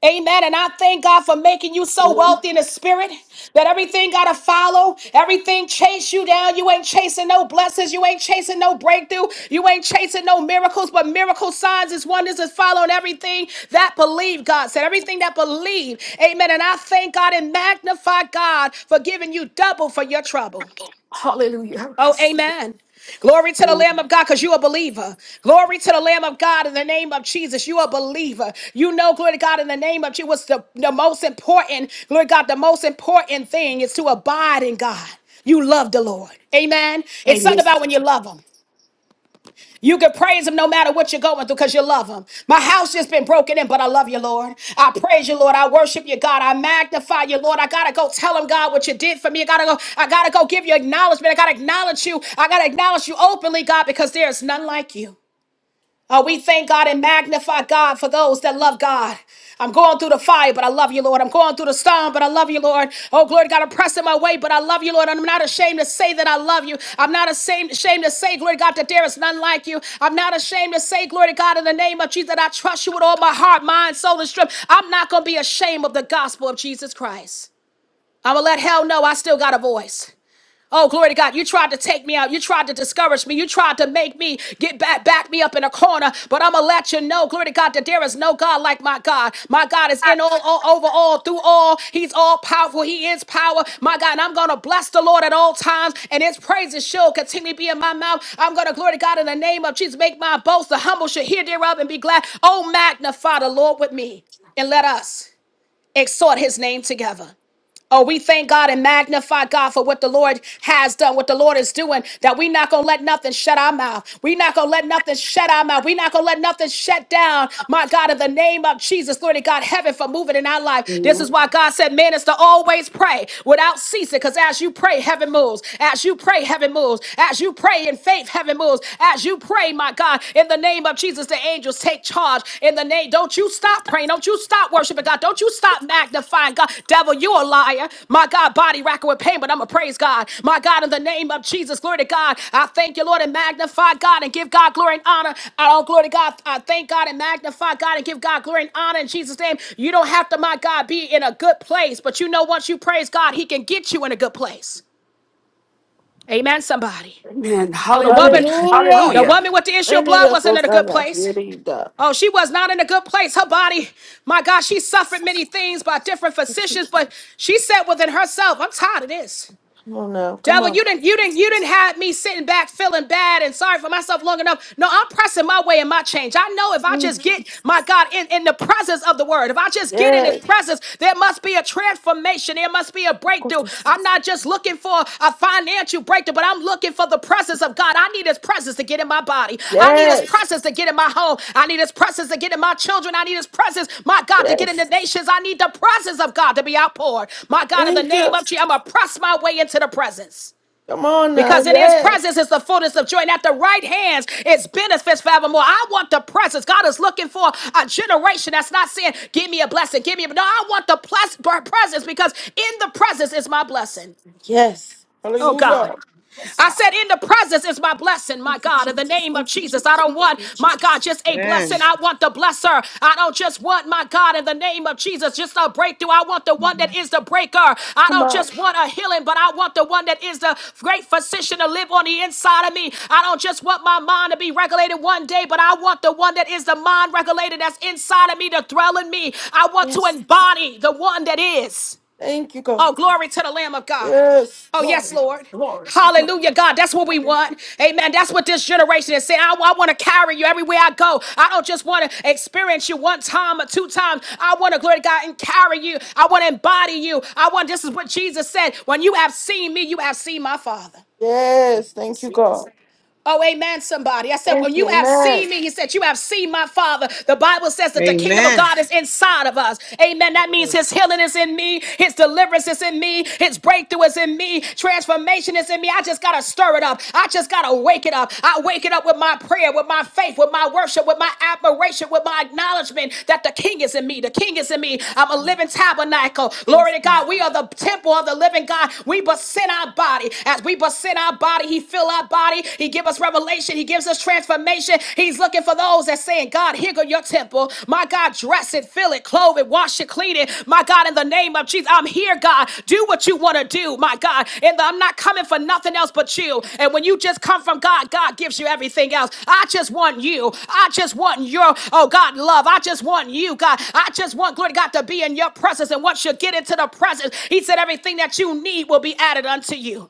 Speaker 1: Amen. And I thank God for making you so wealthy in the spirit that everything got to follow, everything chase you down. You ain't chasing no blessings, you ain't chasing no breakthrough, you ain't chasing no miracles, but miracle signs is wonders is following everything that believe God said, everything that believe. Amen. And I thank God and magnify God for giving you double for your trouble.
Speaker 6: Hallelujah.
Speaker 1: Oh, amen. Glory to the Lamb of God because you're a believer. Glory to the Lamb of God in the name of Jesus. You're a believer. You know, glory to God, in the name of Jesus, what's the, the most important, glory to God, the most important thing is to abide in God. You love the Lord. Amen. It's something
Speaker 6: Amen.
Speaker 1: about when you love Him. You can praise him no matter what you're going through because you love him. My house has been broken in, but I love you, Lord. I praise you, Lord. I worship you, God. I magnify you, Lord. I gotta go tell him, God, what you did for me. I gotta go, I gotta go give you acknowledgement. I gotta acknowledge you. I gotta acknowledge you openly, God, because there is none like you. Oh, we thank God and magnify God for those that love God. I'm going through the fire, but I love you, Lord. I'm going through the storm, but I love you, Lord. Oh, glory to God, I'm pressing my way, but I love you, Lord. I'm not ashamed to say that I love you. I'm not ashamed, ashamed to say, glory to God, that there is none like you. I'm not ashamed to say, glory to God, in the name of Jesus, that I trust you with all my heart, mind, soul, and strength. I'm not going to be ashamed of the gospel of Jesus Christ. I'm going to let hell know I still got a voice. Oh, glory to God. You tried to take me out. You tried to discourage me. You tried to make me get back, back me up in a corner. But I'm going to let you know, glory to God, that there is no God like my God. My God is in all, all over all, through all. He's all powerful. He is power. My God, and I'm going to bless the Lord at all times, and his praises shall continue to be in my mouth. I'm going to, glory to God, in the name of Jesus, make my boast. The humble should hear thereof and be glad. Oh, magnify the Lord with me and let us exhort his name together. Oh, we thank God and magnify God for what the Lord has done, what the Lord is doing, that we not going to let nothing shut our mouth. we not going to let nothing shut our mouth. we not going to let nothing shut down. My God, in the name of Jesus, glory to God, heaven for moving in our life. This is why God said, man, is to always pray without ceasing, because as you pray, heaven moves. As you pray, heaven moves. As you pray in faith, heaven moves. As you pray, my God, in the name of Jesus, the angels take charge in the name. Don't you stop praying. Don't you stop worshiping God. Don't you stop magnifying God. Devil, you a liar. My God, body racking with pain, but I'm going to praise God. My God, in the name of Jesus, glory to God. I thank you, Lord, and magnify God and give God glory and honor. I don't glory to God. I thank God and magnify God and give God glory and honor in Jesus' name. You don't have to, my God, be in a good place, but you know, once you praise God, He can get you in a good place. Amen, somebody.
Speaker 6: Amen.
Speaker 1: Oh, the
Speaker 6: Hallelujah.
Speaker 1: woman, [LAUGHS]
Speaker 2: Hallelujah.
Speaker 1: the
Speaker 6: Hallelujah.
Speaker 1: woman with the issue of
Speaker 2: Any
Speaker 1: blood
Speaker 2: of
Speaker 1: wasn't
Speaker 2: those
Speaker 1: in a good
Speaker 2: times I
Speaker 1: place.
Speaker 2: that you die.
Speaker 1: Oh, she was not in a good place. Her body, my God, she suffered many things by different physicians, but she said within herself, I'm tired of this.
Speaker 2: Come on now, come
Speaker 1: Devil,
Speaker 2: on.
Speaker 1: you didn't, you didn't, you didn't have me sitting back feeling bad and sorry for myself long enough. No, I'm pressing my way and my change. I know if I
Speaker 2: Thank
Speaker 1: just
Speaker 2: you.
Speaker 1: get my God in, in the presence of the word, if I just get in his
Speaker 2: Yes,
Speaker 1: presence, there must be a transformation. There must be a breakthrough. I'm not just looking for a financial breakthrough, but I'm looking for the presence of God. I need His presence to get in my body. I need His
Speaker 2: yes,
Speaker 1: presence to get in my home. I need His presence to get in my children. I need His presence, my God, to get in the
Speaker 2: yes.
Speaker 1: nations. I need the presence of God to be outpoured. My God, in the
Speaker 2: Thank
Speaker 1: name
Speaker 2: you.
Speaker 1: of Jesus, I'm going to press my way into the presence.
Speaker 2: Come on now,
Speaker 1: Because in his
Speaker 2: yes,
Speaker 1: presence is the fullness of joy, and at the right hands is benefits forevermore. I want the presence. God is looking for a generation that's not saying, Give me a blessing, give me a. No, I want the plus- presence because in the presence is my blessing.
Speaker 2: yes.
Speaker 1: Oh, God.
Speaker 2: Hallelujah.
Speaker 6: Yes,
Speaker 1: I
Speaker 6: God.
Speaker 1: said, in the presence is my blessing, my
Speaker 2: Thank you,
Speaker 1: God. In the
Speaker 2: Jesus.
Speaker 1: name of
Speaker 2: Thank you,
Speaker 1: Jesus, I
Speaker 2: Jesus.
Speaker 1: don't want, my
Speaker 2: Jesus.
Speaker 1: God, just a
Speaker 3: Amen.
Speaker 1: blessing. I want the blesser. I don't just want, my God, in the name of Jesus, just a breakthrough. I want the one that is the breaker. I
Speaker 2: Come
Speaker 1: don't just
Speaker 2: on,
Speaker 1: want a healing, but I want the one that is the great physician to live on the inside of me. I don't just want my mind to be regulated one day, but I want the one that is the mind regulated that's inside of me to dwell in me. I want to
Speaker 2: yes.
Speaker 1: embody the one that is.
Speaker 2: Thank you, God.
Speaker 1: Oh, glory to the Lamb of God.
Speaker 2: Yes.
Speaker 1: Oh, yes,
Speaker 6: Glory,
Speaker 1: Lord.
Speaker 6: glory.
Speaker 2: Thank you, God.
Speaker 1: Hallelujah, God. That's what we want. Amen. That's what this generation is saying. I, want to carry you everywhere I go. I don't just want to experience you one time or two times. I want to, glory to God, and carry you. I want to embody you. I want, this is what Jesus said. When you have seen me, you have seen my Father.
Speaker 2: Yes. Thank you,
Speaker 6: Yes.
Speaker 2: God.
Speaker 1: Oh, amen, somebody. I said, when
Speaker 2: Thank you,
Speaker 1: you have
Speaker 2: Amen.
Speaker 1: seen me, he said, you have seen my father. The Bible says that the kingdom of
Speaker 3: Amen.
Speaker 1: God is inside of us. Amen. That means his
Speaker 3: Yes.
Speaker 1: healing is in me. His deliverance is in me. His breakthrough is in me. Transformation is in me. I just got to stir it up. I just got to wake it up. I wake it up with my prayer, with my faith, with my worship, with my admiration, with my acknowledgement that the king is in me. The king is in me. I'm a living tabernacle. Glory
Speaker 2: Yes,
Speaker 1: to
Speaker 2: God.
Speaker 1: God. We are the temple of the living God. We present our body. As we present our body, body. He fill our body. He give us revelation. He gives us transformation. He's looking for those that saying, God, here go your temple. My God, dress it, fill it, clothe it, wash it, clean it. My God, in the name of Jesus, I'm here, God. Do what you want to do, my God. And I'm not coming for nothing else but you. And when you just come from God, God gives you everything else. I just want you. I just want your, oh God, love. I just want you, God. I just want, glory to God, to be in your presence. And once you get into the presence, He said, everything that you need will be added unto you.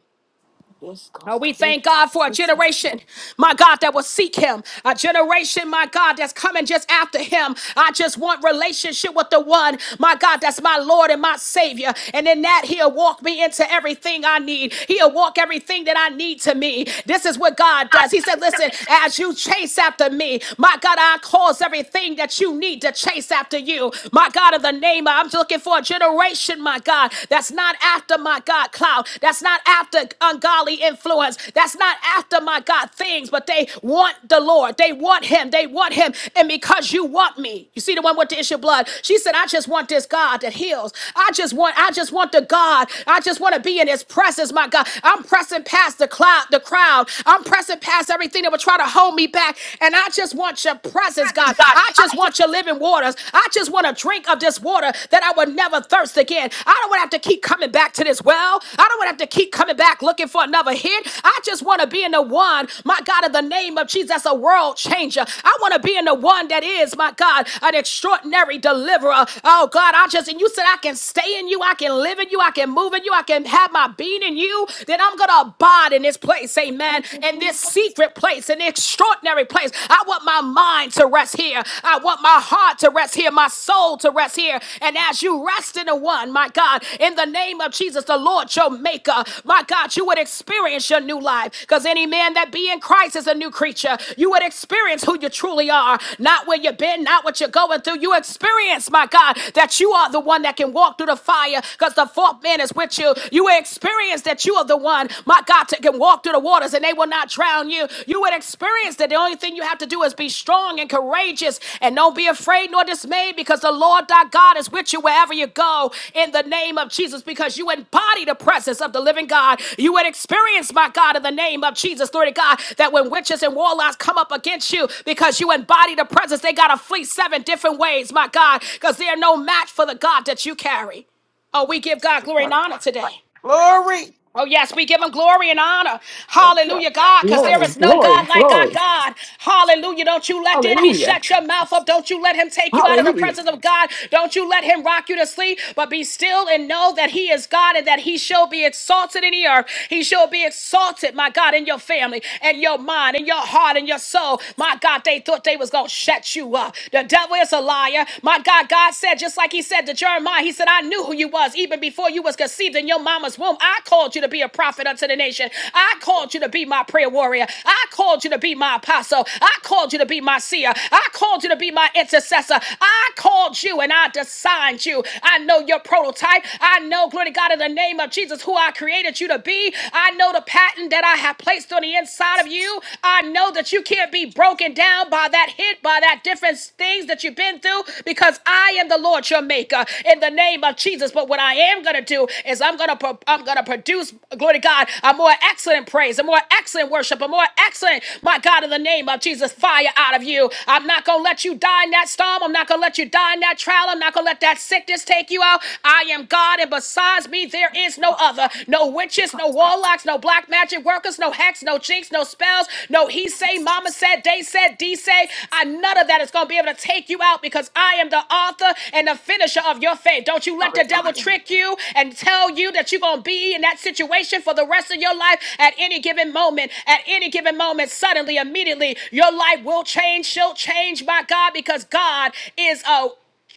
Speaker 2: Yes, God.
Speaker 1: Oh, we
Speaker 2: Yes.
Speaker 1: thank God for a generation, my God, that will seek Him. A generation, my God, that's coming just after Him. I just want relationship with the one, my God, that's my Lord and my Savior. And in that, He'll walk me into everything I need. He'll walk everything that I need to me. This is what God does. He said, Listen, as you chase after me, my God, I cause everything that you need to chase after you. My God, in the name of, I'm just looking for a generation, my God, that's not after my God cloud. That's not after ungodly influence. That's not after my God things, but they want the Lord. They want him. They want him. And because you want me, you see the one with the issue of blood. She said, I just want this God that heals. I just want, I just want the God. I just want to be in his presence, my God. I'm pressing past the cloud, the crowd. I'm pressing past everything that would try to hold me back. And I just want your presence,
Speaker 2: This
Speaker 1: God.
Speaker 2: God.
Speaker 1: I just
Speaker 2: I
Speaker 1: want
Speaker 2: just-
Speaker 1: your living waters. I just want a drink of this water that I would never thirst again. I don't want to have to keep coming back to this well. I don't want to have to keep coming back looking for another hit. I just want to be in the one, my God, in the name of Jesus, that's a world changer. I want to be in the one that is, my God, an extraordinary deliverer. Oh God, I just, and you said I can stay in you, I can live in you, I can move in you, I can have my being in you, then I'm going to abide in this place, amen,
Speaker 2: Thank you,
Speaker 1: in this
Speaker 2: Jesus.
Speaker 1: secret place, in the extraordinary ordinary place. I want my mind to rest here. I want my heart to rest here, my soul to rest here. And as you rest in the one, my God, in the name of Jesus, the Lord your maker, my God, you would experience your new life. Because any man that be in Christ is a new creature. You would experience who you truly are, not where you've been, not what you're going through. You experience, my God, that you are the one that can walk through the fire because the fourth man is with you. You experience that you are the one my God, to can walk through the waters and they will not drown you. You would experience that the only thing you have to do is be strong and courageous and don't be afraid nor dismayed because the Lord thy God is with you wherever you go in the name of Jesus because you embody the presence of the living God. You would experience, my God, in the name of Jesus, glory to God, that when witches and warlocks come up against you because you embody the presence, they got to flee seven different ways, my God, because they are no match for the God that you carry. Oh, we give God glory and honor today.
Speaker 2: Glory.
Speaker 1: Oh, yes, we give him glory and honor.
Speaker 2: Thank
Speaker 1: Hallelujah, God, because
Speaker 6: Glory,
Speaker 1: there is no
Speaker 6: glory,
Speaker 1: God like our
Speaker 6: glory.
Speaker 1: God. Hallelujah. Don't you let the enemy
Speaker 6: Hallelujah.
Speaker 1: shut your mouth up. Don't you let him take you out of the
Speaker 6: Hallelujah.
Speaker 1: presence of God. Don't you let him rock you to sleep, but be still and know that he is God and that he shall be exalted in the earth. He shall be exalted, my God, in your family, and your mind, and your heart, and your soul. My God, they thought they was going to shut you up. The devil is a liar. My God, God said, just like like he said to Jeremiah, he said, I knew who you was even before you was conceived in your mama's womb. I called you to be a prophet unto the nation. I called you to be my prayer warrior. I called you to be my apostle. I called you to be my seer. I called you to be my intercessor. I called you and I designed you. I know your prototype. I know, glory to God, in the name of Jesus, who I created you to be. I know the pattern that I have placed on the inside of you. I know that you can't be broken broken down by that hit, by that different things that you've been through, because I am the Lord your maker in the name of Jesus. But what I am gonna do is I'm gonna pro- I'm gonna produce, glory to God, a more excellent praise, a more excellent worship, a more excellent, my God, in the name of Jesus, fire out of you. I'm not gonna let you die in that storm. I'm not gonna let you die in that trial. I'm not gonna let that sickness take you out. I am God, and besides me, there is no other, no witches, no warlocks warlocks, no black magic workers, no hacks, no jinx, no spells, no he say, mama said, they said, D say. I none of that is gonna be able to take you out because I am the author and the finisher of your faith. Don't you let
Speaker 2: you.
Speaker 1: the devil trick you and tell you that you're gonna be in that situation for the rest of your life at any given moment. At any given moment, suddenly, immediately, your life will change, she'll change, my God, because God is a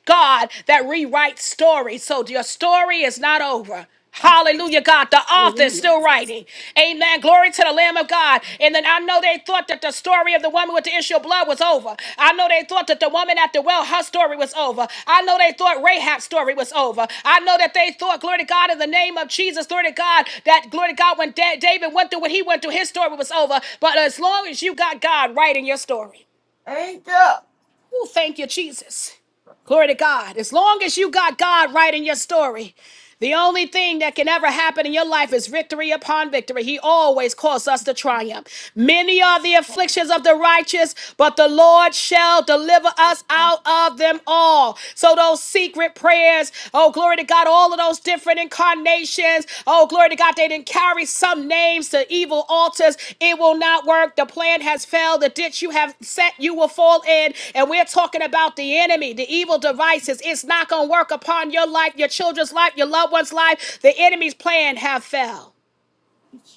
Speaker 1: God that rewrites stories. So your story is not over. Hallelujah, God. The author is
Speaker 6: Hallelujah.
Speaker 1: still writing. Amen. Glory to the Lamb of God. And then I know they thought that the story of the woman with the issue of blood was over. I know they thought that the woman at the well, her story was over. I know they thought Rahab's story was over. I know that they thought, glory to God, in the name of Jesus, glory to God, that glory to God, when Da- David went through what he went through, his story was over. But as long as you got God writing your story.
Speaker 2: Thank you.
Speaker 1: Oh, thank you, Jesus. Glory to God. As long as you got God right in your story, the only thing that can ever happen in your life is victory upon victory. He always calls us to triumph. Many are the afflictions of the righteous, but the Lord shall deliver us out of them all. So those secret prayers, oh, glory to God, All all of those different incarnations. Oh, glory to God, they didn't carry some names to evil altars. It will not work. The plan has failed. The ditch you have set, you will fall in. And we're talking about the enemy, the evil devices. It's not going to work upon your life, your children's life, your loved one's life. The enemy's plan have failed.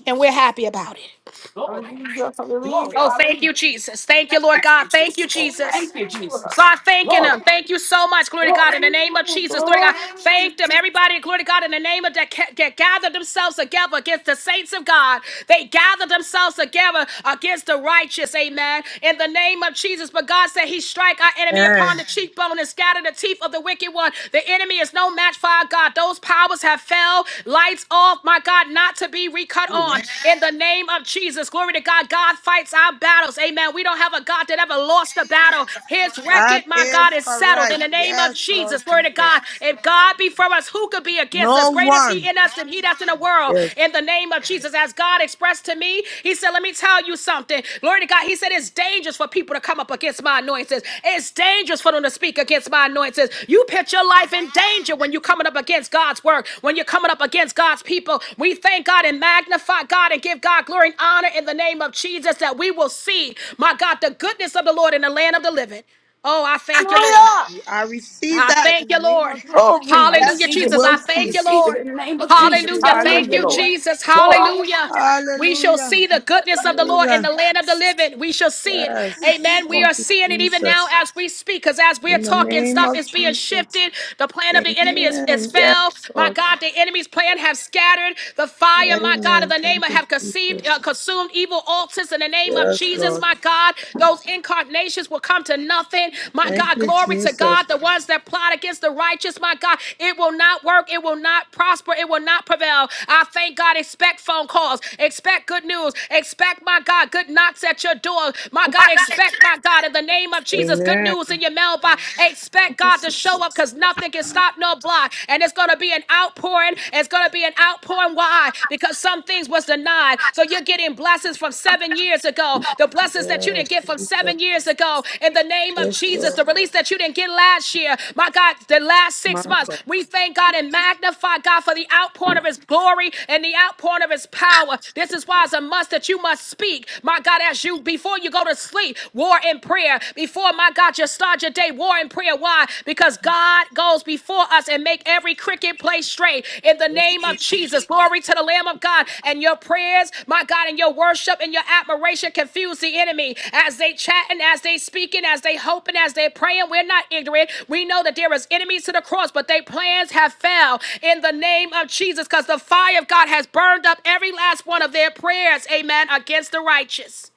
Speaker 1: And we're happy about it.
Speaker 6: Glory.
Speaker 2: Hallelujah,
Speaker 6: Glory.
Speaker 1: Oh,
Speaker 2: hallelujah.
Speaker 1: thank
Speaker 6: Hallelujah.
Speaker 1: you, Jesus. Thank you,
Speaker 6: Thank
Speaker 1: Lord
Speaker 6: you,
Speaker 1: God. Thank
Speaker 6: Jesus.
Speaker 1: you,
Speaker 2: Thank you.
Speaker 1: Jesus.
Speaker 6: Thank you, Jesus.
Speaker 1: Start thanking
Speaker 6: Glory.
Speaker 1: them. Thank you so much. Glory to
Speaker 6: Glory.
Speaker 1: God. In the name of Jesus. Glory to God.
Speaker 2: Glory.
Speaker 1: Thank them. Everybody, glory to God. In the name of that ca- that gathered themselves together against the saints of God. They gathered themselves together against the righteous. Amen. In the name of Jesus. But God said he strike our enemy upon the
Speaker 3: Amen.
Speaker 1: cheekbone and scatter the teeth of the wicked one. The enemy is no match for our God. Those powers have that fell, lights off, my God, not to be recut on.
Speaker 6: Mhm.
Speaker 1: In the name of Jesus, glory to God. God fights our battles. Amen. We don't have a God that ever lost a battle. His
Speaker 3: That
Speaker 1: record, my God,
Speaker 3: is
Speaker 1: is settled.
Speaker 3: correct.
Speaker 1: In the name of
Speaker 3: Yes, Lord
Speaker 1: Jesus, glory to
Speaker 3: Jesus.
Speaker 1: God. If God be for us, who could be against us?
Speaker 3: No
Speaker 1: Great is He
Speaker 3: one.
Speaker 1: in us than He that's in the world.
Speaker 3: Yes.
Speaker 1: In the name of Jesus, as God expressed to me, He said, Let me tell you." you something. Glory to God. He said it's dangerous for people to come up against my anointings. It's dangerous for them to speak against my anointings. You put your life in danger when you're coming up against God's work, when you're coming up against God's people. We thank God and magnify God and give God glory and honor in the name of Jesus that we will see, my God, the goodness of the Lord in the land of the living. Oh, I thank you, Lord.
Speaker 2: Hallelujah.
Speaker 3: I receive
Speaker 1: I
Speaker 3: that in
Speaker 1: thank
Speaker 3: the
Speaker 1: you,
Speaker 3: name
Speaker 1: Lord.
Speaker 3: of Jesus.
Speaker 2: Glory.
Speaker 6: I
Speaker 1: Hallelujah,
Speaker 3: Yes,
Speaker 6: receive
Speaker 3: we
Speaker 1: Jesus.
Speaker 6: it.
Speaker 3: will
Speaker 1: I
Speaker 6: I
Speaker 1: thank
Speaker 3: see.
Speaker 1: you,
Speaker 6: receive it
Speaker 1: Lord.
Speaker 6: in the name of
Speaker 3: Thank
Speaker 6: Jesus.
Speaker 3: you.
Speaker 1: Hallelujah. Thank
Speaker 6: Hallelujah,
Speaker 1: you,
Speaker 6: Lord.
Speaker 3: Hallelujah.
Speaker 1: Jesus.
Speaker 6: Glory.
Speaker 2: Glory.
Speaker 1: Hallelujah. We shall
Speaker 3: Hallelujah.
Speaker 1: see the goodness of the Lord in the
Speaker 3: Hallelujah.
Speaker 1: land of the living. We shall see it.
Speaker 3: Yes.
Speaker 1: Amen. We are
Speaker 3: Thank you,
Speaker 1: seeing it even now
Speaker 3: Jesus.
Speaker 1: as we speak, because as we're
Speaker 3: In the
Speaker 1: talking,
Speaker 3: name
Speaker 1: stuff
Speaker 3: of
Speaker 1: is being
Speaker 3: Jesus.
Speaker 1: shifted. The plan of the enemy is, is
Speaker 3: Amen. Yes,
Speaker 1: fell. My
Speaker 3: Lord.
Speaker 1: God, the enemy's plan have scattered. The fire, my God, of
Speaker 3: Amen.
Speaker 1: the name
Speaker 3: Thank
Speaker 1: of
Speaker 3: you,
Speaker 1: have conceived, uh,
Speaker 3: Jesus.
Speaker 1: consumed evil altars in the name of
Speaker 3: Yes,
Speaker 1: Jesus. Jesus,
Speaker 3: Lord.
Speaker 1: my God. Those incarnations will come to nothing. My
Speaker 3: Thank
Speaker 1: God,
Speaker 3: you,
Speaker 1: glory to
Speaker 3: Jesus.
Speaker 1: God. The ones that plot against the righteous, my God, it will not work. It will not prosper. It will not prevail. I thank God. Expect phone calls. Expect good news. Expect, my God, good knocks at your door. My God, expect, my God, in the name of Jesus, good
Speaker 3: Amen.
Speaker 1: news in your mailbox. Expect God to show up because nothing can stop, no block. And it's going to be an outpouring. It's going to be an outpouring outpouring. Why? Because some things was denied. So you're getting blessings from seven years ago. The blessings that you
Speaker 3: Yes,
Speaker 1: didn't get from
Speaker 3: Jesus.
Speaker 1: seven years ago. In the name of
Speaker 3: Yes,
Speaker 1: Jesus,
Speaker 3: Lord.
Speaker 1: the release that you didn't get last year. My God, the last
Speaker 3: My
Speaker 1: six
Speaker 3: God.
Speaker 1: months. We thank God and magnify God for the outpouring of his glory and the outpouring of his power. This is why it's a must that you must speak. My God, as you before you go to sleep, war in prayer. Before my God, you start your day, war in prayer. Why? because God goes before us and make every cricket place straight in the name of Jesus. Glory to the Lamb of God. And your prayers, my God, and your worship and your admiration confuse the enemy as they chatting, as they speaking, as they hoping, as they praying. We're not ignorant. We know that there is enemies to the cross, but their plans have failed in the name of Jesus because the fire of God has burned up every last one of their prayers. Amen. Against the righteous.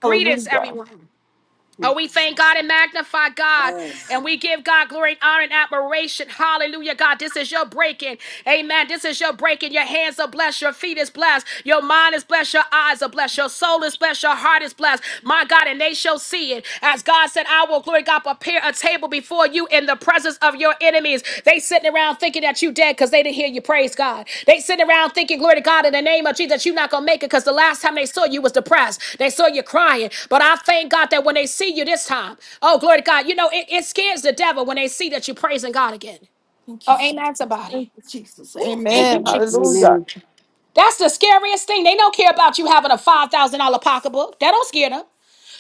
Speaker 1: Greetings,
Speaker 2: Hallelujah.
Speaker 1: everyone. Oh, we thank God and magnify God,
Speaker 3: Amen.
Speaker 1: and we give God glory and honor and admiration. Hallelujah, God. This is your breaking. Amen. This is your breaking. Your hands are blessed. Your feet is blessed. Your mind is blessed. Your eyes are blessed. Your soul is blessed. Your heart is blessed. My God, and they shall see it. As God said, I will, glory God, prepare a table before you in the presence of your enemies. They sitting around thinking that you dead because they didn't hear you praise God. They sitting around thinking, glory to God, in the name of Jesus, you're not gonna make it because the last time they saw you was depressed. They saw you crying. But I thank God that when they see you this time, oh glory to God, you know it, it scares the devil when they see that you're praising God again.
Speaker 2: Thank you,
Speaker 1: Oh, ain't
Speaker 2: Jesus.
Speaker 1: that somebody?
Speaker 2: Thank you, Jesus. Amen.
Speaker 6: Amen.
Speaker 2: Hallelujah.
Speaker 1: That's the scariest thing. They don't care about you having a five thousand dollar pocketbook. That don't scare them.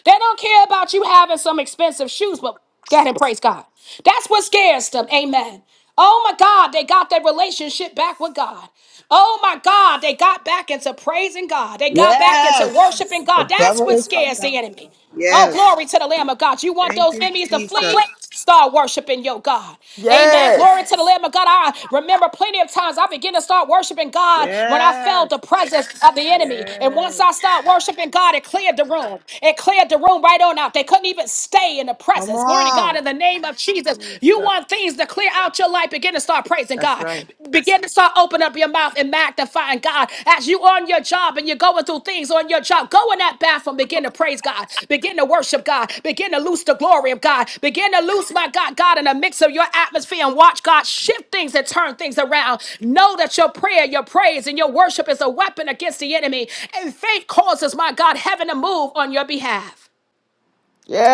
Speaker 1: They don't care about you having some expensive shoes, but God and praise God. That's what scares them. Amen. Oh my God, they got their relationship back with God. Oh my God, they got back into praising God. They got back into
Speaker 3: Yes.
Speaker 1: worshiping God.
Speaker 3: The
Speaker 1: That's
Speaker 3: devil
Speaker 1: what
Speaker 3: is a
Speaker 1: scares the
Speaker 3: bastard.
Speaker 1: enemy. Oh,
Speaker 3: Yes.
Speaker 1: glory to the Lamb of God. You want
Speaker 3: Thank
Speaker 1: those
Speaker 3: you,
Speaker 1: enemies to
Speaker 3: Jesus.
Speaker 1: flee? Start worshiping your God. Amen. Glory
Speaker 2: Yes.
Speaker 1: to the Lamb of God. I remember plenty of times I began to start worshiping God when I felt
Speaker 3: Yes.
Speaker 1: the presence of the enemy. And once
Speaker 3: Yes.
Speaker 1: I started worshiping God, it cleared the room. It cleared the room right on out. They couldn't even stay in the
Speaker 3: Come
Speaker 1: presence. Glory to God
Speaker 3: on.
Speaker 1: in the name of Jesus. You
Speaker 3: Jesus.
Speaker 1: want things to clear out your life. Begin to start praising
Speaker 3: That's
Speaker 1: God.
Speaker 3: right.
Speaker 1: Begin to start opening up your mouth magnifying God as you on your job and you're going through things on your job. Go in that bathroom, begin to praise God, begin to worship God, begin to loose the glory of God, begin to loose my God, God in the mix of your atmosphere and watch God shift things and turn things around. Know that your prayer, your praise, and your worship is a weapon against the enemy, and faith causes my God heaven to move on your behalf.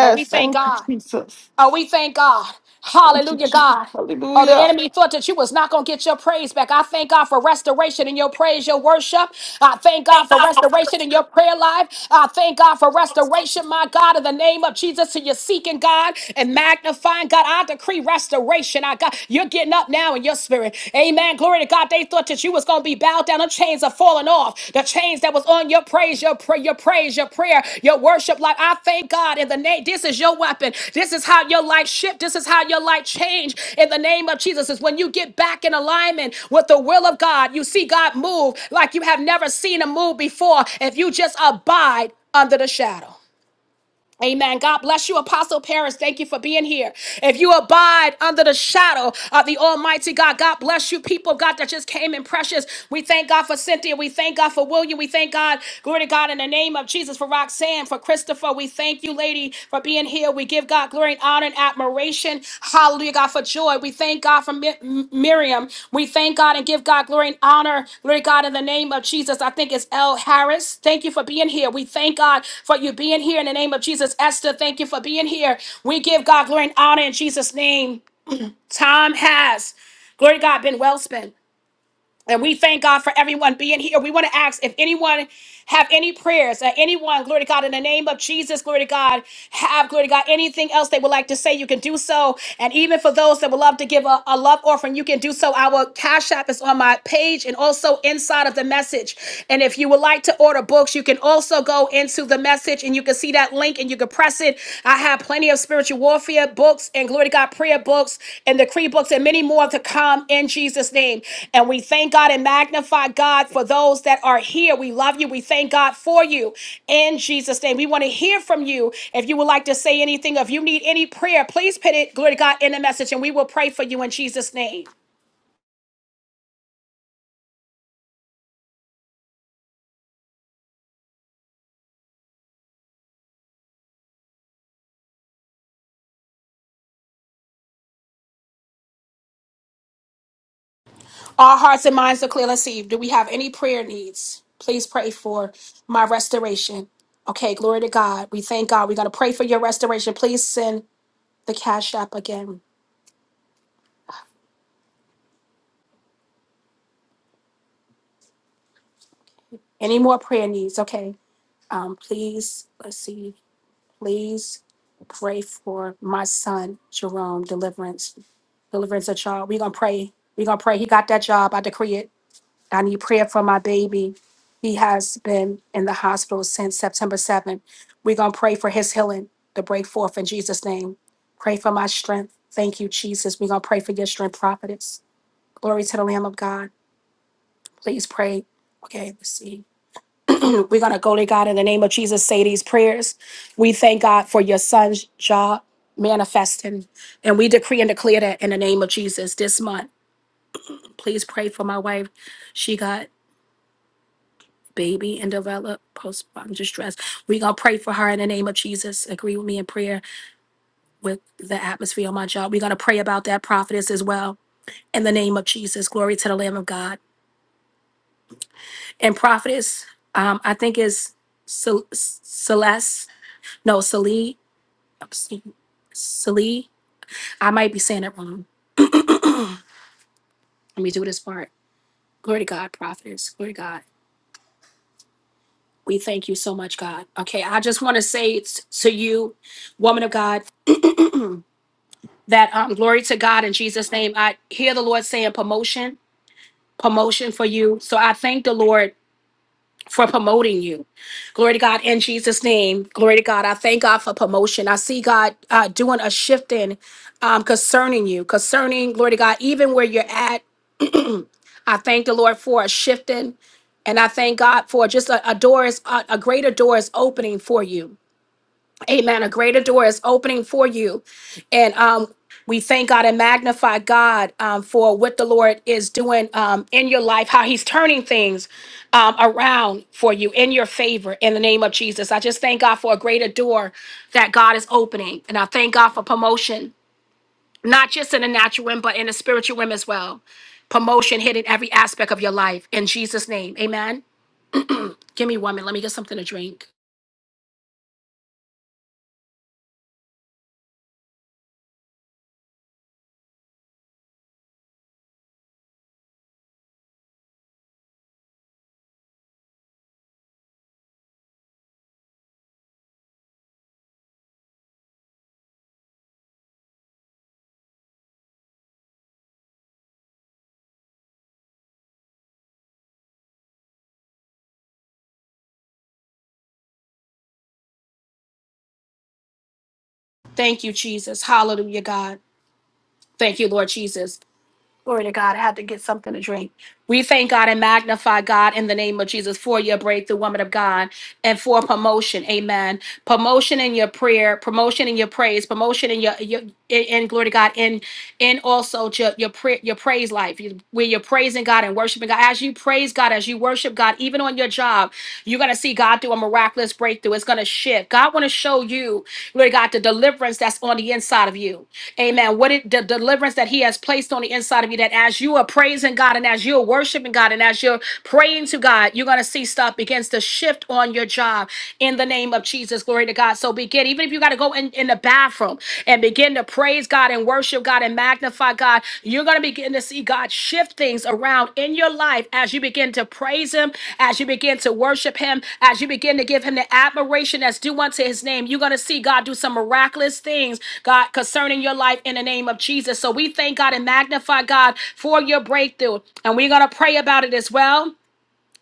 Speaker 1: Oh, we thank
Speaker 2: Thank you,
Speaker 1: God.
Speaker 2: Jesus.
Speaker 1: Oh, we thank God.
Speaker 2: Thank you,
Speaker 1: Hallelujah,
Speaker 2: Jesus.
Speaker 1: God. Oh, the
Speaker 2: Hallelujah.
Speaker 1: enemy thought that you was not going to get your praise back. I thank God for restoration in your praise, your worship. I thank God
Speaker 2: Thank
Speaker 1: for
Speaker 2: God.
Speaker 1: restoration in your prayer life. I thank God for restoration, my God, in the name of Jesus. So you're seeking God and magnifying God. I decree restoration. I got you're getting up now in your spirit. Amen. Glory to God. They thought that that you was gonna be bowed down. The chains are falling off. The chains that was on your praise, your prayer, your praise, your prayer, your worship. Like I thank God in the name. This is your weapon. This is how your life shift. This is how your life change in the name of Jesus. Is when you get back in alignment with the will of God, you see God move like you have never seen a move before. If you just abide under the shadow. Amen. God bless you, Apostle Paris. Thank you for being here. If you abide under the shadow of the Almighty God, God bless you, people of God that just came in precious. We thank God for Cynthia. We thank God for William. We thank God, glory to God, in the name of Jesus, for Roxanne, for Christopher. We thank you, lady, for being here. We give God glory honor and admiration. Hallelujah, God, for joy. We thank God for Mi- M- Miriam. We thank God and give God glory and honor. Glory God in the name of Jesus. I think it's L. Harris. Thank you for being here. We thank God for you being here in the name of Jesus. Esther, thank you for being here. We give God glory and honor in Jesus' name. Time has, glory to God, been well spent. And we thank God for everyone being here. We want to ask if anyone have any prayers, uh, anyone, glory to God, in the name of Jesus, glory to God, have, glory to God, anything else they would like to say, you can do so. And even for those that would love to give a, a love offering, you can do so. Our Cash App is on my page and also inside of the message. And if you would like to order books, you can also go into the message and you can see that link and you can press it. I have plenty of spiritual warfare books and glory to God prayer books and decree books and many more to come in Jesus' name. And we thank God and magnify God for those that are here. We love you. We thank God for you in Jesus' name. We want to hear from you. If you would like to say anything, if you need any prayer, please put it, glory to God, in the message and we will pray for you in Jesus' name. Our hearts and minds are clear. Let's see. Do we have any prayer needs? Please pray for my restoration. Okay, glory to God. We thank God. We're going to pray for your restoration. Please send the cash app again. Any more prayer needs? Okay. Um, please, let's see. Please pray for my son, Jerome, deliverance, deliverance of child. We're going to pray. We're going to pray. He got that job. I decree it. I need prayer for my baby. He has been in the hospital since September 7th. We're going to pray for his healing to break forth in Jesus' name. Pray for my strength. Thank you, Jesus. We're going to pray for your strength, prophetess. Glory to the Lamb of God. Please pray. Okay, let's see. We're going to go to God in the name of Jesus, say these prayers. We thank God for your son's job manifesting. And we decree and declare that in the name of Jesus this month. Please pray for my wife. baby and develop postpartum distress. We're going to pray for her in the name of Jesus. Agree with me in prayer with the atmosphere on my job. We're going to pray about that prophetess as well in the name of Jesus. Glory to the Lamb of God. And prophetess, um, I think is Cel- Celeste, no, Celie, Celie. I might be saying it wrong. Let me do this part. Glory to God, prophetess. Glory to God. We thank you so much, God. Okay, I just want to say it's to you, woman of God. that um, glory to God in Jesus' name. I hear the Lord saying promotion, promotion for you. So I thank the Lord for promoting you. Glory to God in Jesus' name. Glory to God. I thank God for promotion. I see God uh, doing a shifting um, concerning you, concerning, glory to God, even where you're at. I thank the Lord for a shifting, and I thank God for just a, a door is a, a greater door is opening for you. Amen. A greater door is opening for you. And um, we thank God and magnify God um, for what the Lord is doing um, in your life, how He's turning things um, around for you in your favor in the name of Jesus. I just thank God for a greater door that God is opening. And I thank God for promotion, not just in the natural realm, but in the spiritual realm as well. Promotion hitting every aspect of your life in Jesus' name. Amen. Give me one minute. Let me get something to drink. Thank you, Jesus. God. Thank you, Lord Jesus. Glory to God. I had to get something to drink. We thank God and magnify God in the name of Jesus for your breakthrough, woman of God, and for promotion. Amen promotion in your prayer, promotion in your praise, promotion in your, your in, in glory to God, and and also your your, pra- your praise life, you- where you're praising God and worshiping God. As you praise God, as you worship God, even on your job, you're gonna see God do a miraculous breakthrough. It's gonna shift. God want to show you, glory to God, the deliverance that's on the inside of you. Amen. What it, the deliverance that He has placed on the inside of you, that as you are praising God and as you're worshiping God and as you're praying to God, you're going to see stuff begins to shift shift on your job in the name of Jesus. Glory to God. So begin, even if you got to go in, in the bathroom and begin to praise God and worship God and magnify God, you're going to begin to see God shift things around in your life as you begin to praise Him, as you begin to worship Him, as you begin to give Him the admiration that's due unto His name. You're going to see God do some miraculous things, God, concerning your life in the name of Jesus. So we thank God and magnify God for your breakthrough. And we're going to pray about it as well.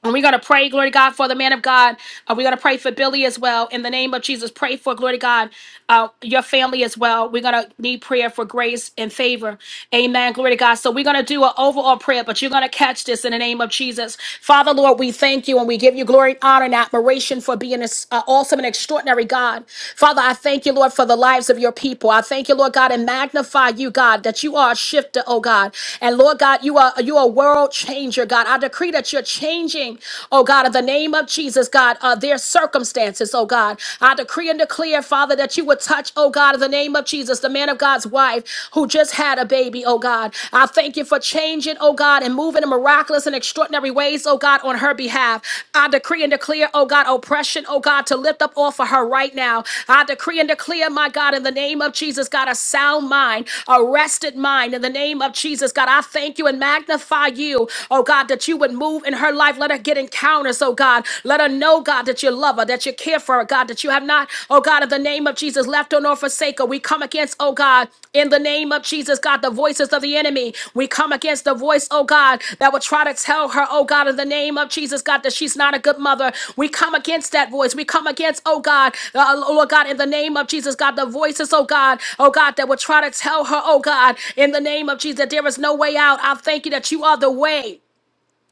Speaker 1: And we're going to pray, glory to God, for the man of God. Uh, we're going to pray for Billy as well. In the name of Jesus, pray for, glory to God, uh, your family as well. We're going to need prayer for grace and favor. Amen. Glory to God. So we're going to do an overall prayer, but you're going to catch this in the name of Jesus. Father, Lord, we thank you and we give you glory, honor, and admiration for being this uh, awesome and extraordinary God. Father, I thank you, Lord, for the lives of your people. I thank you, Lord God, and magnify you, God, that you are a shifter, oh God. And Lord God, you are you are a world changer, God. I decree that you're changing, oh God, in the name of Jesus, God, uh, their circumstances, oh God. I decree and declare, Father, that you would touch, oh God, in the name of Jesus, the man of God's wife who just had a baby, oh God. I thank you for changing, oh God, and moving in miraculous and extraordinary ways, oh God, on her behalf. I decree and declare, oh God, oppression, oh God, to lift up off of her right now. I decree and declare, my God, in the name of Jesus, God, a sound mind, a rested mind, in the name of Jesus, God. I thank you and magnify you, oh God, that you you would move in her life. Let her get encounters, oh God. Let her know, God, that you love her, that you care for her, God, that you have not, oh God, in the name of Jesus, left her nor forsake her. We come against, oh God, in the name of Jesus, God, the voices of the enemy. We come against the voice, oh God, that will try to tell her, oh God, in the name of Jesus, God, that she's not a good mother. We come against that voice. We come against, oh God, uh, Lord God, in the name of Jesus, God, the voices, oh God, oh God, that will try to tell her, oh God, in the name of Jesus, that there is no way out. I thank you that you are the way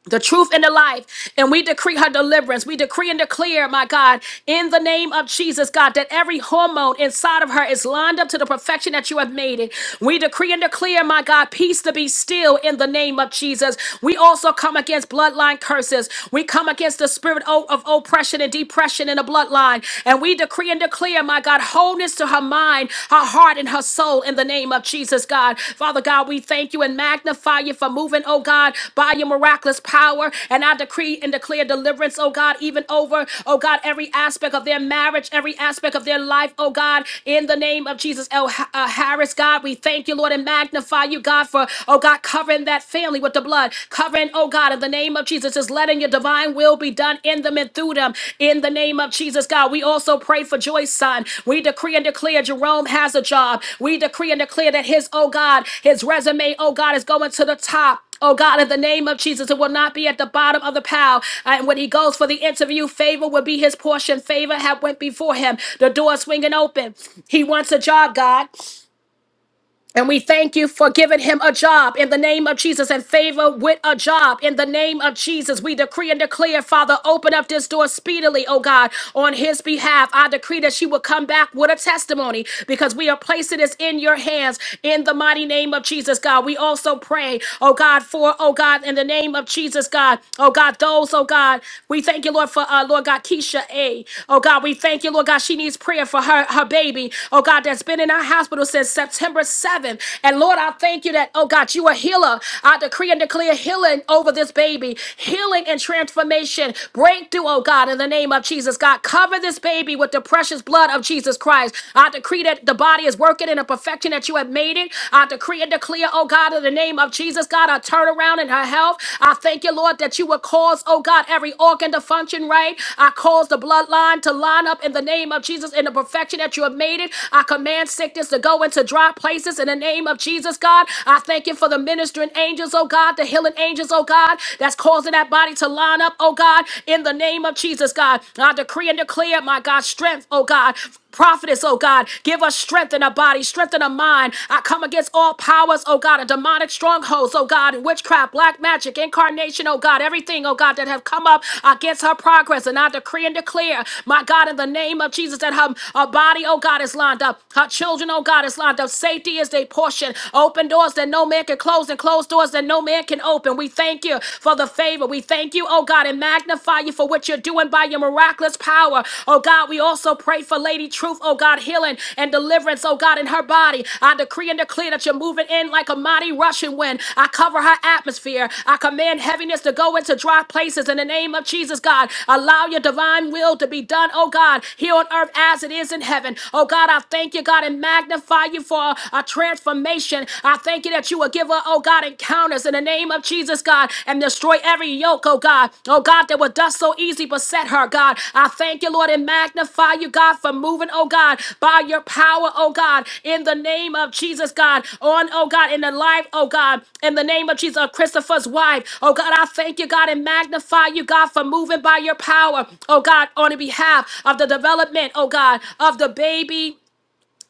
Speaker 1: the truth and the life. And we decree her deliverance. We decree and declare, my God, in the name of Jesus, God, that every hormone inside of her is lined up to the perfection that you have made it. We decree and declare, my God, peace to be still in the name of Jesus. We also come against bloodline curses. We come against the spirit o- of oppression and depression in the bloodline. And we decree and declare, my God, wholeness to her mind mind, her heart, and her soul in the name of Jesus, God. Father God, we thank you and magnify you for moving, oh God, by your miraculous power. And I decree and declare deliverance, oh God, even over, oh God, every aspect of their marriage, every aspect of their life, oh God, in the name of Jesus. El uh, Harris, God, we thank you, Lord, and magnify you, God, for, oh God, covering that family with the blood, covering, oh God, in the name of Jesus letting your divine will be done in them and through them. In the name of Jesus, God, we also pray for Joy's son. We decree and declare Jerome has a job. We decree and declare that his, oh God, his resume, oh God, is going to the top. Oh God, in the name of Jesus, it will not be at the bottom of the pile. And when he goes for the interview, favor will be his portion. Favor have went before him. The door swinging open. He wants a job, God. And we thank you for giving him a job in the name of Jesus and favor with a job in the name of Jesus. We decree and declare, Father, open up this door speedily, oh God, on his behalf. I decree that she will come back with a testimony because we are placing this in your hands in the mighty name of Jesus, God. We also pray, oh God, for, oh God, in the name of Jesus, God, oh God, those, oh God, we thank you, Lord, for, uh, Lord God, Keisha A. Oh God, we thank you, Lord God, she needs prayer for her, her baby, oh God, that's been in our hospital since September. September 7th. And Lord, I thank you that, oh God, you are healer. I decree and declare healing over this baby, healing and transformation, breakthrough, oh God, in the name of Jesus. God, cover this baby with the precious blood of Jesus Christ. I decree that the body is working in a perfection that you have made it. I decree and declare, oh God, in the name of Jesus, God, a turnaround in her health. I thank you, Lord, that you will cause, oh God, every organ to function right. I cause the bloodline to line up in the name of Jesus in the perfection that you have made it. I command sickness to go go into dry places in the name of Jesus, God. I thank you for the ministering angels, oh God, the healing angels, oh God, that's causing that body to line up, oh God, in the name of Jesus, God. I decree and declare, my God, strength, oh God. Prophetess, oh God, give us strength in our body, strength in our mind. I come against all powers, oh God, and demonic strongholds, oh God, and witchcraft, black magic, incarnation, oh God, everything, oh God, that have come up against her progress. And I decree and declare, my God, in the name of Jesus, that her, her body, oh God, is lined up. Her children children, oh God, is lined up. Safety is their portion. Open doors that no man can close and close doors that no man can open. We thank you for the favor. We thank you, oh God, and magnify you for what you're doing by your miraculous power. Oh God, we also pray for Lady Truth, oh God, healing and deliverance, oh God, in her body. I decree and declare that you're moving in like a mighty rushing wind. I cover her atmosphere. I command heaviness to go into dry places in the name of Jesus, God. Allow your divine will to be done, oh God, here on earth as it is in heaven. Oh God, I thank you, thank you, God, and magnify you for a a transformation. I thank you that you will give her, oh God, encounters in the name of Jesus, God, and destroy every yoke, oh God. Oh God, that would thus so easy beset her, God. I thank you, Lord, and magnify you, God, for moving, oh God, by your power, oh God, in the name of Jesus, God, on, oh God, in the life, oh God, in the name of Jesus, of Christopher's wife. Oh God, I thank you, God, and magnify you, God, for moving by your power, oh God, on the behalf of the development, oh God, of the baby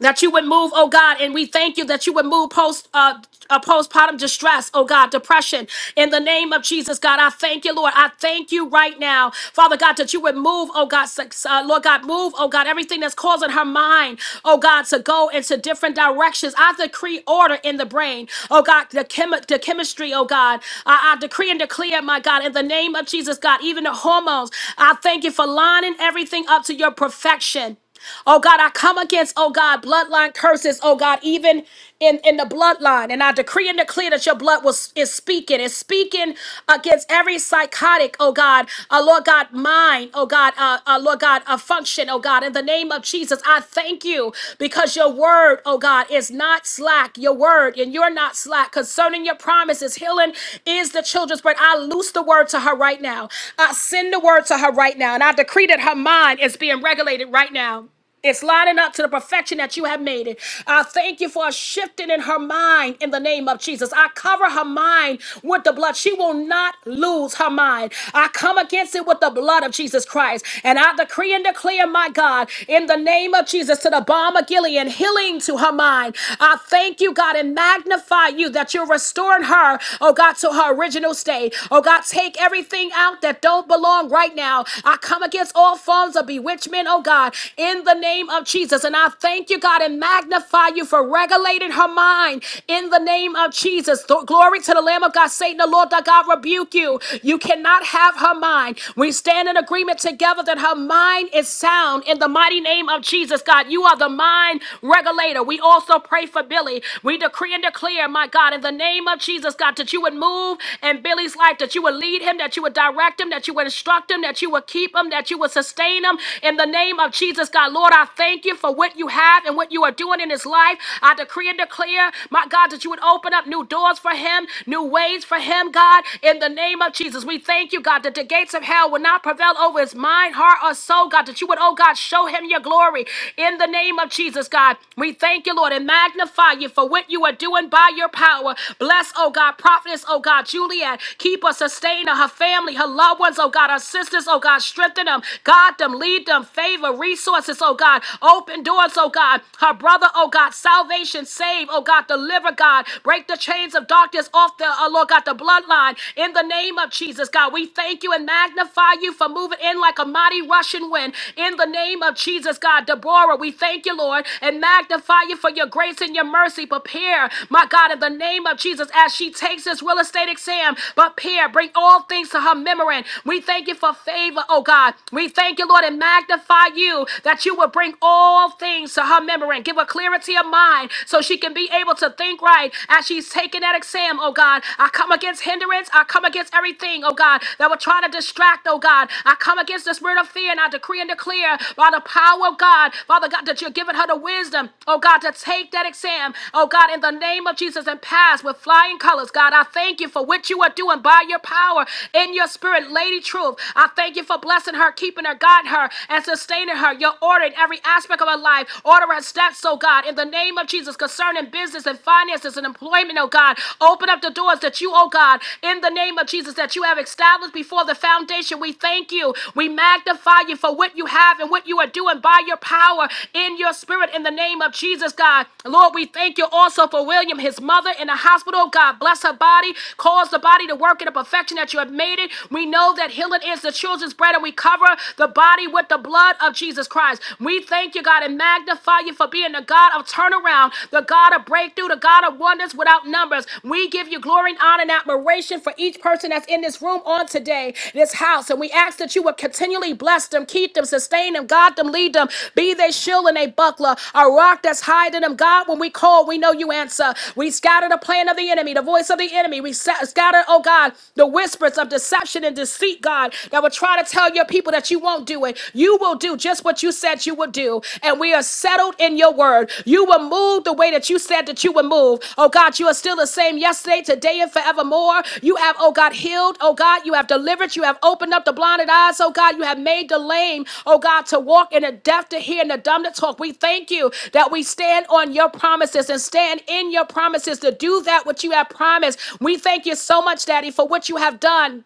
Speaker 1: that you would move, oh God, and we thank you that you would move post uh, uh postpartum distress, oh God, depression. In the name of Jesus, God, I thank you, Lord. I thank you right now, Father God, that you would move, oh God, sex- uh, Lord God, move, oh God, everything that's causing her mind, oh God, to go into different directions. I decree order in the brain, oh God, the chemi- the chemistry, oh God. I, I decree and declare, my God, in the name of Jesus, God, even the hormones. I thank you for lining everything up to your perfection. Oh God, I come against, oh God, bloodline curses, oh God, even in, in the bloodline. And I decree and declare that your blood was is speaking, is speaking against every psychotic, oh God, uh, Lord God, mind, oh God, uh, uh, Lord God, a function, oh God, in the name of Jesus. I thank you because your word, oh God, is not slack. Your word, and you're not slack concerning your promises. Healing is the children's bread. I loose the word to her right now. I send the word to her right now. And I decree that her mind is being regulated right now. It's lining up to the perfection that you have made it. I thank you for a shifting in her mind in the name of Jesus. I cover her mind with the blood. She will not lose her mind. I come against it with the blood of Jesus Christ. And I decree and declare, my God, in the name of Jesus, to the balm of Gilead, healing to her mind. I thank you, God, and magnify you that you're restoring her, oh God, to her original state. Oh God, take everything out that don't belong right now. I come against all forms of bewitchment, oh God. God, in the name of Jesus. And I thank you, God, and magnify you for regulating her mind in the name of Jesus. Th- glory to the Lamb of God. Satan, the Lord thy God rebuke you. You cannot have her mind. We stand in agreement together that her mind is sound in the mighty name of Jesus, God. You are the mind regulator. We also pray for Billy. We decree and declare, my God, in the name of Jesus, God, that you would move in Billy's life, that you would lead him, that you would direct him, that you would instruct him, that you would keep him, that you would sustain him In in the name of Jesus, God, Lord, I thank you for what you have and what you are doing in his life. I decree and declare, my God, that you would open up new doors for him, new ways for him, God. In the name of Jesus, we thank you, God, that the gates of hell will not prevail over his mind, heart, or soul, God, that you would, oh God, show him your glory. In the name of Jesus, God, we thank you, Lord, and magnify you for what you are doing by your power. Bless, oh God, prophetess, oh God, Juliet. Keep her, sustain her, her family, her loved ones, oh God, her sisters, oh God, strengthen them. God, Guide them, lead them, favor, resources, oh God. Open doors, oh God. Her brother, oh God. Salvation, save, oh God. Deliver, God. Break the chains of darkness off the, oh Lord God, the bloodline. In the name of Jesus, God, we thank you and magnify you for moving in like a mighty rushing wind. In the name of Jesus, God. Deborah, we thank you, Lord, and magnify you for your grace and your mercy. Prepare, my God, in the name of Jesus, as she takes this real estate exam. Prepare, bring all things to her memory. We thank you for favor, oh God. God. We thank you, Lord, and magnify you that you will bring all things to her memory and give her clarity of mind so she can be able to think right as she's taking that exam, oh God. I come against hindrance. I come against everything, oh God, that will try to distract, oh God. I come against the spirit of fear and I decree and declare by the power of God, Father God, that you're giving her the wisdom, oh God, to take that exam, oh God, in the name of Jesus and pass with flying colors, God. I thank you for what you are doing by your power in your spirit, Lady Truth. I thank you thank you for blessing her, keeping her, guiding her, and sustaining her. You're ordering every aspect of her life. Order her steps, oh God, in the name of Jesus, concerning business and finances and employment, oh God. Open up the doors that you, oh God, in the name of Jesus, that you have established before the foundation. We thank you. We magnify you for what you have and what you are doing by your power in your spirit in the name of Jesus, God. Lord, we thank you also for William, his mother in the hospital. God, bless her body. Cause the body to work in the perfection that you have made it. We know that healing healing is, the children's bread, and we cover the body with the blood of Jesus Christ. We thank you, God, and magnify you for being the God of turnaround, the God of breakthrough, the God of wonders without numbers. We give you glory and honor and admiration for each person that's in this room on today, this house. And we ask that you would continually bless them, keep them, sustain them, guide them, lead them, be they shield and they buckler, a rock that's hiding them. God, when we call, we know you answer. We scatter the plan of the enemy, the voice of the enemy. We sa- scatter, oh God, the whispers of deception and deceit, God, that will try to tell your people that you won't do it. You will do just what you said you would do. And we are settled in your word. You will move the way that you said that you would move. Oh God, you are still the same yesterday, today, and forevermore. You have, oh God, healed. Oh God, you have delivered. You have opened up the blinded eyes. Oh God, you have made the lame, oh God, to walk and the deaf to hear and the dumb to talk. We thank you that we stand on your promises and stand in your promises to do that which you have promised. We thank you so much, Daddy, for what you have done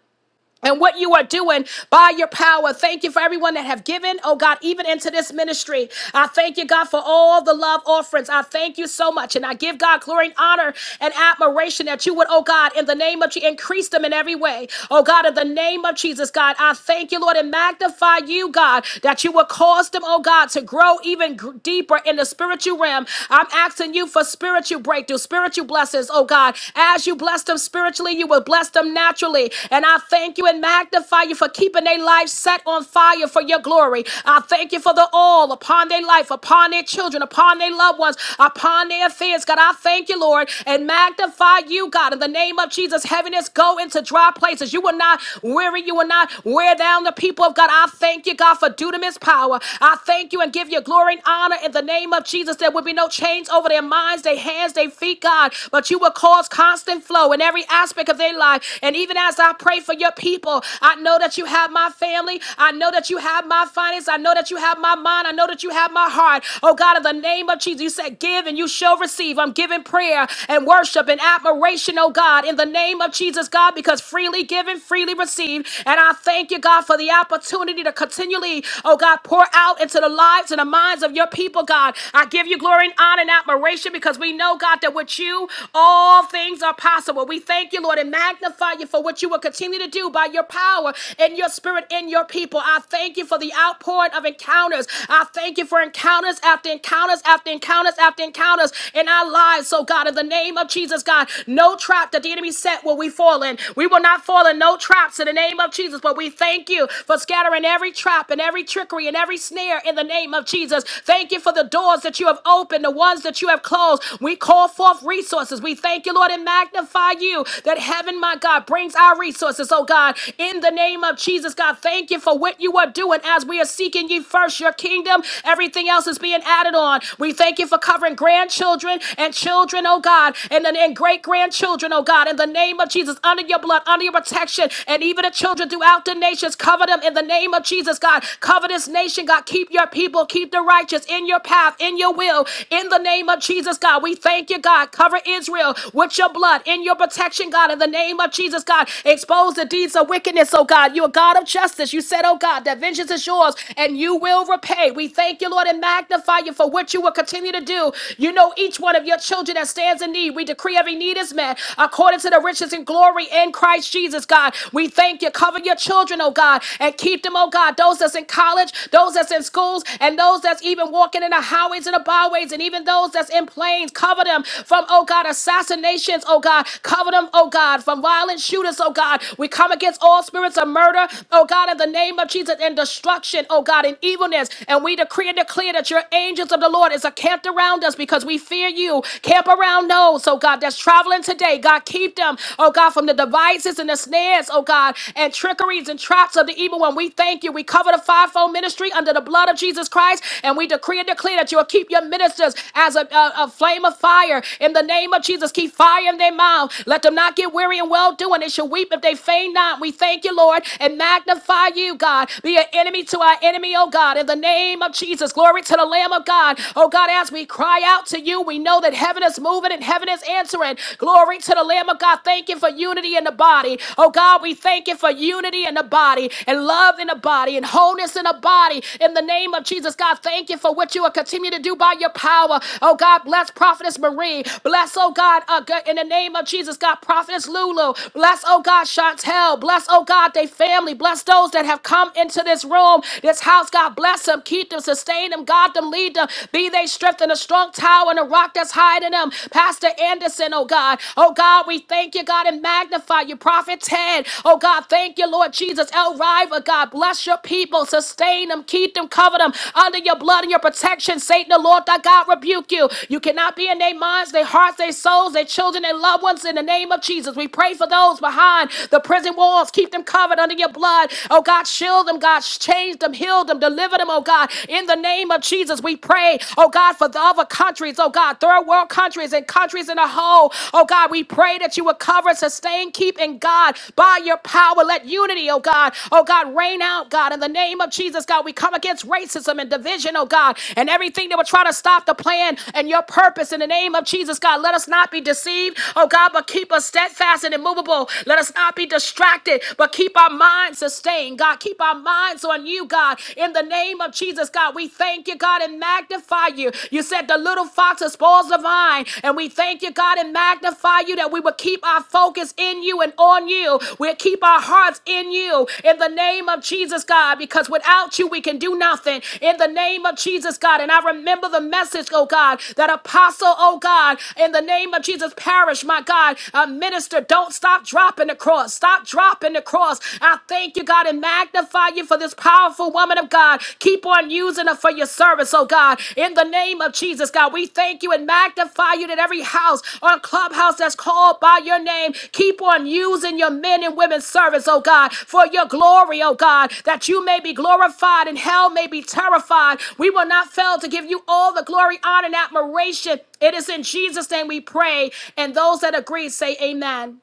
Speaker 1: and what you are doing by your power. Thank you for everyone that have given, oh God, even into this ministry. I thank you, God, for all the love offerings. I thank you so much. And I give God glory and honor and admiration that you would, oh God, in the name of Jesus, increase them in every way. Oh God, in the name of Jesus, God, I thank you, Lord, and magnify you, God, that you would cause them, oh God, to grow even gr- deeper in the spiritual realm. I'm asking you for spiritual breakthrough, spiritual blessings, oh God. As you bless them spiritually, you will bless them naturally. And I thank thank you and magnify you for keeping their life set on fire for your glory. I thank you for the all upon their life, upon their children, upon their loved ones, upon their affairs. God, I thank you, Lord, and magnify you, God. In the name of Jesus, heaviness go into dry places. You will not weary, you will not wear down the people of God. I thank you, God, for dunamis power. I thank you and give you glory and honor in the name of Jesus. There will be no chains over their minds, their hands, their feet, God, but you will cause constant flow in every aspect of their life. And even as I pray for your your people. I know that you have my family. I know that you have my finances. I know that you have my mind. I know that you have my heart. Oh God, in the name of Jesus, you said, Give and you shall receive. I'm giving prayer and worship and admiration, oh God, in the name of Jesus, God, because freely given, freely received. And I thank you, God, for the opportunity to continually, oh God, pour out into the lives and the minds of your people, God. I give you glory and honor and admiration because we know, God, that with you, all things are possible. We thank you, Lord, and magnify you for what you will continue continue to do by your power and your spirit in your people. I thank you for the outpouring of encounters. I thank you for encounters after encounters after encounters after encounters in our lives. So, God, in the name of Jesus, God, no trap that the enemy set will we fall in. We will not fall in no traps in the name of Jesus, but we thank you for scattering every trap and every trickery and every snare in the name of Jesus. Thank you for the doors that you have opened, the ones that you have closed. We call forth resources. We thank you, Lord, and magnify you that heaven, my God, brings our resources resources, oh God. In the name of Jesus, God, thank you for what you are doing as we are seeking ye first your kingdom. Everything else is being added on. We thank you for covering grandchildren and children, oh God, and, and great grandchildren, oh God. In the name of Jesus, under your blood, under your protection, and even the children throughout the nations, cover them in the name of Jesus, God. Cover this nation, God. Keep your people, keep the righteous in your path, in your will, in the name of Jesus, God. We thank you, God. Cover Israel with your blood, in your protection, God, in the name of Jesus, God Expose the deeds of wickedness, oh God. You're a God of justice. You said, oh God, that vengeance is yours and you will repay. We thank you, Lord, and magnify you for what you will continue to do. You know each one of your children that stands in need. We decree every need is met according to the riches and glory in Christ Jesus, God. We thank you. Cover your children, oh God, and keep them, oh God. Those that's in college, those that's in schools, and those that's even walking in the highways and the byways, and even those that's in planes. Cover them from, oh God, assassinations, oh God. Cover them, oh God, from violent shooters, oh oh God. We come against all spirits of murder, oh God, in the name of Jesus, and destruction, oh God, and evilness. And we decree and declare that your angels of the Lord is encamped around us because we fear you. Camp around those, oh God, that's traveling today. God, keep them, oh God, from the devices and the snares, oh God, and trickeries and traps of the evil one. We thank you. We cover the fivefold ministry under the blood of Jesus Christ, and we decree and declare that you will keep your ministers as a, a, a flame of fire in the name of Jesus. Keep fire in their mouth. Let them not get weary and well doing shall weep if they faint not. We thank you, Lord, and magnify you, God. Be an enemy to our enemy, oh God, in the name of Jesus. Glory to the Lamb of God. Oh God, as we cry out to you, we know that heaven is moving and heaven is answering. Glory to the Lamb of God. Thank you for unity in the body. Oh God, we thank you for unity in the body and love in the body and wholeness in the body. In the name of Jesus, God, thank you for what you will continue to do by your power. Oh God, bless Prophetess Marie. Bless, oh God, uh, God, in the name of Jesus, God, Prophetess Lulu. Bless Bless, oh God, Chantel. Bless, oh God, they family. Bless those that have come into this room, this house. God bless them, keep them, sustain them, guard them, lead them. Be they strength in a strong tower and a rock that's hiding them. Pastor Anderson, oh God. Oh God, we thank you, God, and magnify you. Prophet Ted, oh God, thank you, Lord Jesus. El Riva, God, bless your people, sustain them, keep them, cover them under your blood and your protection. Satan, the Lord thy God, rebuke you. You cannot be in their minds, their hearts, their souls, their children, their loved ones in the name of Jesus. We pray for those those behind the prison walls. Keep them covered under your blood. Oh God, shield them, God. Change them, heal them, deliver them, oh God. In the name of Jesus, we pray, oh God, for the other countries, oh God, third world countries and countries in a whole. Oh God, we pray that you would cover, sustain, keep in God by your power. Let unity, oh God, oh God, reign out, God. In the name of Jesus, God, we come against racism and division, oh God, and everything that would try to stop the plan and your purpose. In the name of Jesus, God, let us not be deceived, oh God, but keep us steadfast and immovable immovable. Let us not be distracted, but keep our minds sustained. God, keep our minds on you, God. In the name of Jesus, God, we thank you, God, and magnify you. You said the little fox spoils the vine, and we thank you, God, and magnify you that we will keep our focus in you and on you. We'll keep our hearts in you. In the name of Jesus, God, because without you, we can do nothing. In the name of Jesus, God, and I remember the message, oh God, that apostle, oh God, in the name of Jesus, parish, my God, uh, minister, don't don't stop dropping the cross. Stop dropping the cross. I thank you, God, and magnify you for this powerful woman of God. Keep on using her for your service, oh God. In the name of Jesus, God, we thank you and magnify you that every house on clubhouse that's called by your name, keep on using your men and women's service, oh God, for your glory, oh God, that you may be glorified and hell may be terrified. We will not fail to give you all the glory, honor, and admiration. It is in Jesus' name we pray. And those that agree say amen.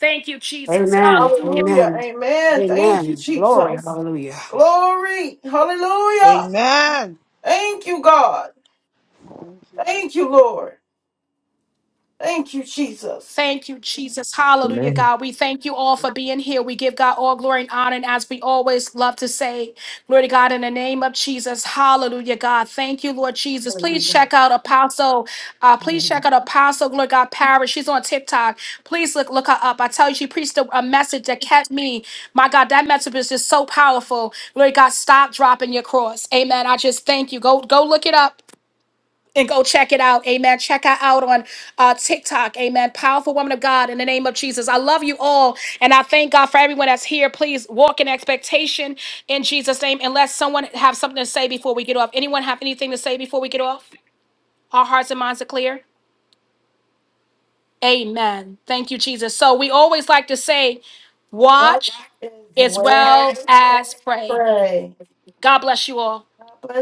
Speaker 1: Thank you, Jesus.
Speaker 6: Amen.
Speaker 1: Hallelujah.
Speaker 2: Hallelujah.
Speaker 6: Amen.
Speaker 2: Amen. Thank you,
Speaker 6: Amen. Glory.
Speaker 2: Jesus.
Speaker 6: Hallelujah.
Speaker 2: Glory. Hallelujah.
Speaker 3: Amen.
Speaker 2: Thank you, God.
Speaker 3: Thank you, Lord.
Speaker 2: Thank you, Lord. Thank you, Jesus.
Speaker 1: Thank you, Jesus.
Speaker 7: God.
Speaker 1: Hallelujah, God. We thank you all for being here. We give God all glory and honor. And as we always love to say, glory to God in the name of Jesus. Hallelujah, God. Thank you, Lord Jesus. Please
Speaker 6: Hallelujah.
Speaker 1: check out Apostle. Uh, please check out Apostle Glory to God Paris. She's on TikTok. Please look look her up. I tell you, she preached a, a message that kept me. My God, that message is just so powerful. Glory to God. Stop dropping your cross. Amen. I just thank you. Go go look it up. and go check it out. Amen. Check her out on uh, TikTok. Amen. Powerful woman of God in the name of Jesus. I love you all. And I thank God for everyone that's here. Please walk in expectation in Jesus' name. Unless someone have something to say before we get off. Anyone have anything to say before we get off? Our hearts and minds are clear. Amen. Thank you, Jesus. So we always like to say,
Speaker 2: What
Speaker 1: watch
Speaker 2: is
Speaker 1: as
Speaker 2: well
Speaker 1: well as
Speaker 2: and
Speaker 1: pray.
Speaker 2: pray.
Speaker 1: God bless you all.
Speaker 2: God bless.